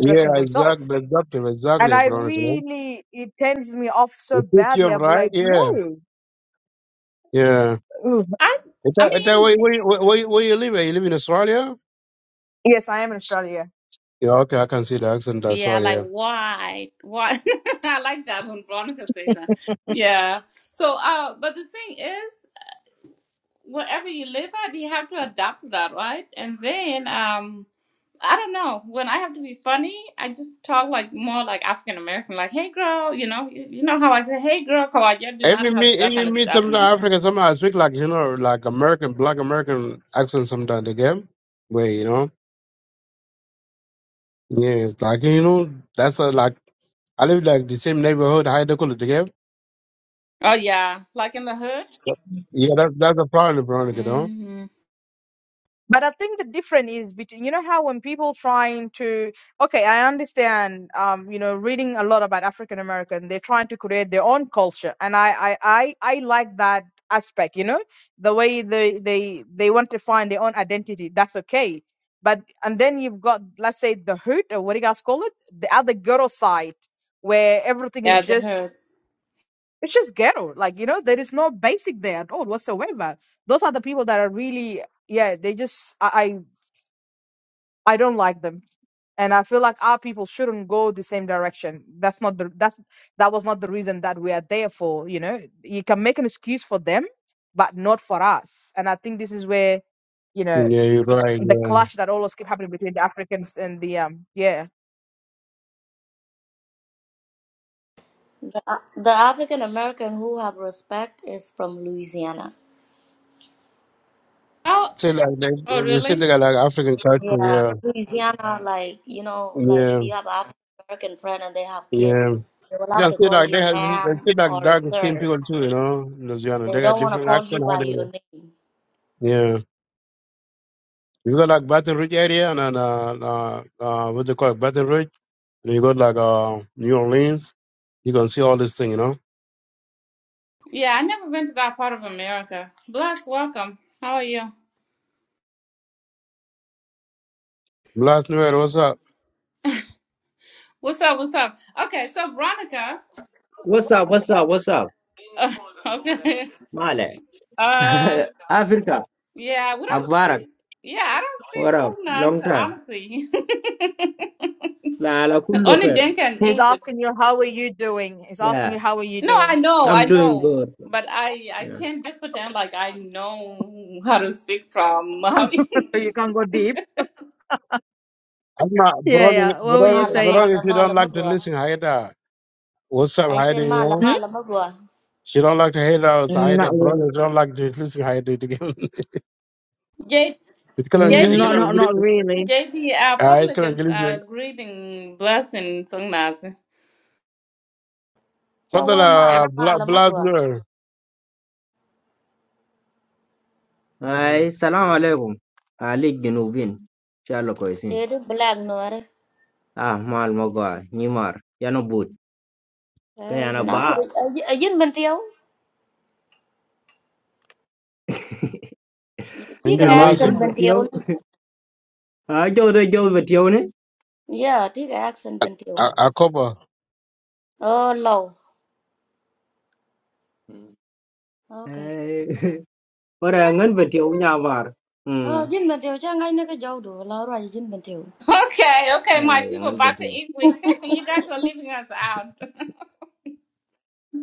yeah exactly, exactly, exactly, Veronica. It teach you right. Yeah, yeah. I, It, I it, mean, where, where, where, where you live? at? You live in Australia? Yeah, okay, I can see the accent. That's yeah, like right. why, why? I like that when Veronica says that. Yeah. So, uh, but the thing is, wherever you live at, you have to adapt that, right? And then, um. I don't know. When I have to be funny, I just talk like more like African American, like "Hey girl," you know. You, you know how I say "Hey girl," Kawaja do not Even me, have that kind of even me, stuff, you know. sometimes African, sometimes I speak like, you know, like American, black American accent sometimes again. Where, you know, yeah, it's like, you know, that's a, like, I live like the same neighborhood, high the color again. Oh yeah, like in the hood. Yep. Yeah, that's that's a problem, Veronica, though. hmm Yeah, the hood. Yeah, you're right, yeah. The, uh, the African American who have respect is from Louisiana. Oh, Say like, oh they, they say really? they got like African culture, Yeah, yeah. Louisiana, like, you know, like if Yeah, you have an African American friend and they have kids, yeah. they will have Yeah, to say call like you they have, they ma'am say like or dark skinned sir. people too, you know, in Louisiana. They They got don't want to different call accent, you how by they, your name. yeah. You got like Baton Rouge area and then, uh, uh, uh, what they call it, Baton Rouge. And you got like uh, New Orleans. You can see all this thing, you know. Yeah, I never been to that part of America. Bless, welcome. How are you? Last New Year, what's up? What's up? What's up? Okay, so Veronica. What's up? What's up? What's up? Uh, okay. Male. Um. Africa. yeah, we don't speak. Akbarak. Yeah, I don't speak What up? Long Tongan, time. honestly. La la kullu Only khair. Dinka and English. Yeah. No, I know, I I'm doing know, good. but I I Yeah. can't just pretend like I know how to speak from. I'm not, Veronica, Veronica, Mala, Veronica, mala, if you mala, don't like to magua. listen, Haida, what's up, I said Haida, you mala, know? mala, magua. She don't like to hate us, Haida. Veronica she don't like to listen, Haida, again. J- It can only, it can JD, only, JD, our uh, it public can is only, uh, greeting, blessing, Sungnas. Chawa, mala, Fadala, mala, Blast magua. New Year, Hi. Salam alaikum. Ali Ginubin. Shalo koisin. They do black, no, eh? Ah, mal mogwa. Nimar. Yano boot. Thế chị Kayana nói thôi, ba. ở, dưới- ở dưới bên tiêu tí and cái you Ya we Nasser, accent jib bên tiêu batiyo. nữa Ah, jol de jol batiyo ne. yeah tí cái accent bên tiêu Akoba. ờ lâu okay Eh. Ora ngan batiyo nyamar. ờ Hmm. dưới bên tiêu chắc ngay nơi cái dâu đủ lâu rồi dưới bên tiêu Okay, okay, Ah, my people, ngan back to batiyo. English. you guys are leaving us out.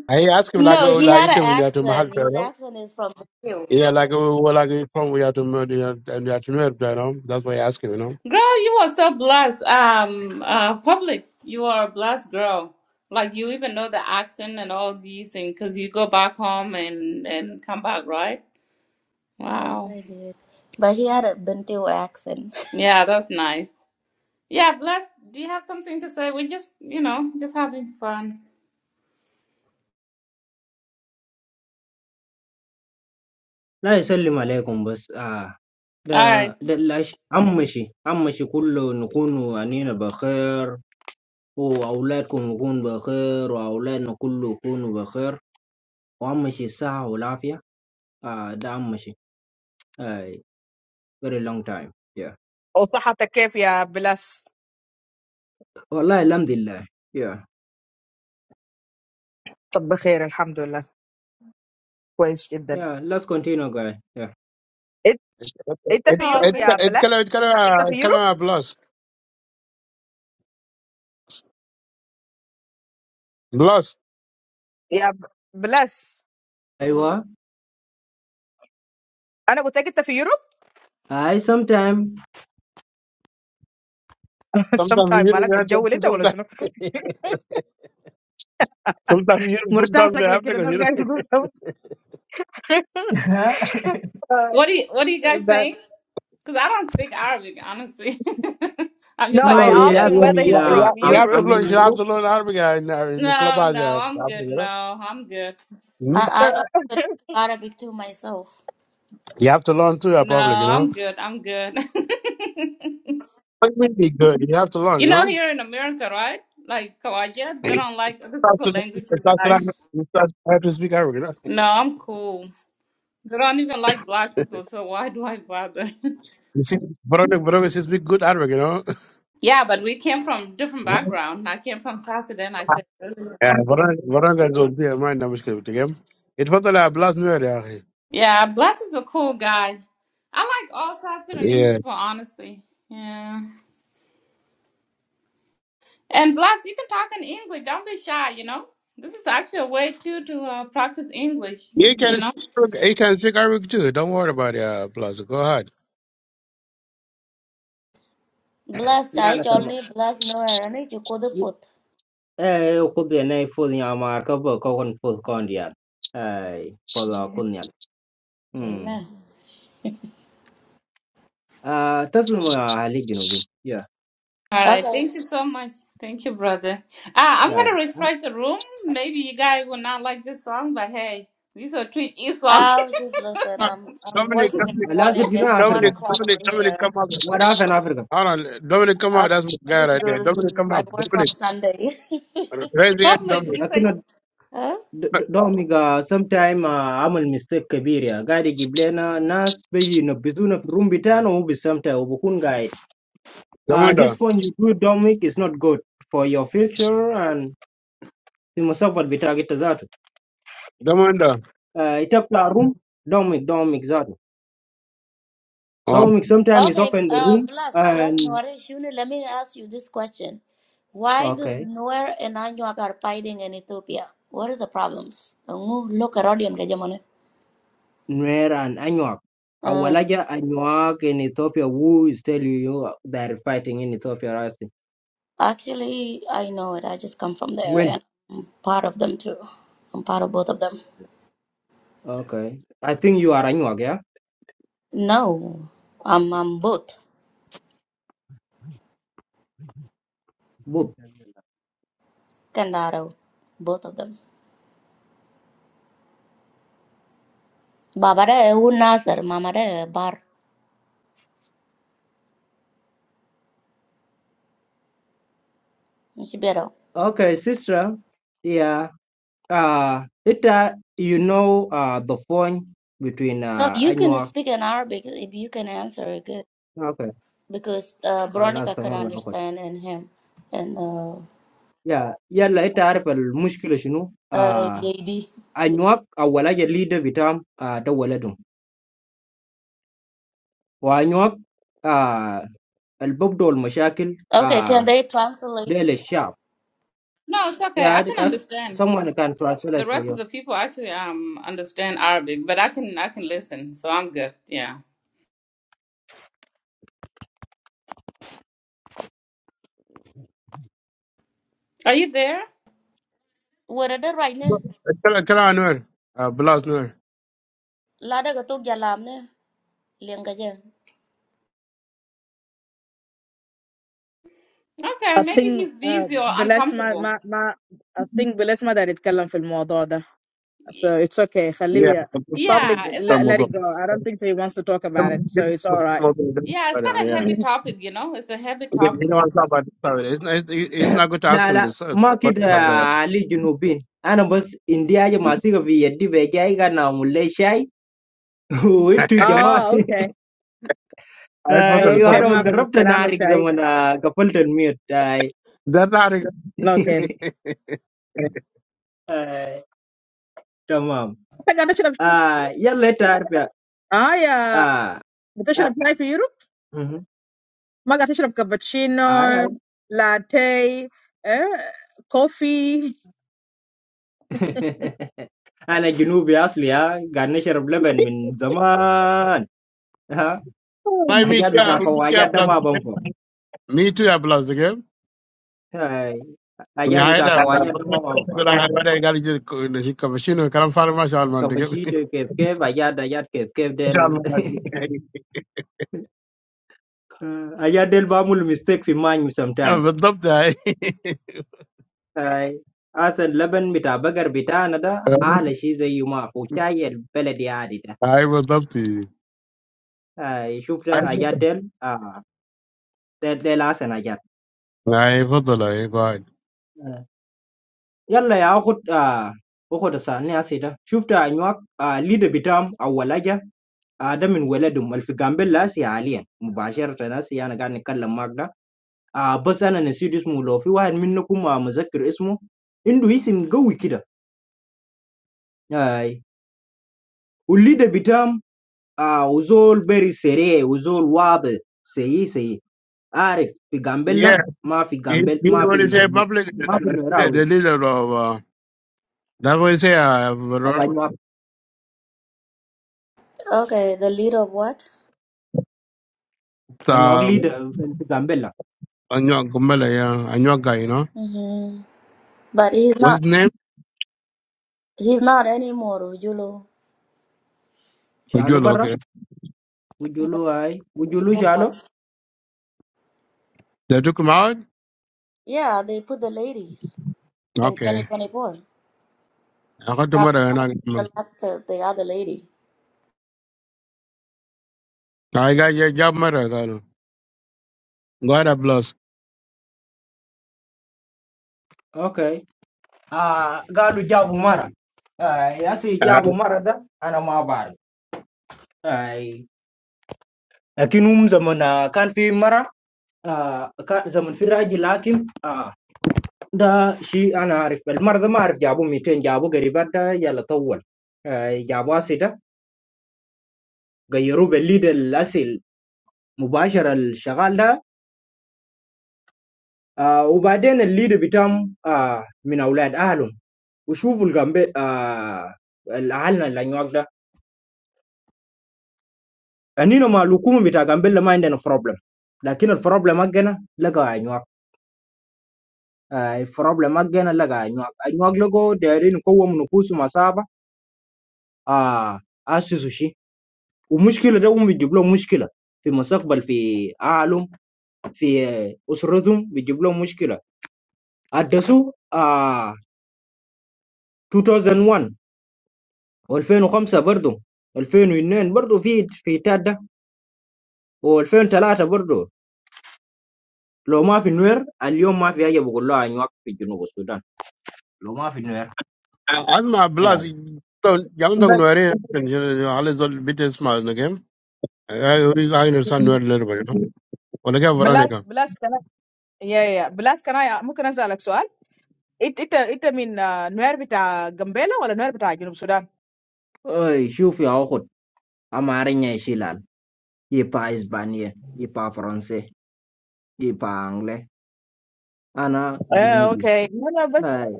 I ask him like, no oh, he like had it an to me, yeah, to accent his Mahal, accent is from bên Yeah, like uh, well, like uh, from we have to murder and we have to murder, you know. That's why I ask him, you know. Girl, you are so blessed. Um, uh, public, you are a blessed girl. Like you even know the accent and all these things because you go back home and and come back, right? yes Wow. I did but he had a bên accent Yeah, that's nice. Yeah, bless. Do you have something to say? We're just, you know, just having fun. لا يسلم عليكم بس آه ده All right. ده العش عمشي عمشي كله نكون أنينا بخير وأولادكم نكون بخير وأولادنا كله يكونوا بخير وعمشي الصحة والعافية آه ده عمشي آه very long time yeah والله الحمد لله yeah yeah let's continue guys yeah It Oh, it th- it color it color uh, color plus plus. أيوة I sometime Sometimes we Europe, sometimes sometimes Europe, sometimes we Africa, you know. What do you What do you guys saying? Because I don't speak Arabic, honestly. I'm just like a. no you de- Yeah, ask yeah, me yeah, uh, yeah. You I'm have to I'm in learn. You have Europe to learn Arabic uh, in, uh, in the No, clubhouse, no, yeah. I'm Africa, good. you know. No, I'm good. I hmm I don't speak Arabic to myself You have to learn too, uh, No, public, you know. I'm good. I'm good. But it will be good. You have to learn, you you know. know, here in America, right? Like Kawaja, they That's don't like other people what- languages, and that's what I. I- that's what I have to speak Arabic, you know. No, I'm cool. They don't even like black people, so why do I bother? You see, Veronica, Veronica, she speak good Arabic, you Yeah, but we came from different know. background. I came from South Sudan. I said, earlier. يعني براك براك اقول فيها ما عندنا مشكله تمام اتفضل يا بلاس نوير يا اخي yeah, Bless is a cool guy. I like all South Sudanese yeah people, honestly. Yeah, and Bless, you can talk in English. Don't be shy. You know, this is actually a way too to uh, practice English. you can You know. speak you can speak Arabic too don't worry about it uh, Blas go ahead blessed لا لا I only تمام blessed no Arabic you could put Eh, kudhian full nyama kabo kokon full kondian. Eh, polo kunyal. Hmm. amen Ah, taslimu ya hali ginubin. Yeah, All right. okay Thank you so much. Thank you, brother. Uh, I'm yeah. gonna Ah, refresh the room. ah, Maybe you guys will not like this song, but hey, these are three E songs. I was just listening. Ah, I'm I'm Dominic working in the Dominic morning. Lazif, you know It's one Dominic Africa. o'clock Dominic over Dominic here. come up What happened Africa? hold on Dominic come up I'm that's my guy ready to right go there to Dominic sleep. come I up work on Dominic Sunday. raise your hand Probably Dominic you say Lakini Huh? domiga sometime uh, amal mistake kabir ya gadi giblena nas beji na bizuna room bitana ubi sometime ubukun guide. Uh, Domanda this one you do domik is not good for your future and you must have what bitagita zatu. Domanda Uh, itapla room domik domik zatu. oh Dominic sometimes is Okay, often the uh, room bless, bless and Noire Shuni, let me ask you this question. Why does okay, Noor and Anyuak are fighting in Ethiopia? What are the problems? Ngu Look at audience. Gajamone. Nuer and Anuak. Uh, Awalaja Anuak in Ethiopia who is telling you they are fighting in Ethiopia I see. actually, I know it. I just come from there When? and I'm part of them too. I'm part of both of them. Okay. I think you are Anuak, yeah? No, I'm, I'm both. Both. Kandaro, both of them. Babare Unasar, Mamare Bar, Shibero. Okay, sister. Yeah. Uh it uh, you know uh the phone between No, uh you can Anuak speak in Arabic if you can answer it good okay. because uh, Veronica خلاص could تمام يا أخوي. understand and him and uh, Yeah, يلا انت عارف المشكلة شنو؟ uh, آه JD. انواق اول حاجه الليدر بتاعهم آه ده ولدهم hoai ngược à album đó là mấy thắc đố Okay, can à they translate? để lại shop no. It's okay. I yeah can understand. someone can translate The for rest of you the people actually um understand Arabic, but I can I can listen, so I'm good. Yeah. Are you there? What are they right now? tell tell Anwar uh, Blas Noor Lada gatuk jalam ne, liang ka jan. Okay, maybe he's busy or uncomfortable. Y- yeah Yeah, it's un- الموضوع ده الموضوع ده yeah, it's kind of yeah heavy topic, you know. It's a heavy Yeah, you topic, know what's up, but sorry, it's, it's, it's not good to ask là him là this uh, market question back there. Ali Juno bin anh ơi boss India giờ mày siro việt đi về giai ga nào mua lấy chai rồi tôi giờ mà I told them, ai told giờ them. nó gấp chân nari cái món à gấp chân miếng đây That's how they à tạm à giờ later à à uh huh ai ai انا جنوبي اصلي ها قاعد نشرب لبن من زمان ها My me حاجات too, uh, بتاع me too, I كواجات ده plus ما the game. بنفع Me too, I plus the game. هاي. Yeah, حاجات I had بتاع a- I كواجات ده ما بنفع had- but I got you, uh, the hiccup machine, uh, كلام فارغ ما شاء الله عندك. كبشيت ما كيف كيف حاجات حاجات كيف كيف شاء ديل الله عندك. حاجات ديل بعمل ميستيك في ماني سم آه، تايم بالضبط هاي هاي اصلا لبن بتاع بقر بتاعنا ده اعلى شيء زي ما هو شاي البلدي عادي ده هاي بالضبط هاي هاي. شوف ده حاجات تفضل. ديل آه. ديل ديل احسن حاجات هاي تفضل، هاي قاعد. يلا يا اخد آه اخد الثانية سيدا شفت انواع آه ليد بتام اول حاجة آه ده من ولدهم اللي في جامبيلا هسي حاليا مباشرة هسي انا قاعد نتكلم معك ده آه بس انا نسيت اسمه لو في واحد منكم آه مذكر اسمه عنده اسم قوي كده اي والليد بتام آه وزول بري سريع وزول واضح سيء سيء عارف في Yeah, جامبيلا ما في he, جامبيل he ما في already said public, ما في the, نوراوي the leader of, uh, that's what he said, طبعا انواع Okay, the leader of what? انواع uh, ليد في جامبيلا Anya Gumbele, yeah, Anywa guy, you know. hmm But he's What's his not. name? He's not anymore. Ujulo. شالوا Ojula, برا okay. Yeah. Mujulu ai. Mujulu Ujulo. shano? what? They took him out? Yeah, they put the ladies in Okay. 2024. I got to Dr. murder and Galacta, the other lady. I I got your job murder, girl. God bless. Okay. Ah, galu jabu mara. Ai, asi Uh, jabu mara da ana ma bari. Ai. Lakin um zaman ah, kan fi mara آه كان زمن في الراجل لكن آه ده شيء انا عارف المرضى ما اعرف جابوا 200 جابوا قريبات ده يلا طول آه جابوا اسي ده غيروه بالليد الاسي مباشرة الشغال ده آه وبعدين الليد بتاعهم آه من اولاد اهلهم وشوفوا الجنب آه اهلنا اللي هناك ده انينو مع الحكومه بتاع جامبيلا ما عندنا بروبلم لكن البروبلم حقنا لقى انواع آه، البروبلم حقنا لقى انواع انواع لقوا دايرين يقوموا نفوسهم عصابه آه اسسوا شيء ومشكله ده هم بيجيب لهم مشكله في مستقبل في اهلهم في آه، اسرتهم بيجيب لهم مشكله ادسوا آه 2001 و2005 برضه 2002 برضه في في تادا و2003 برضه لو ما في نوير اليوم ما في حاجه بقول لها انواع في جنوب السودان لو ما في نوير As my bless, آه. don't, you don't know where all is all bit small in the game. I, I understand where a little bit, you know. Well, again, Veronica. أي شوف يا أخت أمارينيا يشيلان يبقى إسبانيا يبقى فرنسي يبقى أنجلي أنا جنوبي أي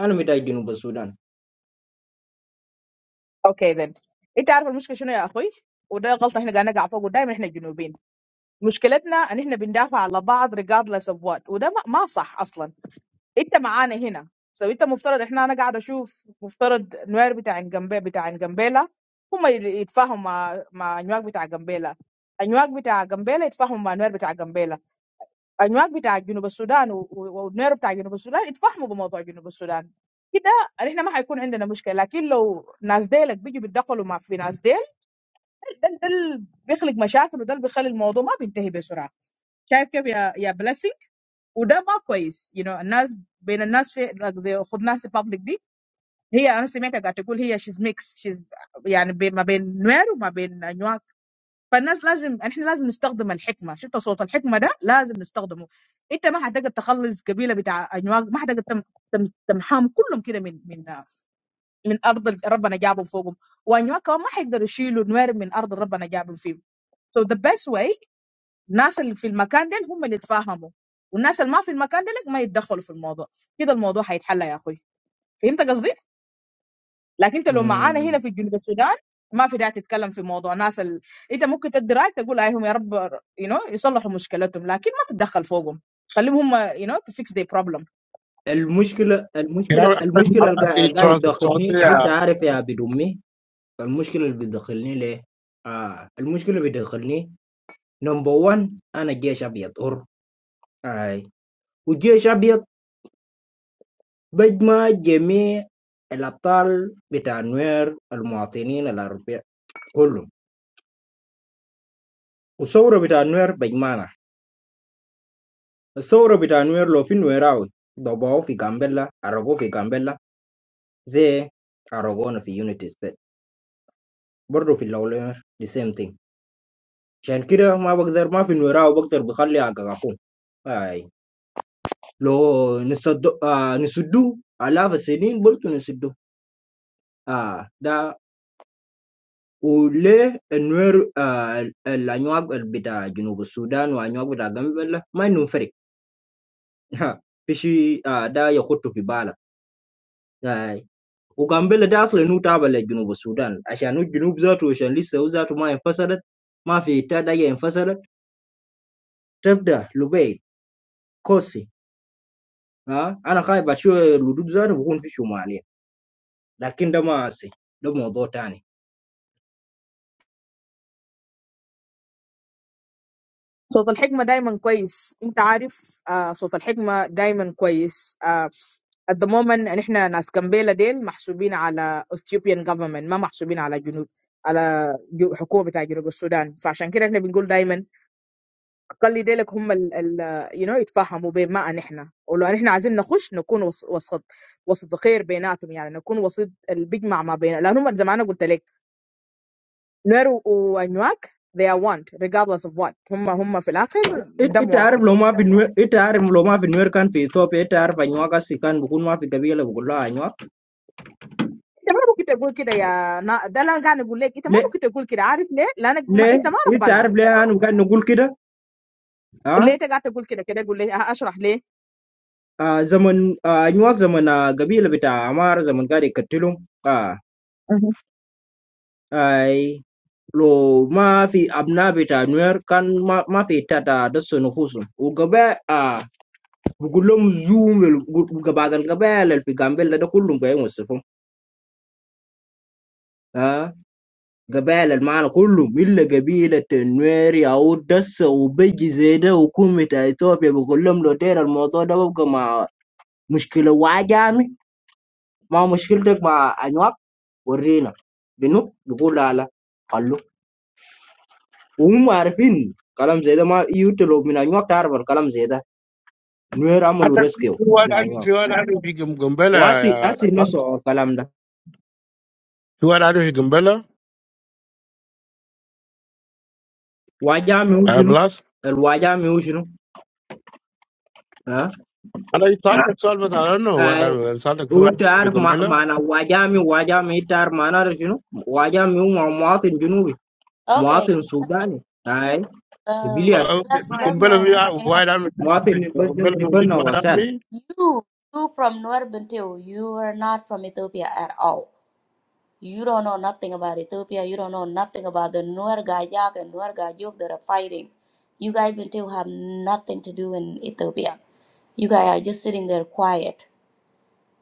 أنا متى جنوب السودان أمم. المشكلة Can I, المشكلة I, المشكلة القا- I, اللي قاعد trust, trust, تدخلني أنت yeah. عارف يا عبد أمي المشكلة اللي بتدخلني ليه؟ آه المشكلة اللي بتدخلني نمبر 1 أنا جيش أبيض أر أي والجيش أبيض بيجمع جميع الأبطال بتاع نوير المواطنين الأوروبيين كلهم Ushauri bita Nuer Bagaimana. Ushauri bita Nuer lo fi Nuerawi. Dobow fi Gambella, Arago fi Gambella, zee Aragona في Unity State. برضه في الأولوية the same thing. عشان كده ما بقدر ما في نوراو بقدر بخلي أقاقهم. أي لو نسد آه نسدو آلاف السنين برضه نسدو. آه ده وليه النوير آه الأنواع بتاع جنوب السودان وأنواع بتاع جنوب ما إنهم فرق. ها في شيء آه ده يخط في بالك. وكان ده أصل نوتابع لجنوب السودان عشان الجنوب ذاته عشان لسه هو ذاته ما انفصلت ما في تداية انفصلت تبدأ لبيت كوسي ها أنا خايف أشوف الهدوء ذاته بكون في شمالية لكن ده ما أسي ده موضوع تاني إت- إنت عارف لو ما في نوير إنت عارف لو ما في نوير كان في إثيوبيا إنت عارف أنواع أسي كان بكون ما في قبيلة بقول لها أنواع ليه ليه إنت عارف ليه أنا كان نقول كده ها آه زمن آه أنواع زمن آه قبيلة بتاع عمار زمن قاعد يقتلهم آه أي لو ما في أبناء بتاع نوير كان ما, ما في تاتا دس نفوسهم وقبا آه بقول لهم زوم وقبا القبائل في قنبلة ده كلهم قاعدين يوصفهم آه قبائل المعنى كلهم إلا قبيلة نوير يعود دس وبيجي زي ده وكومة إثيوبيا بقول لهم لو دير الموضوع ده ببقى مع مشكلة وعجامي ما مشكلتك مع أنواع ورينا بنو بقول لا لا قالوا وهم عارفين كلام زي ده ما يوتلو من أنواع تعرف الكلام زي ده nuer I amalu don't feel rescue what I la don't nyo feel what I don't feel Gumbele, wasi uh, asi no bless. so kalam da Feel what I don't feel Gumbele, wajami uh, ushinu bless. el wajami ushinu ha I don't know. I don't know. Why ay don't we solve the problem? utar ma- The mana wajami wajami tar mana da shinu wajami mu muatin junubi Okay. muatin sudani ay Uh, civilian let's let's problem know. we are Hang on. why don't we solve muatin the problem? difanna Why don't wasal we? You you from Nuer Bintu, you are not from Ethiopia at all. You don't know nothing about Ethiopia. You don't know nothing about the Nuer Gayak and Nuer Gayuk that are fighting. You guys Bintu have nothing to do in Ethiopia. You guys are just sitting there quiet.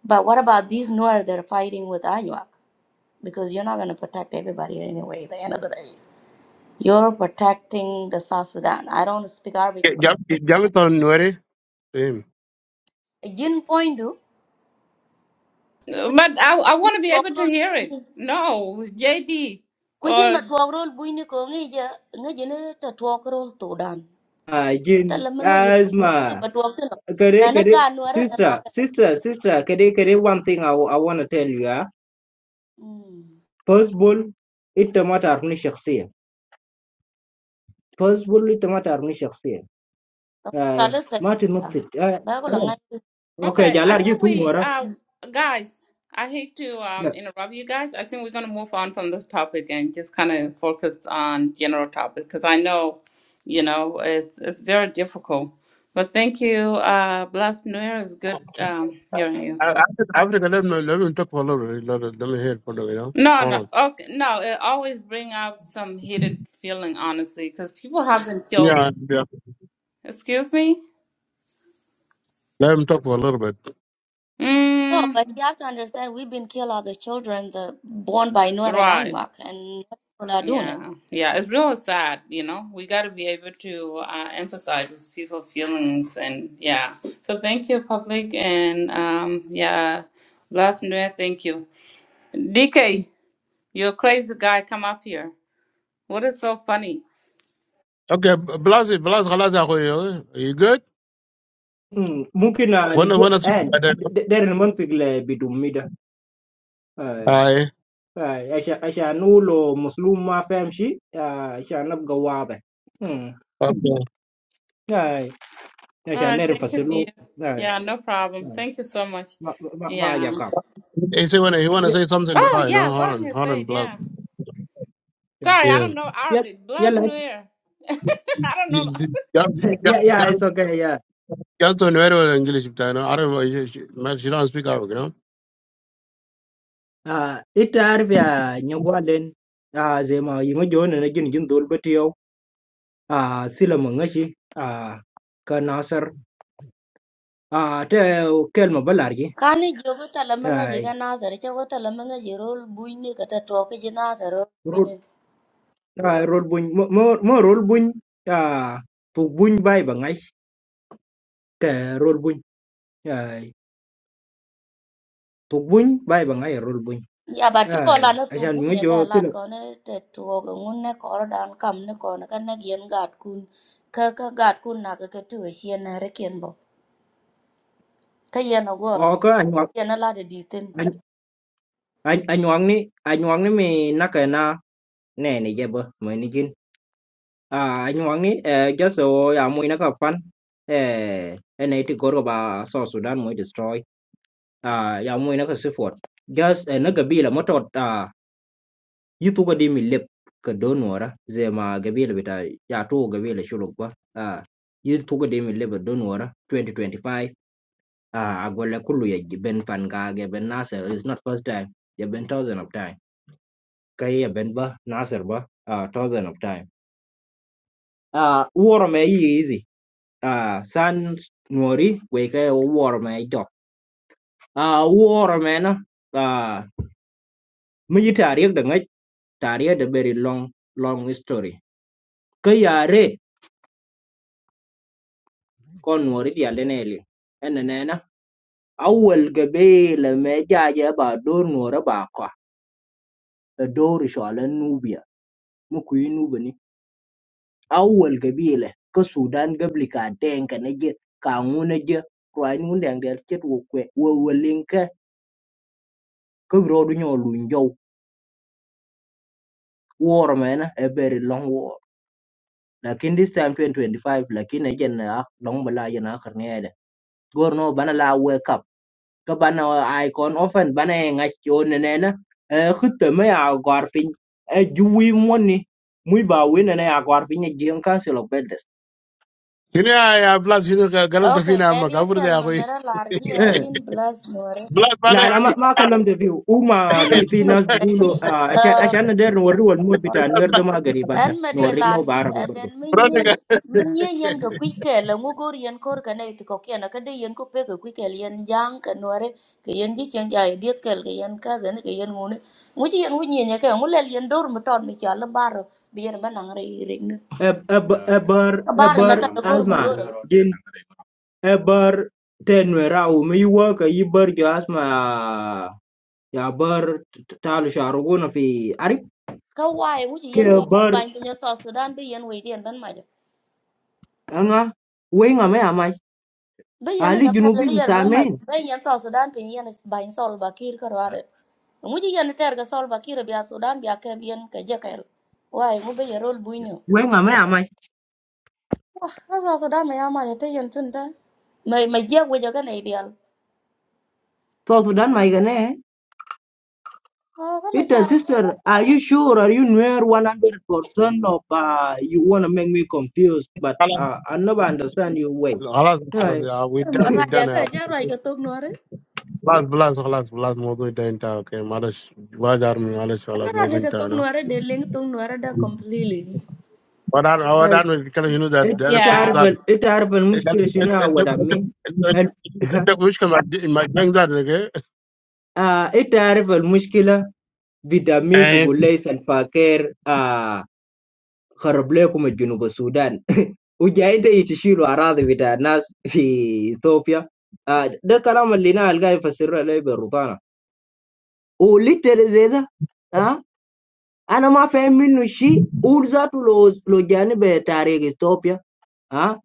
But what about these Nuer that are fighting with Anuak? Because you're not gonna protect everybody anyway. At the end of the day. You're protecting the South Sudan. I don't speak Arabic, but We are talking now. Same. Jin point do. Uh, Kuji but I I want to be able to matwogrol, hear it. No, JD, kuji or matwogrol buini ko ngi ja ngi jine ta twogrol to dan. Ta again lama ngi jine buini asma matwogtino. kare Mana kare ga nuare la sister naga. sister sister kare kare one thing i, wa- I want to tell you ah Hmm. first ball ita matar ni shakhsiya First bully tamata arni shakhsiyan. Ay, Chale ma sexy. tinnatit. Ay, Ba ko ay. langa. Okay, Okay, I jalar ji think tu we, ngora. uh, guys, I hate to um, Ya. interrupt you guys. I think we're going to move on from this topic and just kind of focus on general topic because I know, you know, it's it's very difficult. But thank you, uh, Blessed New Year. It's good um, hearing you. I I let him talk for a little bit. Let him hear for a little bit. No, Hold no, on. okay, no. It always bring out some heated feeling, honestly, because people haven't killed. Yeah, yeah. Excuse me. Let him talk for a little bit. No, Mm, but you have to understand we've been killing other children the, born by Nuer and right. Anuak, and people are doing it. Yeah, yeah, it's real sad, you know. We got to be able to uh, emphasize with people's feelings, and yeah. So thank you, public, and um, yeah, last minute, thank you, DK. You're a crazy guy. Come up here. What is so funny? Okay, Blas, Blas, how are you? Are you good? Mm, Mungkin ah, When ni jo When I speak, ay, I. dari mantik le bidum mida. Ay, Hi. ay, asha asha nulo muslim ma faham shi. Ah, Asha nabga wada. Mm, Okay. Ay, All asha right, nere thank you, fasilu. dear. Ay, Yeah, no problem. ay. Thank you so much. ma ma ma Yeah. yakab. He say when he want to Ya, say something. to Oh, I know. yeah. Hold Go on. ahead, Hold say on, it. Blas. Yeah. Sorry, I Yeah. don't know ya, Arabic. ya, Bless new year, I don't know. ya, ya, it's okay, ya. You have to know very well English. You know, Arab, you- she she don't speak Arabic, you know. Ah, ita arvia nyagwalen. Ah, zema yingo jone na gin gin dol batiyo. a silamun ngashi a ka nasar a te kelma balargi Kani jogo tala manga ai jiga nazare chogo tala manga jirol buine kata toke jina nazare rut buine. ai rol buñ mo mo rol buñ a tu buñ bay ba ngai te rol buñ ai tu buñ bay ba ngai rol buñ Ya bachi chiko ai na tu asan mi buine jo ka lat sil kone te tuoge ngun ne kor dan kam ne kone ka ne gien gat kun ka ka gat kun na ka ka tuwe shien na rekien bo. Ka yen ogo o ka anwa yen ala de ditin. anwang ni anwang ni mi nakana nè này ni jeba mo ni jin à anh Hoàng ấy just so ya mui naka fan eh en ấy thì có ba South Sudan mới destroy ah ya moy naka sifot gas eh, na gabila matot ah yitu ga dimi lep ka donora zema gabila bita ya to gabila shuluk ba ah yitu ga dimi lep donora 2025 ah agwala kullu ya ben pan ga ben nasir is not first time ya ben thousand of time kai ya ben ba nasir ba ah thousand of time ah war me yi easy ah san nori we kai war me jok ah war me na a mi tariik di ŋic tariik di very long long history ki yaare ko nuori tiali ne li ene nena awel gabele me jaje ba dor nuori ba ko e dor shola nubia mu kuyi nubi ni awel gabele ka sudan gabli ka denka ne je ka ŋuna je ruai nu deng del chet wo kwe wo welinke ka brodu nyo luny jow war mena a very long war lakin this time 2025 lakin ejen na long bala jena gorno bana la wake up ka bana icon often bana e ngachon nena e khutta me ya garfin e juwi moni muy ba wina na ya garfin ya jeng council of elders You know, I I- plus you know, Galaf to Okay, Fina, I'm a area Gabur de kalama Akui. mera larji eh ajin blast more. Plus, Malay. la la ma ma kalam de view uma Yun fi fi yun nas aji gulo ashan ashan der no wal mod uh bita wer de ma garibata an ma no de lar riglo ba ji arabe bardo aden mi nyi mi Veronica. ka kwik la ngogor yen kor ka ne ki ko ken ka de ko pe ka kwik ke jang ka nore ke yen ji chen ja diet ke ke yen ka den ke yen ngune ngu ji yen ngu nyi ne ke ngu le yen dor mu ton mi cha la bar bi yen ma nang re re ne Eb- eb- eber ka bar ma eber ta la kor ma alma gor jin eber tenwera umi woka yiber jo asma ya bar talu sharuguna fi arif ka wai ngu ji ke yen wi bar ban pu nya so sudan bi yen wi den ban ma ja. anga wenga me amai bi yana ali ga mel bi junubin yer mem mach samen be yan so sudan pin yan ba in sol bakir kir ka rwade mu ji yan ter ga sol bakir kir sudan bia ke bien ke je kel wai mu be yer ol buino wenga me amai wa na so sudan me yama yete yan tin ta me me je we je ga nei dial so sudan my gane o ka me it cha a sister are you sure are you near 100% of uh, you want to make me confused but uh, i never understand your way خلاص خلاص Hey, يا ودان ma raja ودان ta يا cha raj ga خلاص tok nuare خلاص خلاص خلاص موضوع انتهى انتهى اوكي معلش ما دار معلش ana خلاص raja موضوع ga انتهى tok انا nuare de ling tok nuare da completely ودان el- ودان نتكلم شنو ذا it it دايركت Yeah. عارف ذات ال- it عارف المشكله شنو يا ود عمي ال- عندك مشكله مع الجنك ذات آه، it عارف المشكله بدمي بقول ليس الفقير خرب لكم الجنوب السودان وجايين تيجي تشيلوا اراضي بتاع الناس في اثيوبيا آه، ده الكلام اللي انا القاه يفسر لي بالرطانه وليتر زي ده آه، انا ما فاهم منه شيء وذاته لو لو جانب تاريخ اثيوبيا آه،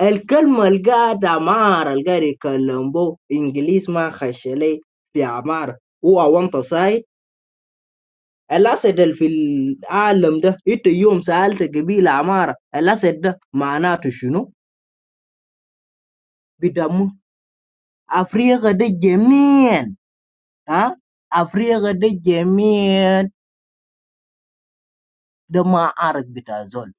الكلمه القاعد عمار القاعد يتكلم به انجليز ما خش لي في عمار هو وانت صايد الاسد اللي في العالم ده انت يوم سالت قبيله عماره الاسد ده معناته شنو؟ بدم أفريقيا دي جميعا ها أفريقيا دي جميعا ده ما عارف بتاع زول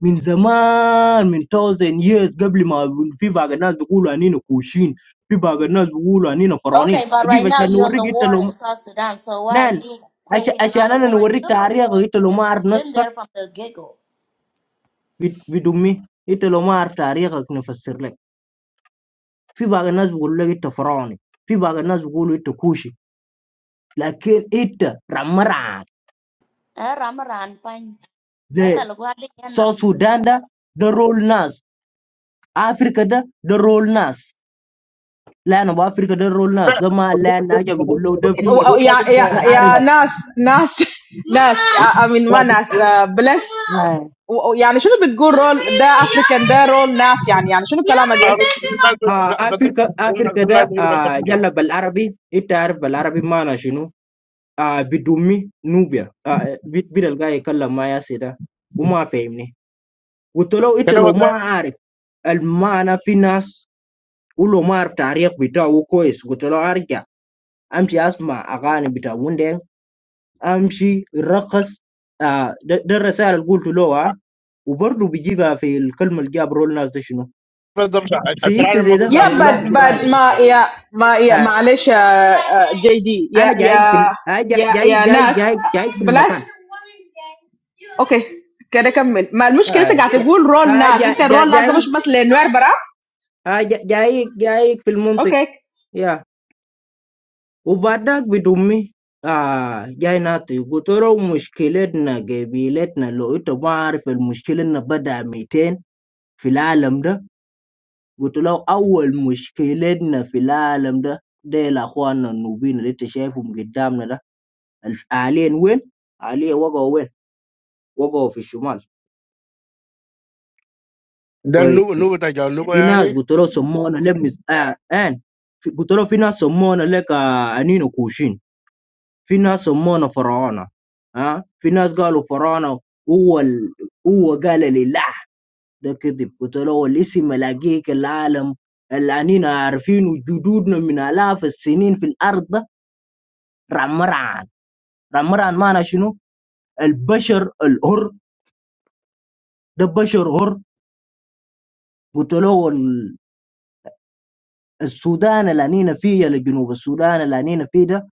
من زمان من 1000 years قبل ما في بعض الناس بيقولوا أنينا كوشين في بعض الناس بيقولوا أنينا فرعونين okay but أجيب right now عشان you're on نوريك the أنت war in لو south sudan so why are نعم you عش- creating عشان another أنا war in نوريك ethiopia تاريخك أنت لو if ما it's عارف been نصفك there from the get go بد- بدمي أنت لو ما عارف تاريخك نفسر لك في بعض الناس بيقولوا لك أنت فرعوني في بعض الناس بيقولوا أنت كوشي لكن أنت رمرعك a ramaran pany زي kata lugwa de yana South Sudan da da role nas Africa da da role nas land of Africa da role nas Then zama land na ke bugulo da bi da arin uh, Africa Africa da uh, yalla bal arabi ita arif bal arabi mana shinu uh, bidumi Nubia uh, bid bidal ga kalla ma ya seda uma fahimni wutolo italo ma arif al mana fi nas ulo ma arif tarikh bitaw ko is wutolo arja amshi asma agani bitaw امشي الرقص آه ده, ده الرسائل اللي قلت له آه وبرضه بيجيبها في الكلمه اللي جاب رول ناس ده شنو في انت زي ده قلت Yeah, له but امشي but راجع ma yeah ma yeah آه ma alisha JD انا yeah جاي في yeah ال- آه جاي yeah جاي yeah جاي Nas جاي, جاي في blast المكان okay. Can we come in? The problem is I آه can't جاي even roll آه Nas. It's جاي a roll جاي Nas. I'm جاي just basenoir, brah. آه جاي, جاي, جاي في المنطق Okay, يا وبعدك بدمي آه جاي ناتي قلت له مشكلتنا قبيلتنا لو انت ما عارف المشكلة إنها بدأ 200 في العالم ده قلت له أول مشكلتنا في العالم ده ديل أخواننا النوبين اللي أنت شايفهم قدامنا ده الف- حاليا وين؟ حاليا وقعوا وين؟ وقعوا في الشمال new new كويس tagal new في ناس yani. قلت له سمونا لك مس... آه آن في- قلت له في ناس سمونا لك آه أنينو كوشين في ناس سمونا فراعنة ها آه في ناس قالوا فراعنة هو ال... هو قال لي لا ده كذب قلت له الاسم لاقيك العالم اللي أنينا عارفينه جدودنا من آلاف السنين في الأرض ده رمران رمران معنى شنو البشر الحر ده بشر حر قلت له ال- السودان اللي أنينا فيه يا جنوب السودان اللي أنينا فيه ده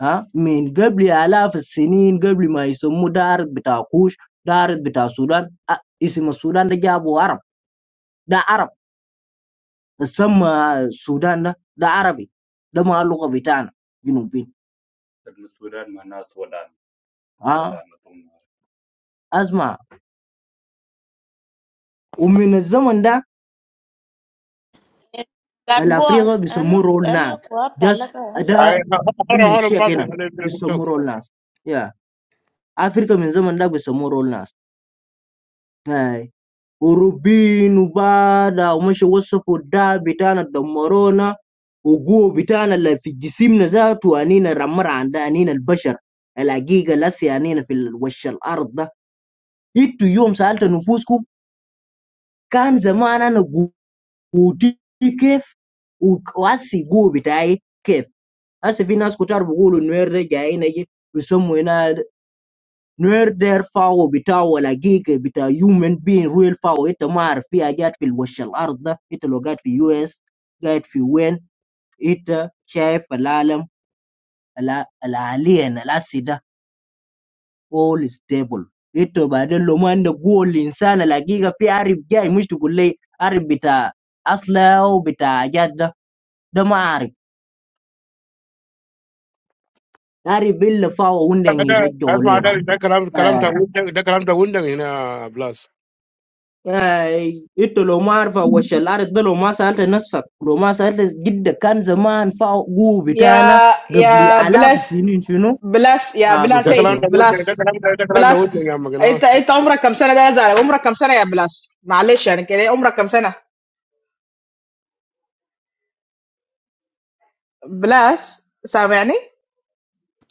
ها من قبل آلاف السنين قبل ما يسموه دار بتاع كوش دار بتاع السودان أ- اسم السودان ده جابوا عرب ده عرب سمى السودان ده ده عربي ده ما اللغة بتاعنا جنوبين ها اسمع ومن الزمن ده got gwar الافريقيا ana بيسموه رول ana ناس kwa جس palaka ده ده من شيك هنا بيسموه رول ناس يا افريقيا من زمن ده بيسموه رول ناس هاي وروبين وبادا ومشي وصفوا ده بتاعنا دمرونا وجو بتاعنا اللي في جسمنا ذاته انينا رمر عند انينا البشر الحقيقه لسي انينا في ال- وش الارض ده انتوا يوم سالت نفوسكم كان زمان انا قوتي كيف وك- واسي قوه بتاعي كيف هسه في ناس كتار بيقولوا انه جايين يجي بيسموا هنا نوير دير فاو بتاعه الحقيقي بتاع human being real فاو انت ما عارف في حاجات في الوش الارض ده انت لو قاعد في يو اس قاعد في وين انت شايف العالم الع- العالين الاسي ده all stable انت بعدين لو ما عندك قوة الانسان الحقيقة في عارف جاي مش تقول لي عارف بتاع اصله وبتاع حاجات ده ده ما عارف عارف الا فاو وندن يرجعوا لنا يعني انت لو ما عارف وش الارض ده لو ما سالت نفسك لو ما سالت جدك كان زمان فوقه بتاعنا قبل الاف السنين شنو؟ ما بفسر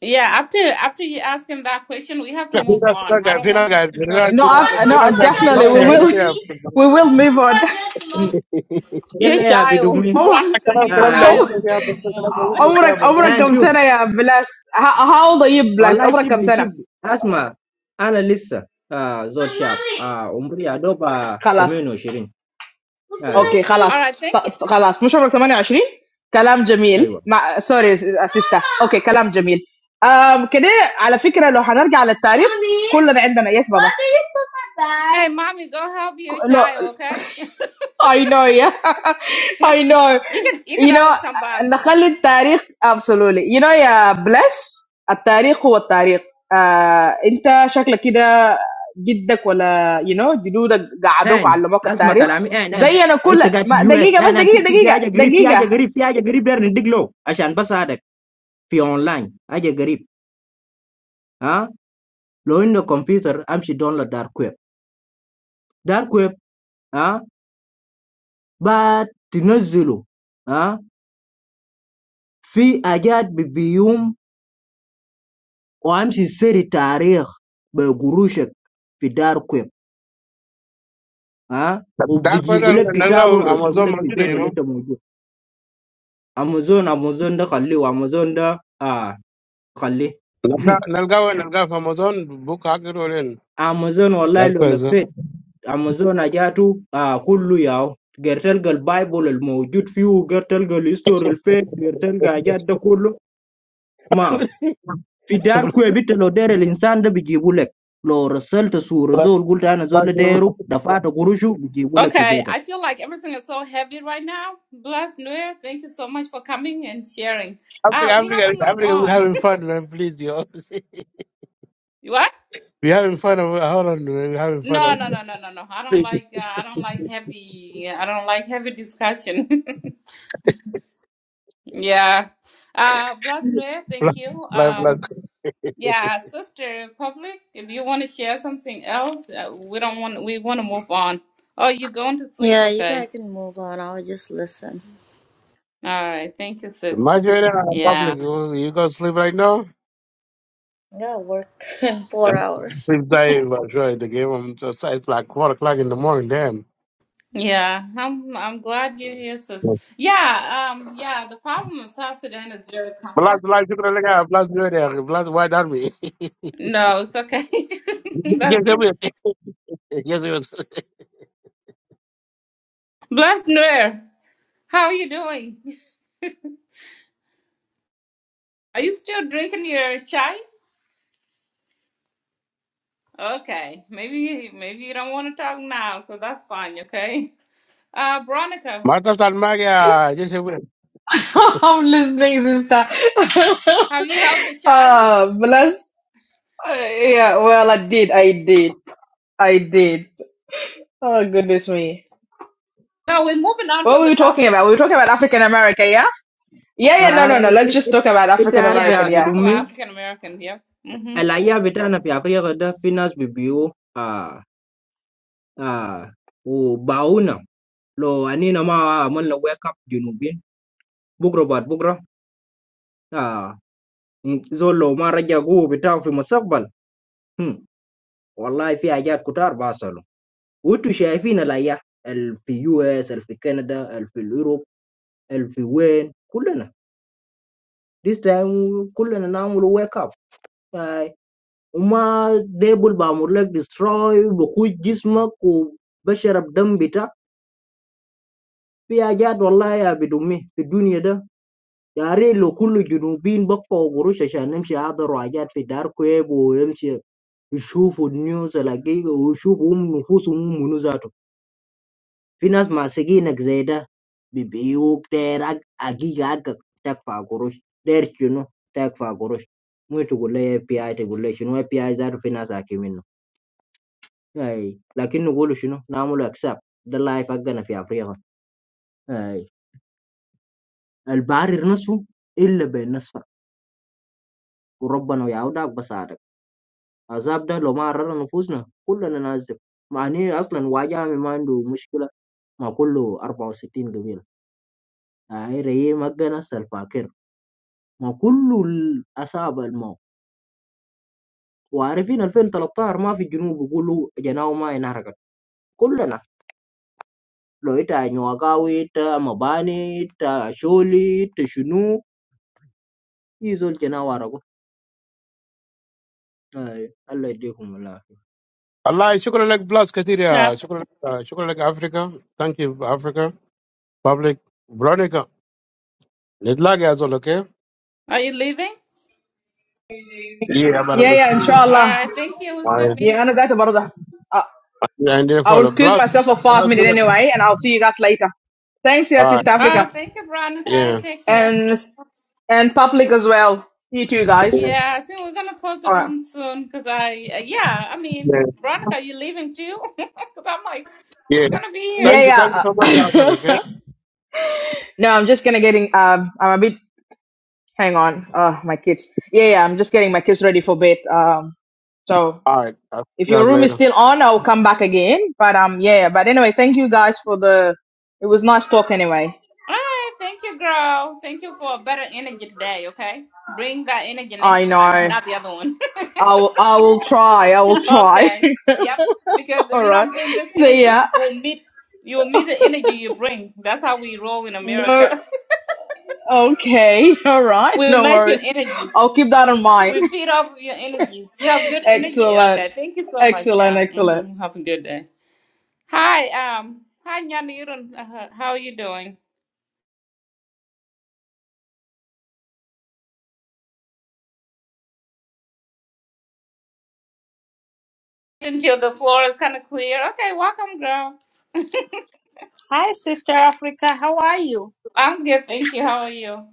Yeah, after after you ask him that question, we have to move on. I don't want this to turn no, into I'm- no, politics. definitely we will اوكي we will move on. هم. You're يلا يا shy, بدمي Oh Veronica. Kadang You're kadang shy هاي Daud oh, is lagi apa? doing the Kadang most. Daud lagi amurak apa? amurak آه. kam شوف sana ya blast. How old are you blast? والله Amurak kam شبلي sana. شبلي اسمع انا لسه آه زول شاب آه عمري يا دوب آه Klas. 28 هاي اوكي All خلاص right, thank you. ط- خلاص مش عمرك ثمانية وعشرين. كلام جميل ايوه مع سوري اسيستا اوكي كلام جميل أم كده على فكرة لو هنرجع للتاريخ كلنا عندنا يس بابا Hey, mommy, go help your ك- لو shy, okay? I know yeah I you know can you can you know always come back. نخلي التاريخ absolutely you know يا بلس التاريخ هو التاريخ آه انت شكلك كده جدك ولا you know جدودك قعدوك ان وعلموك اسمع التاريخ كلامي ان ان زي انا كل انت قاعد في ما يو اس دقيقة. بس ان ان دقيقة. في في في دقيقة. حاجه قريب في حاجه دقيقة. قريب في حاجه قريب داير ندق له عشان بس هذا في اونلاين اجي قريب ها لو انه كمبيوتر امشي داونلود دارك ويب دارك ويب ها بعد تنزله ها في حاجات بي- بيوم وامشي سري تاريخ بقروشك في دارك ويب ها Dar وبيجيبوا pada لك nalga كتاب ويرسلوا Amazon لك في maju deh, البيت you اللي know. انت موجود امازون امازون ده خليه وامازون ده آه خليه Nalga nalga wa nalga fa Amazon book hacker olen. امازون والله Dar لو ko esa. لفيت Amazon aja tu ah kulu ya. Gertelgal Bible yang muncut few Gertelgal history fact Gertelgal aja tak kulu maaf. Fidar kau betul ada linsan dekibulek. Lo result suruh zul gultana zuladeh ro daftar guruju dikibulek Okay, pibetak. I feel like everything is so heavy right now. Bless New Year. Thank you so much for coming and sharing. Africa, Ah, we Africa, have to move Africa, we on. having fun, man. Please, yo. what? We having fun. Over- Hold on, man. We having fun. No, no, Over- no, no, no, no. I don't Please. like uh, I don't like heavy. I don't like heavy discussion. Yeah. Uh, bless Mary, Black, thank you. black, black. Um, yeah, Sister Public, if you want to share something else, uh, we don't want we want to move on. Oh, you going to sleep? yeah you Okay. guys can move on i'll just listen All right. Thank you, sis. Majority Mhm. of public, Yeah. you you go sleep right now? yeah work in four hours Sleep time, but sure, the game, I'm just, it's like 4 o'clock in the morning, damn. Yeah. I'm I'm glad you're here, sis. Yeah. Um. Yeah. The problem of South Sudan is very complex. Blast, blast, shukran laka, blast, blast, blast, white army. No, it's okay. Yes, That's we Yes, we bless Blair. How are you doing? Are you still drinking your chai? Okay, maybe you- maybe you don't want to talk now, so that's fine. Okay, uh, Veronica, ما تفتح الماك يا جيش أبيض. I'm listening, sister. have you helped the child? Ah, bless. Yeah, well, I did. I did. I did. Oh, goodness me. No, we're moving on What from were the we talking topic. about? We were talking about African American, yeah? Yeah, yeah, no, no, Hai no. Let's it just it talk about it African Yeah, American, arabia let's yeah. betul talk about min. African American. Yeah. Mm-hmm. Alia betul nabi Afrika dah finance biyo ah ah. Oh bau na lo ani nama aman lo wake up jinubin. Bukrobat bukro ah. زول لو ما رجع قوه بتاعه في المستقبل هم، والله في حاجات كتار بحصلوا وانتوا شايفين الايام ال في يو اس ال في كندا ال في اليوروب ال في وين كلنا this time كلنا نعمل wake up هاي. وما ديبل بعمل لك destroy بخوج جسمك وبشرب دم بتاعك في حاجات والله يا بدمي في الدنيا ده يا ريت لو كل جنوبين بقفوا قروش عشان نمشي هذا حاجات في دار كويب ونمشي يشوفوا النيوز الاقيه ويشوفوا هم نفوسهم هم منو ذاته في ناس ماسكينك زي ده بيبيعوك داير حق- حقيقة حقك تدفع قروش داير شنو تدفع قروش مو تقول لي اي بي اي تقول لي شنو اي بي اي ذاته في ناس حاكي منه اي لكن نقول شنو نعمل اكساب ده اللايف حقنا في افريقيا اي البعير نصفه الا بين نصفه وربنا يعودك بساعدك عذاب ده لو ما عررنا نفوسنا كلنا نعذب مع إني اصلا واجهه ما عنده مشكله ما كل 64 قبيلة عيري مقنس الفاكر ما كل الأصابع الماء وعارفين 2013 ما في الجنوب يقولوا جناو ما انحرقت كلنا لو إتا نواقاوي إتا مباني إتا شولي إتا شنو يزول جناو عرقوا الله يديكم الله والله شكرا لك بلاس كثير يا Yeah. Africa. لك شكرا لك افريكا ثانك يو افريكا بابليك برونيكا نتلاقى يا زول اوكي؟ Are you leaving? And Yeah, مرحبا yeah, All inshallah. right. Thank you. It was good Yeah, I meeting know you. that about the. Uh, عندنا I will فولو excuse بلاس myself for five minutes anyway, and I'll see you guys later. Thanks, yeah, Sister Alright, Uh, Africa. thank you, Veronica. yeah. Take care. And and public as well. You too, guys. Yeah. Yeah, I think we're gonna close the All right. room soon because I yeah, I mean, Yeah. Veronica, you leaving too? Because I'm like, who's yeah. gonna be Thank here? you, thank you Yeah, so much, Africa, okay? yeah. No, I'm just gonna getting. Um, I'm a bit. Hang on. Oh, my kids. Yeah, yeah. I'm just getting my kids ready for bed. Um, so All right, I'll see if you your guys room is later. still on, I'll come back again. But um, yeah. yeah, But anyway, thank you guys for the. It was nice talk anyway. All right, thank you, girl. Thank you for a better energy today, okay? Bring that energy I next know. time, not the other one. I will. I will try. I will try. okay. Yep. Because if All you right. don't bring this energy, See ya. you will meet you will meet the energy you bring. That's how we roll in No. America. Okay. All right. we No match your worries. energy. I'll keep that in mind. We feed off your energy. You have good energy. Excellent. Okay, thank you so much. Excellent. Yeah. Excellent. hmm Have a good day. Hi, um, hi Nyanda, you don't uh, how are you doing? Until the floor is kind of clear. Okay, welcome, girl. Hi, Sister Africa. How are you? I'm good, thank you. How are you?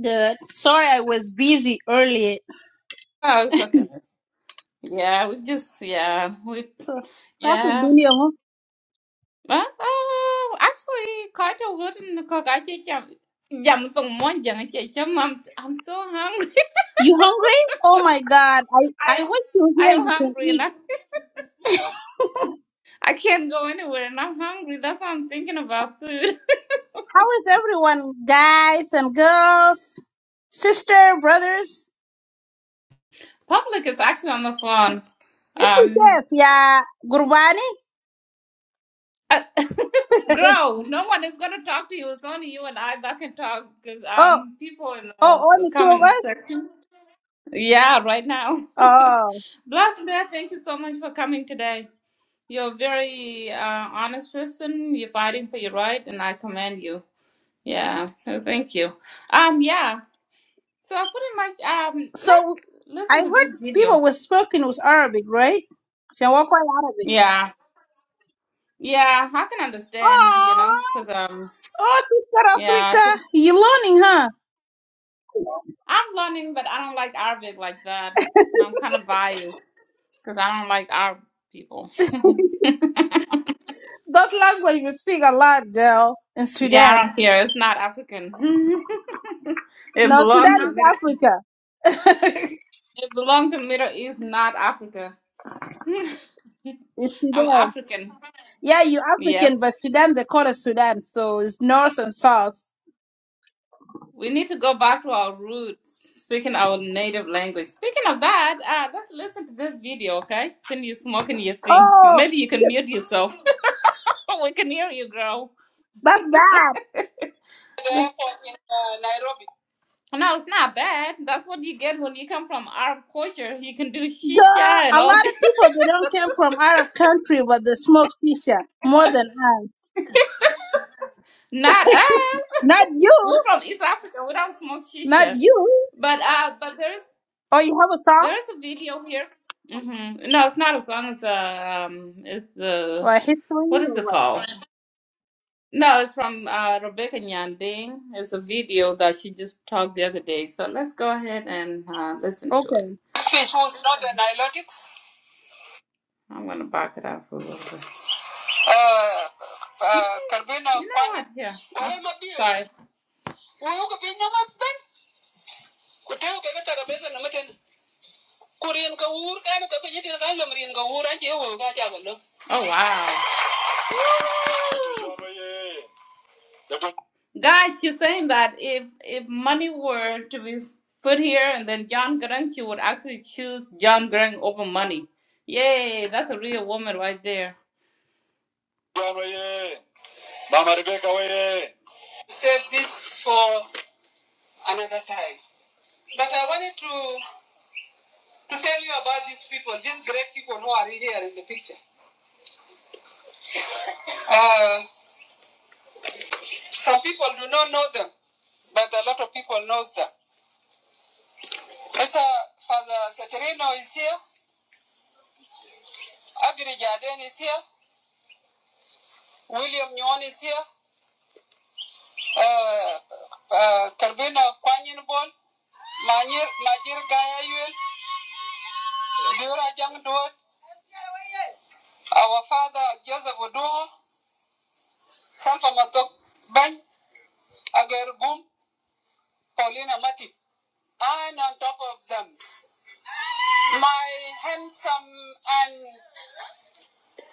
Good. Sorry, I was busy earlier. Oh, it's okay. Yeah, we just yeah, we So, Prophet yeah. Dunia, huh? Well, oh, actually, Carter wouldn't cook. I think yeah, yeah, I'm jam tong mon jang I'm I'm so hungry. you hungry? Oh my God. I, I I am wish you I here. am You can hungry eat. now. I can't go anywhere and I'm hungry. That's why I'm thinking about food. How is everyone, guys and girls, sister, brothers? Public is actually on the phone. It's took Um us, yeah. Gurbani? uh, Grow, no one is gonna talk to you. It's only you and I that can talk because Oh, um people in oh, the only two of comment us? section. Yeah, right now. Oh. Blessed Bear, thank you so much for coming today. You're a very uh, honest person. You're fighting for your right, and I commend you. Yeah, so thank you. Um, yeah. So I put in my um. Let's So, I listen to this heard video. people were speaking with Arabic, right? Shawakwa Arabic. Yeah, yeah. I can understand, you know, Oh, because um, oh, Sister yeah, i Africa. You learning, huh? I'm learning, but I don't like Arabic like that, and I'm kind of biased because I don't like Arab people. That language we speak a lot, girl, in Yeah, Sudan. I don't care. It's not African. it No, Sudan belongs to Middle East. is Africa. It belongs to Middle East, not Africa. it's I'm Sudan. African. Yeah, you Yep. African, but Sudan, they call it Sudan. So it's north and south. We need to go back to our roots, speaking our native language. Speaking of that, uh, let's listen to this video, okay? Since you smoking your thing, Oh, maybe you can shit, mute yourself. we can hear you, girl. that's bad. No, it's not bad. That's what you get when you come from Arab culture. You can do shisha Girl, a and lot all of people, they don't come from Arab country, but they smoke shisha more than us. Not us. Not you. We're from East Africa. We don't smoke Not shisha. you. But uh, but there's Oh, you have a song there's a video here. hmm No, it's not a song. It's a um, it's a or a history what is or it what? called? No, it's from uh, Rebecca Nyanding. It's a video that she just talked the other day. So let's go ahead and uh, listen to it. Okay. More than I like it. I'm gonna back it up a little bit. No, You know what? Yeah. I'm Sorry. Wewe uko pinyo mabe, kuteo ubebe tarabeza na mtende. ku rien Oh wow. Guys, you're saying that if if money were to be put here and then John Grunk, you would actually choose John Grunk over money. Yay, that's a real woman right there. save this for another time but i wanted to to tell you about these people these great people who are here in the picture uh, some people do not know them but a lot of people knows them Ita Father Satirino is here. Agri Jaden is here. William Nyon is here. Uh, uh, Karbina Kwanyenbol. Majir, Majir Gayayuel. Dura Jang Duot. Our father Joseph Oduho. Sanfa Matok Ben. Agar Gum. Paulina Mati. And on top of them, my handsome and,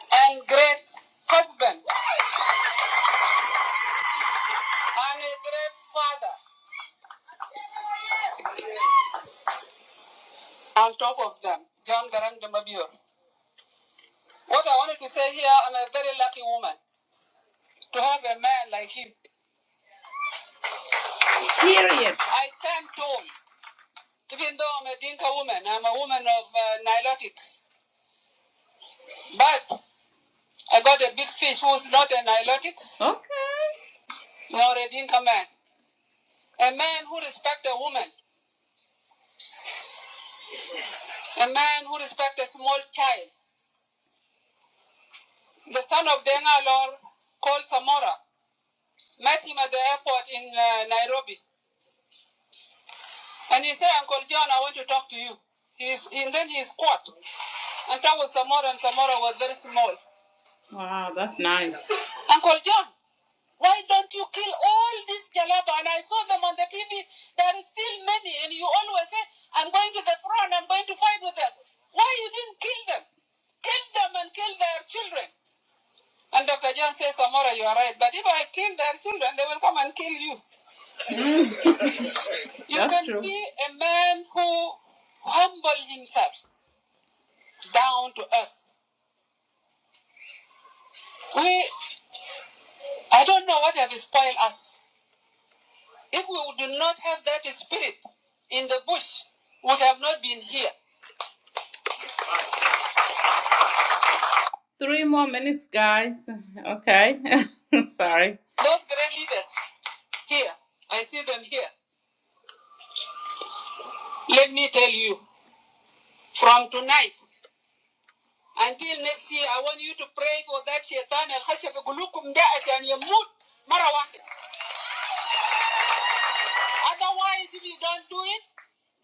and great husband and a great father on top of them. John Garang de Mabior. What I wanted to say here, I'm a very lucky woman to have a man like him. Period. I stand tall, even though I'm a Dinka woman. I'm a woman of uh, Nilotics. But I got a big fish who's not a Nilotics. Okay. Nor a Dinka man. A man who respects a woman. A man who respects a small child. The son of Denga Lord called Samora. Met him at the airport in uh, Nairobi. And he said, Uncle John, I want to talk to you. He's, and then he's caught. And that was Samora, and Samora was very small. Wow, that's nice. Uncle John, why don't you kill all these Jalaba? And I saw them on the TV. There are still many, and you always say, I'm going to the front, I'm going to fight with them. Why you didn't kill them? Kill them and kill their children. And Dr. John says, Samora, you are right. But if I kill their children, they will come and kill you. You That's can true. see a man who humbled himself down to earth. We, I don't know what have spoiled us. If we do not have that spirit in the bush, we would have not been here. Three more minutes, guys. Okay. I'm sorry. Those great leaders here, I see them here. Let me tell you, from tonight until next year, I want you to pray for that shaitan al khasha gulukum qulubikum da asyan yamut mara wahid. Otherwise, if you don't do it,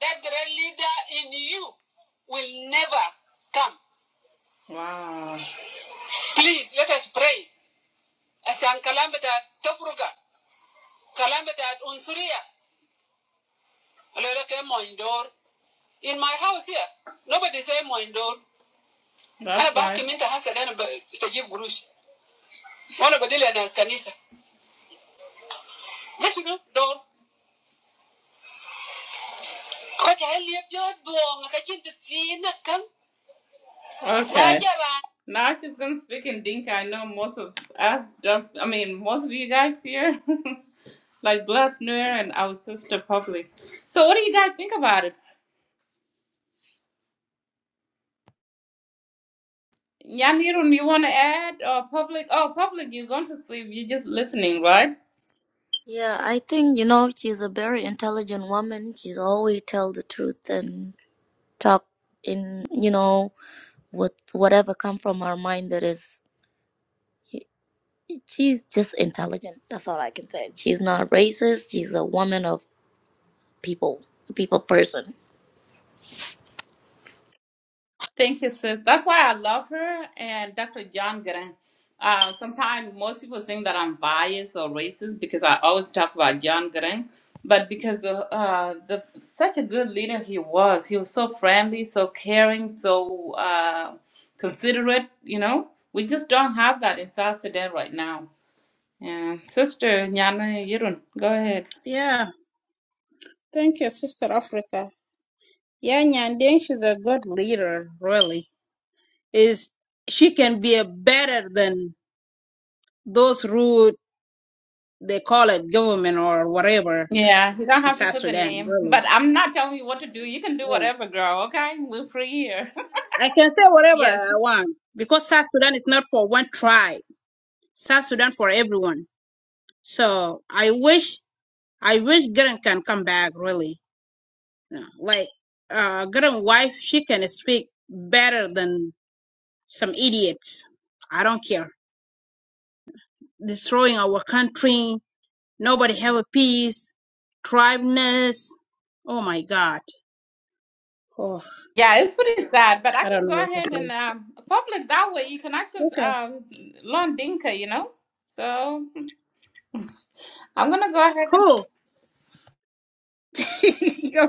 that great leader in you will never come. Wow. Please let us pray عشان كلام بتاع تفرقة كلام بتاع عنصرية قالوا لك يا مهندور in my house here nobody say مهندور That's أنا بحكم right. أنت حسن أنا ب- بتجيب قروش وأنا بديل أنا كنيسة ده شنو دور خد علي بيض دوم كجنت تينا كم Okay. Now she's gonna speak in Dinka. I know most of us don't. I mean, most of you guys here, like Bless Nuer and our sister Public. So, what do you guys think about it? Yanirun, you want to add or public? Oh, public, you're going to sleep. You're just listening, right? yeah i think you know she's a very intelligent woman she's always tell the truth and talk in you know with whatever come from her mind that is she's just intelligent that's all i can say she's not racist she's a woman of people a people person Thank you, sis. That's why I love her and Dr. John Grant. Uh, Sometimes most people think that I'm biased or racist because I always talk about John Grant, but because uh, uh, the such a good leader he was, he was so friendly, so caring, so uh, considerate. You know, we just don't have that in South Sudan right now. Yeah, sister Nyana Yirun, go ahead. Yeah. Thank you, Sister Africa. Yeah, Nyandeng, she's a good leader, really. is she can be a better than those rude they call it government or whatever Yeah, you don't in have to South put the Sudan, name, really. but I'm not telling you what to do. You can do Yeah. whatever, girl. Okay, we're free here. I can say whatever I yes. want because South Sudan is not for one tribe. South Sudan for everyone. So I wish I wish Garen can come back really. Like uh Garen wife she can speak better than some idiots. I don't care. Destroying our country, Nobody have a peace. Tribeness. Oh my God. Oh, Yeah, it's pretty sad, but I I don't can know go what to ahead say. and um, public that way. You can actually Okay. uh, learn Dinka, you know. So I'm gonna go ahead and Cool.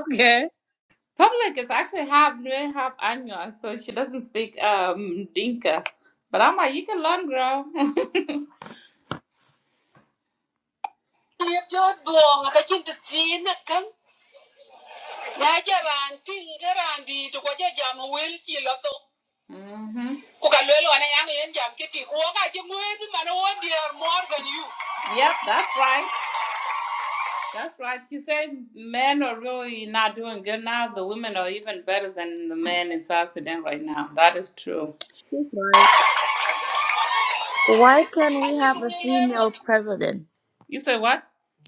okay. public is actually half Nuer, half Anya, so she doesn't speak um Dinka. But I'm like, you can learn, girl. na jaran to ko ja wel chi lo mhm ko ka lelo yang yen jam ke ko ka ji ngwe bi man more than you yep that's right that's right she said men are really not doing good now the women are even better than the men in south sudan right now that is true That's right. Why can't we have a female president? you said what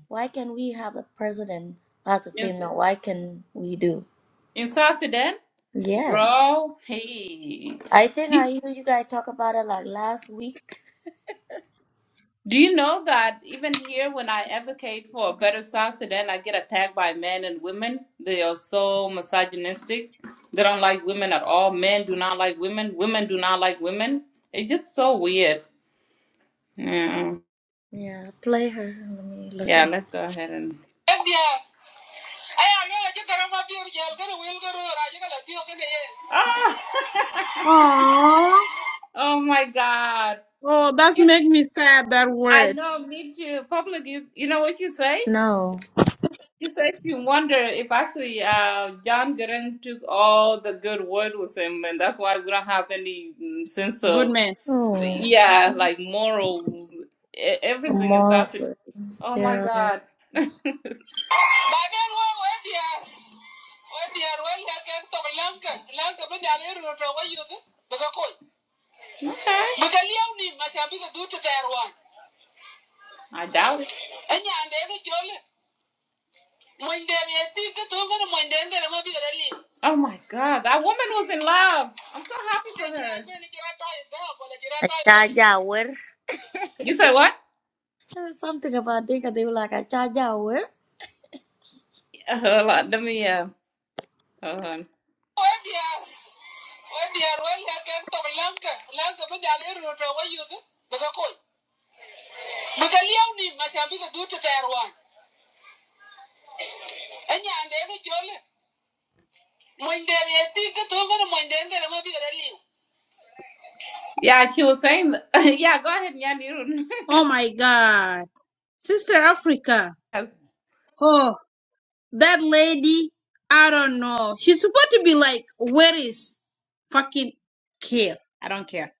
Why can we have a president as a in, female? Why can we do? in south sudan Yes. girl I think hey I heard you guys talk about it like last week. Do you know that even here, when I advocate for a better South Sudan, I get attacked by men and women? They are so misogynistic. They don't like women at all. Men do not like women. Women do not like women. It's just so weird. Yeah. Yeah, play her. Let me Yeah, listen. let's go ahead and. Ah, Aww. oh my God. Oh, that's Yeah, make me sad. That I word. know, me too. Public, you, you know what you say? No. It makes you wonder if actually uh, John Gurren took all the good word with him, and that's why we don't have any mm, sense Good of, man. Oh, yeah, like morals, e- everything in South Sudan. Margaret. Oh my Yeah. God. Bagan wa wa diyar, wa diyar, wa liya ka ta lanka, lanka ba da alheri ta wa yi daga koi. Okay. Daga liyau ne, masha bi ga zuta ta I doubt it. Anya, and every Oh my God, that woman was in love. I'm so happy for her. Achajawer. You said what? There was something about Dinka. They were like, Achajawer. Uh, Hold on, let me, uh, hold on. Yeah, she was saying, yeah, go ahead, Nyanirun. Oh my God. Sister Africa. Oh, that lady. I don't know. She's supposed to be like, where is fucking care? I don't care.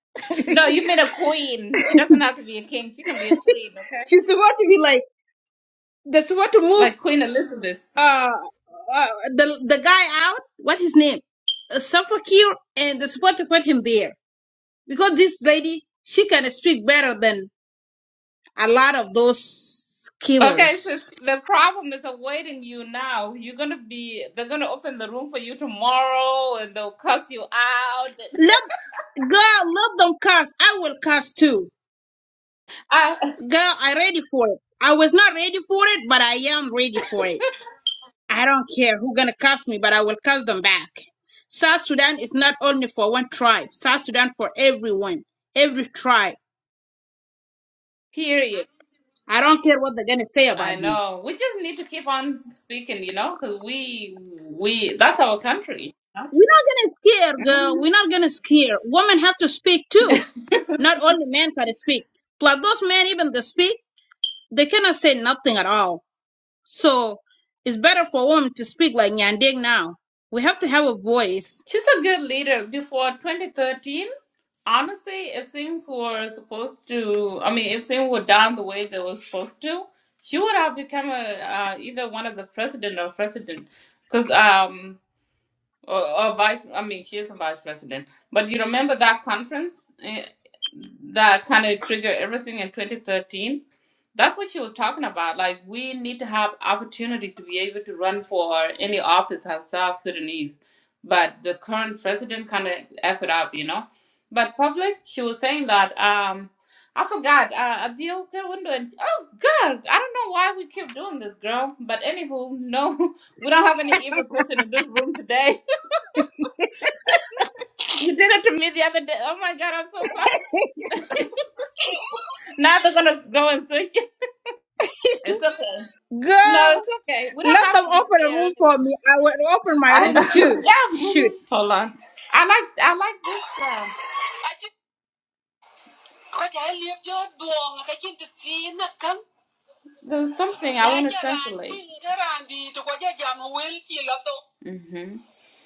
No, you mean a queen. She doesn't have to be a king. She can be a queen, okay? She's supposed to be like, they're supposed to move. Like Queen Elizabeth. uh, uh the the guy out. What's his name? Uh, Suffolcure, and they're supposed to put him there because this lady she can speak better than a lot of those Okay, killers. sis, the problem is awaiting you now. You're gonna be they're gonna open the room for you tomorrow and they'll cuss you out. Let girl, let them cast. I will cast too. I, Girl, I ready for it. I was not ready for it, but I am ready for it. I don't care who gonna cast me, but I will cast them back. South Sudan is not only for one tribe. South Sudan for everyone, every tribe. period. I don't care what they're gonna say I about me. know. We just need to keep on speaking, you know, because we we that's our country. We're not gonna scare, girl. We're not gonna scare. Women have to speak too. Not only men can speak. Plus those men even they speak, they cannot say nothing at all. So it's better for women to speak like Nyandeng now. We have to have a voice. She's a good leader. Before 2013, honestly, if things were supposed to, I mean, if things were done the way they were supposed to, she would have become a, uh, either one of the president or president. Because or, or vice i mean she is a vice president but you remember that conference eh, that kind of triggered everything in 2013 that's what she was talking about like we need to have opportunity to be able to run for any office as south sudanese but the current president kind of f it up you know but public she was saying that um I forgot. Uh, the okay window. And, oh God, I don't know why we keep doing this, girl. But anywho, no, we don't have any evil person in this room today. You did it to me the other day. Oh my god, I'm so sorry. Now they're gonna go and search you. It's okay. No, Girl, it's okay. We don't let have them to be open a room scared for anyway. me. I will open my I room know. too. yeah. Shoot. mhm. Hold on. I like I like this. Um, There's something I want to translate.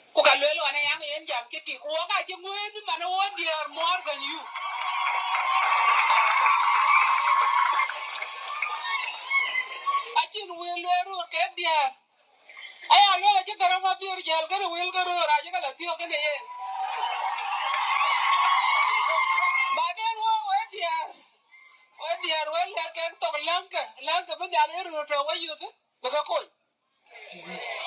Mm-hmm. aya lo ci garo ma biur jel garo wil garo ra gala tiyo gane ye ba de wo we diar we diar we le ke to lanka lanka ben ya le to we yu de ka ko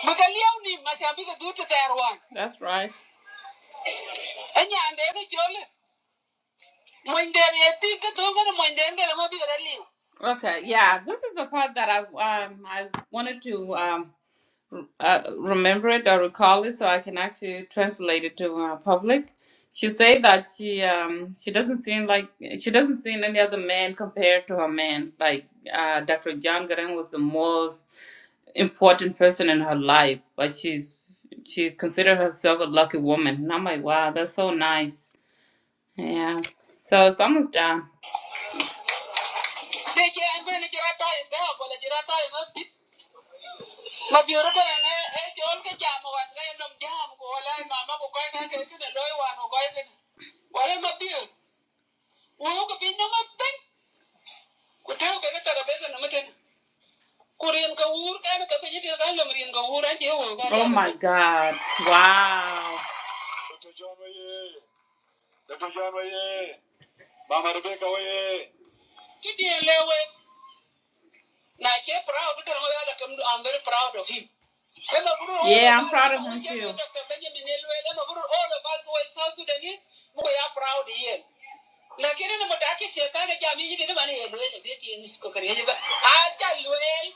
bu ka liaw ni ma sha bi ka du te ter that's right anya ande ke jole mo inde ye ti ke to garo mo inde garo ma bi garo liu Okay, yeah, this is the part that I um I wanted to um uh, remember it or recall it so I can actually translate it to uh, public. She said that she um she doesn't seem like she doesn't see any other man compared to her man. Like uh, Dr. John Garen was the most important person in her life, but she's she considered herself a lucky woman. And I'm like, wow, that's so nice. Yeah. So it's almost done. ma bioro ko ne e chol ke jamo wat ke nom jam ko wala mama ko ko ka ke ke loy wa no ko ke wala ma bioro wo ko pin no no meten ku rien ka wur ka ne ka pe jitin ka lom rien ka wur a je wo Oh my God. Wow. ti di lewe na proud ka no I'm very proud of him e Yeah, I'm proud of him too. e all of us who is South Sudanese we are proud here lakini ni mutaki shetani jamii yiti ni bani yelwele beti ni kokari yeji acha lwel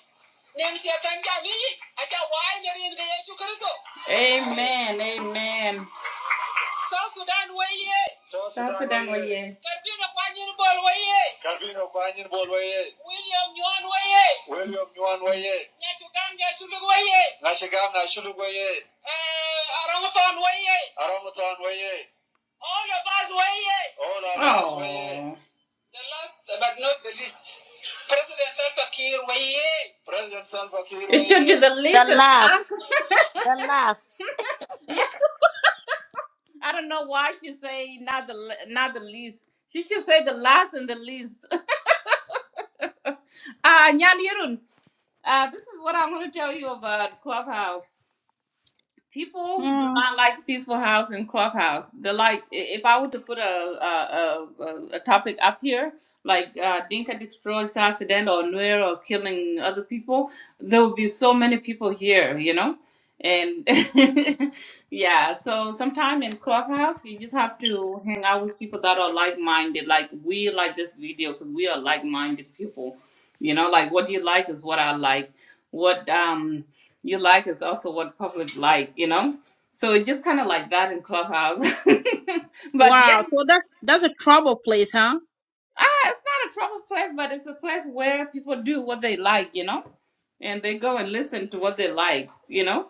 nem shetani jamii acha wai ni rin yesu kristo Amen. Amen. South Sudan weye. South Sudan, South Sudan weye. Karbino kwanyin bol weye. Karbino kwanyin bol weye. William Nyon weye. William Nyon weye. Nyashuganga shulug weye. Nyashuganga shulug weye. Eh, Arangutan weye. Arangutan weye. All of us weye. All of us Oh. The last but not the least. President Salva Kiir weye. President Salva Kiir It should be the The least. and last. the last. The last. yeah. I don't know why she say not the le- not the least. She should say the last and the least. Uh, Nyanirun, uh, this is what I'm going to tell you about Clubhouse. People do Mm. not like Peaceful House and Clubhouse. They like i- if I were to put a a, a, a a topic up here, like uh, Dinka destroys South Sudan or Nuer or killing other people, there would be so many people here, you know. And yeah, so sometime in Clubhouse, you just have to hang out with people that are like-minded. Like we like this video because we are like-minded people. You know, like what you like is what I like. What um you like is also what public like, you know? So it's just kind of like that in Clubhouse. but yeah, Wow. So that's that's a trouble place, huh? ah, it's not a proper place, but it's a place where people do what they like, you know? And they go and listen to what they like, you know?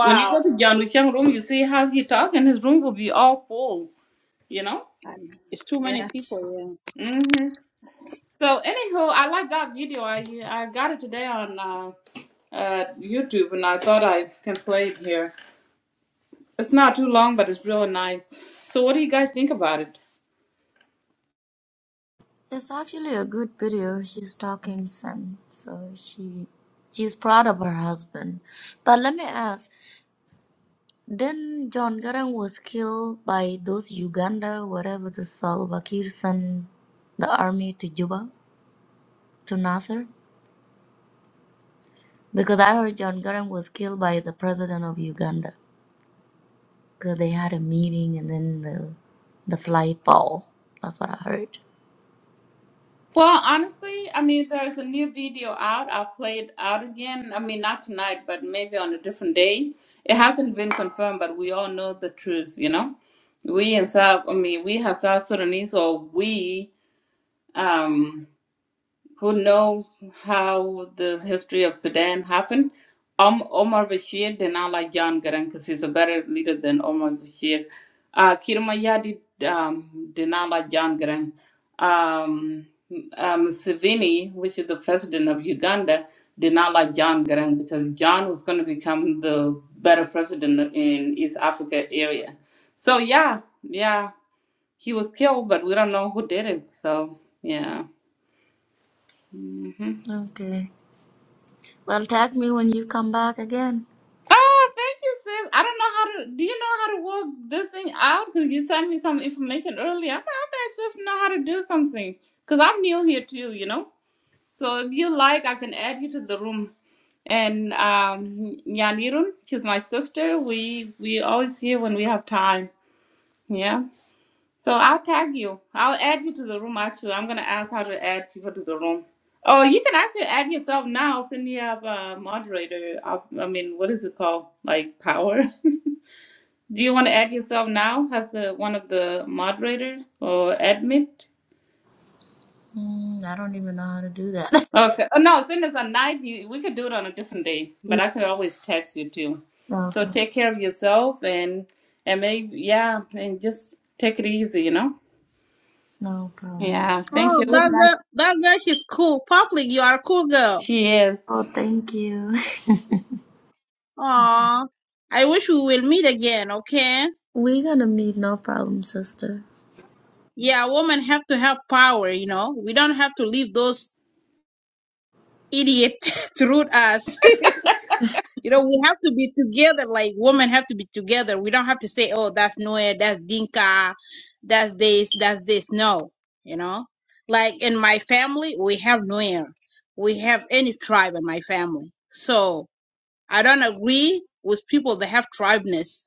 When you go to John Wuchang room, you see how he talk and his room will be all full, you know? And It's too many Yeah. people, yeah. Mm-hmm. So anyhow, I like that video. I I got it today on uh, uh, YouTube and I thought I can play it here. It's not too long, but it's really nice. So, what do you guys think about it? It's actually a good video. She's talking some, so she she's proud of her husband. But let me ask, then John Garang was killed by those Uganda, whatever the Salva Kiir sent the army to Juba, to Nasser? Because I heard John Garang was killed by the president of Uganda. Because they had a meeting and then the the fly fall. That's what I heard. Well, honestly, I mean, there's a new video out. I'll play it out again. I mean, not tonight, but maybe on a different day. It hasn't been confirmed, but we all know the truth, you know? We in South, I mean, we have South Sudanese, or we, um, who knows how the history of Sudan happened. Um, Omar Bashir did not like John Garang because he's a better leader than Omar Bashir. Uh, Kirma Yadi um, did not like John Garang. Um, uh, Museveni, which is the president of Uganda, did not like John Garang because John was going to become the better president in East Africa area. So yeah, yeah, he was killed, but we don't know who did it. So yeah. Mm-hmm. Okay. Well, tag me when you come back again. Oh, thank you, sis. I don't know how to. Do you know how to work this thing out? Because you sent me some information earlier. I'm like, I bet sis know how to do something. Because I'm new here too, you know. So if you like, I can add you to the room. And um, Nyanirun, she's my sister. We we always here when we have time. Yeah. So I'll tag you. I'll add you to the room. Actually, I'm gonna ask how to add people to the room. Oh, you can actually add yourself now since you have a moderator. op- I mean, what is it called? Like power? Do you want to add yourself now as the, one of the moderator or admin? Mm, I don't even know how to do that. Okay. Oh, no, since it's a night, you, we could do it on a different day. But Yeah, I could always text you too. no So problem. take care of yourself and and maybe yeah, and just take it easy. You know. No problem. Yeah. Thank you. Oh, It was that girl, nice. that girl, she's cool. Public, you are a cool girl. She is. Oh, thank you. Aw, I wish we will meet again, okay? We're gonna meet no problem, sister. Yeah, women have to have power, you know. We don't have to leave those idiots to root us. you know, we have to be together, like women have to be together. We don't have to say, oh, that's Noe, that's Dinka, that's this, that's this. No, you know. Like in my family, we have Nuer. We have any tribe in my family. So I don't agree with people that have tribeness.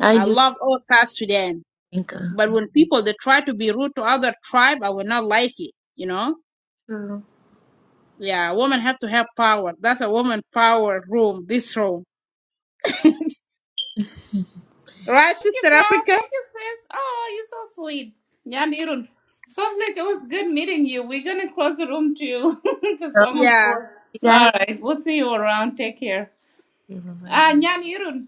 I I do love all South Sudan think. uh, But when people they try to be rude to other tribe, I will not like it. You know, True. yeah, women have to have power. That's a woman power room. This room, right, you, Sister girl. Africa? Thank you, sis. Oh, you're so sweet. Yan Irun. Public, it was good meeting you. We're going to close the room to you because Okay. someone's Yeah. bored. You gotta have All right. We'll see you around. Take care. to give away. Ah, Nyan Irun.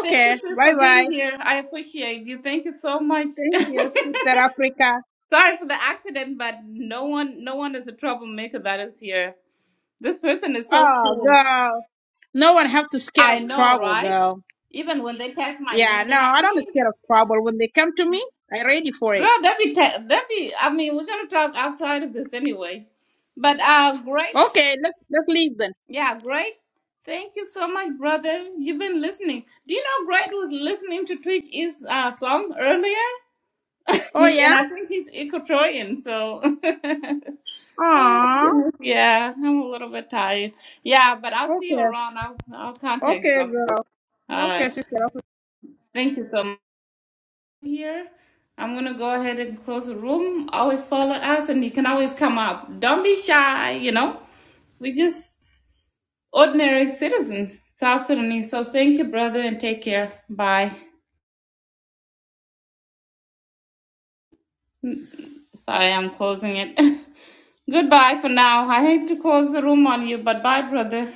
Thank you, sis, Bye for bye. being here. I appreciate you. Thank you so much. Thank you, Sister Africa. Sorry for the accident, but no one, no one is a troublemaker that is here. This person is so Oh, cool. girl, no one have to scared I of know, trouble, right? girl. Even when they text my Yeah, name, no, they're like, I don't hey, scared of trouble. When they come to me, I ready for it. Girl, that be ta- that be. I mean, we're gonna talk outside of this anyway. But uh, great, Okay, let's let's leave then. yeah, great. Thank you so much, brother. You've been listening. Do you know Great was listening to Twitch is uh, song earlier, Oh yeah. and I think he's Equatorian. So, oh my Aww. goodness, yeah, I'm a little bit tired. Yeah, but I'll see you Okay. around. I'll I'll contact you Okay, after this. girl. All Okay, right. Sister Thank you so much. here. I'm gonna go ahead and close the room. Always follow us, and you can always come up. Don't be shy. You know, we just ordinary citizens, South Sudanese. So thank you, brother, and take care. Bye. Sorry, I'm closing it. Goodbye for now. I hate to close the room on you, but bye, brother.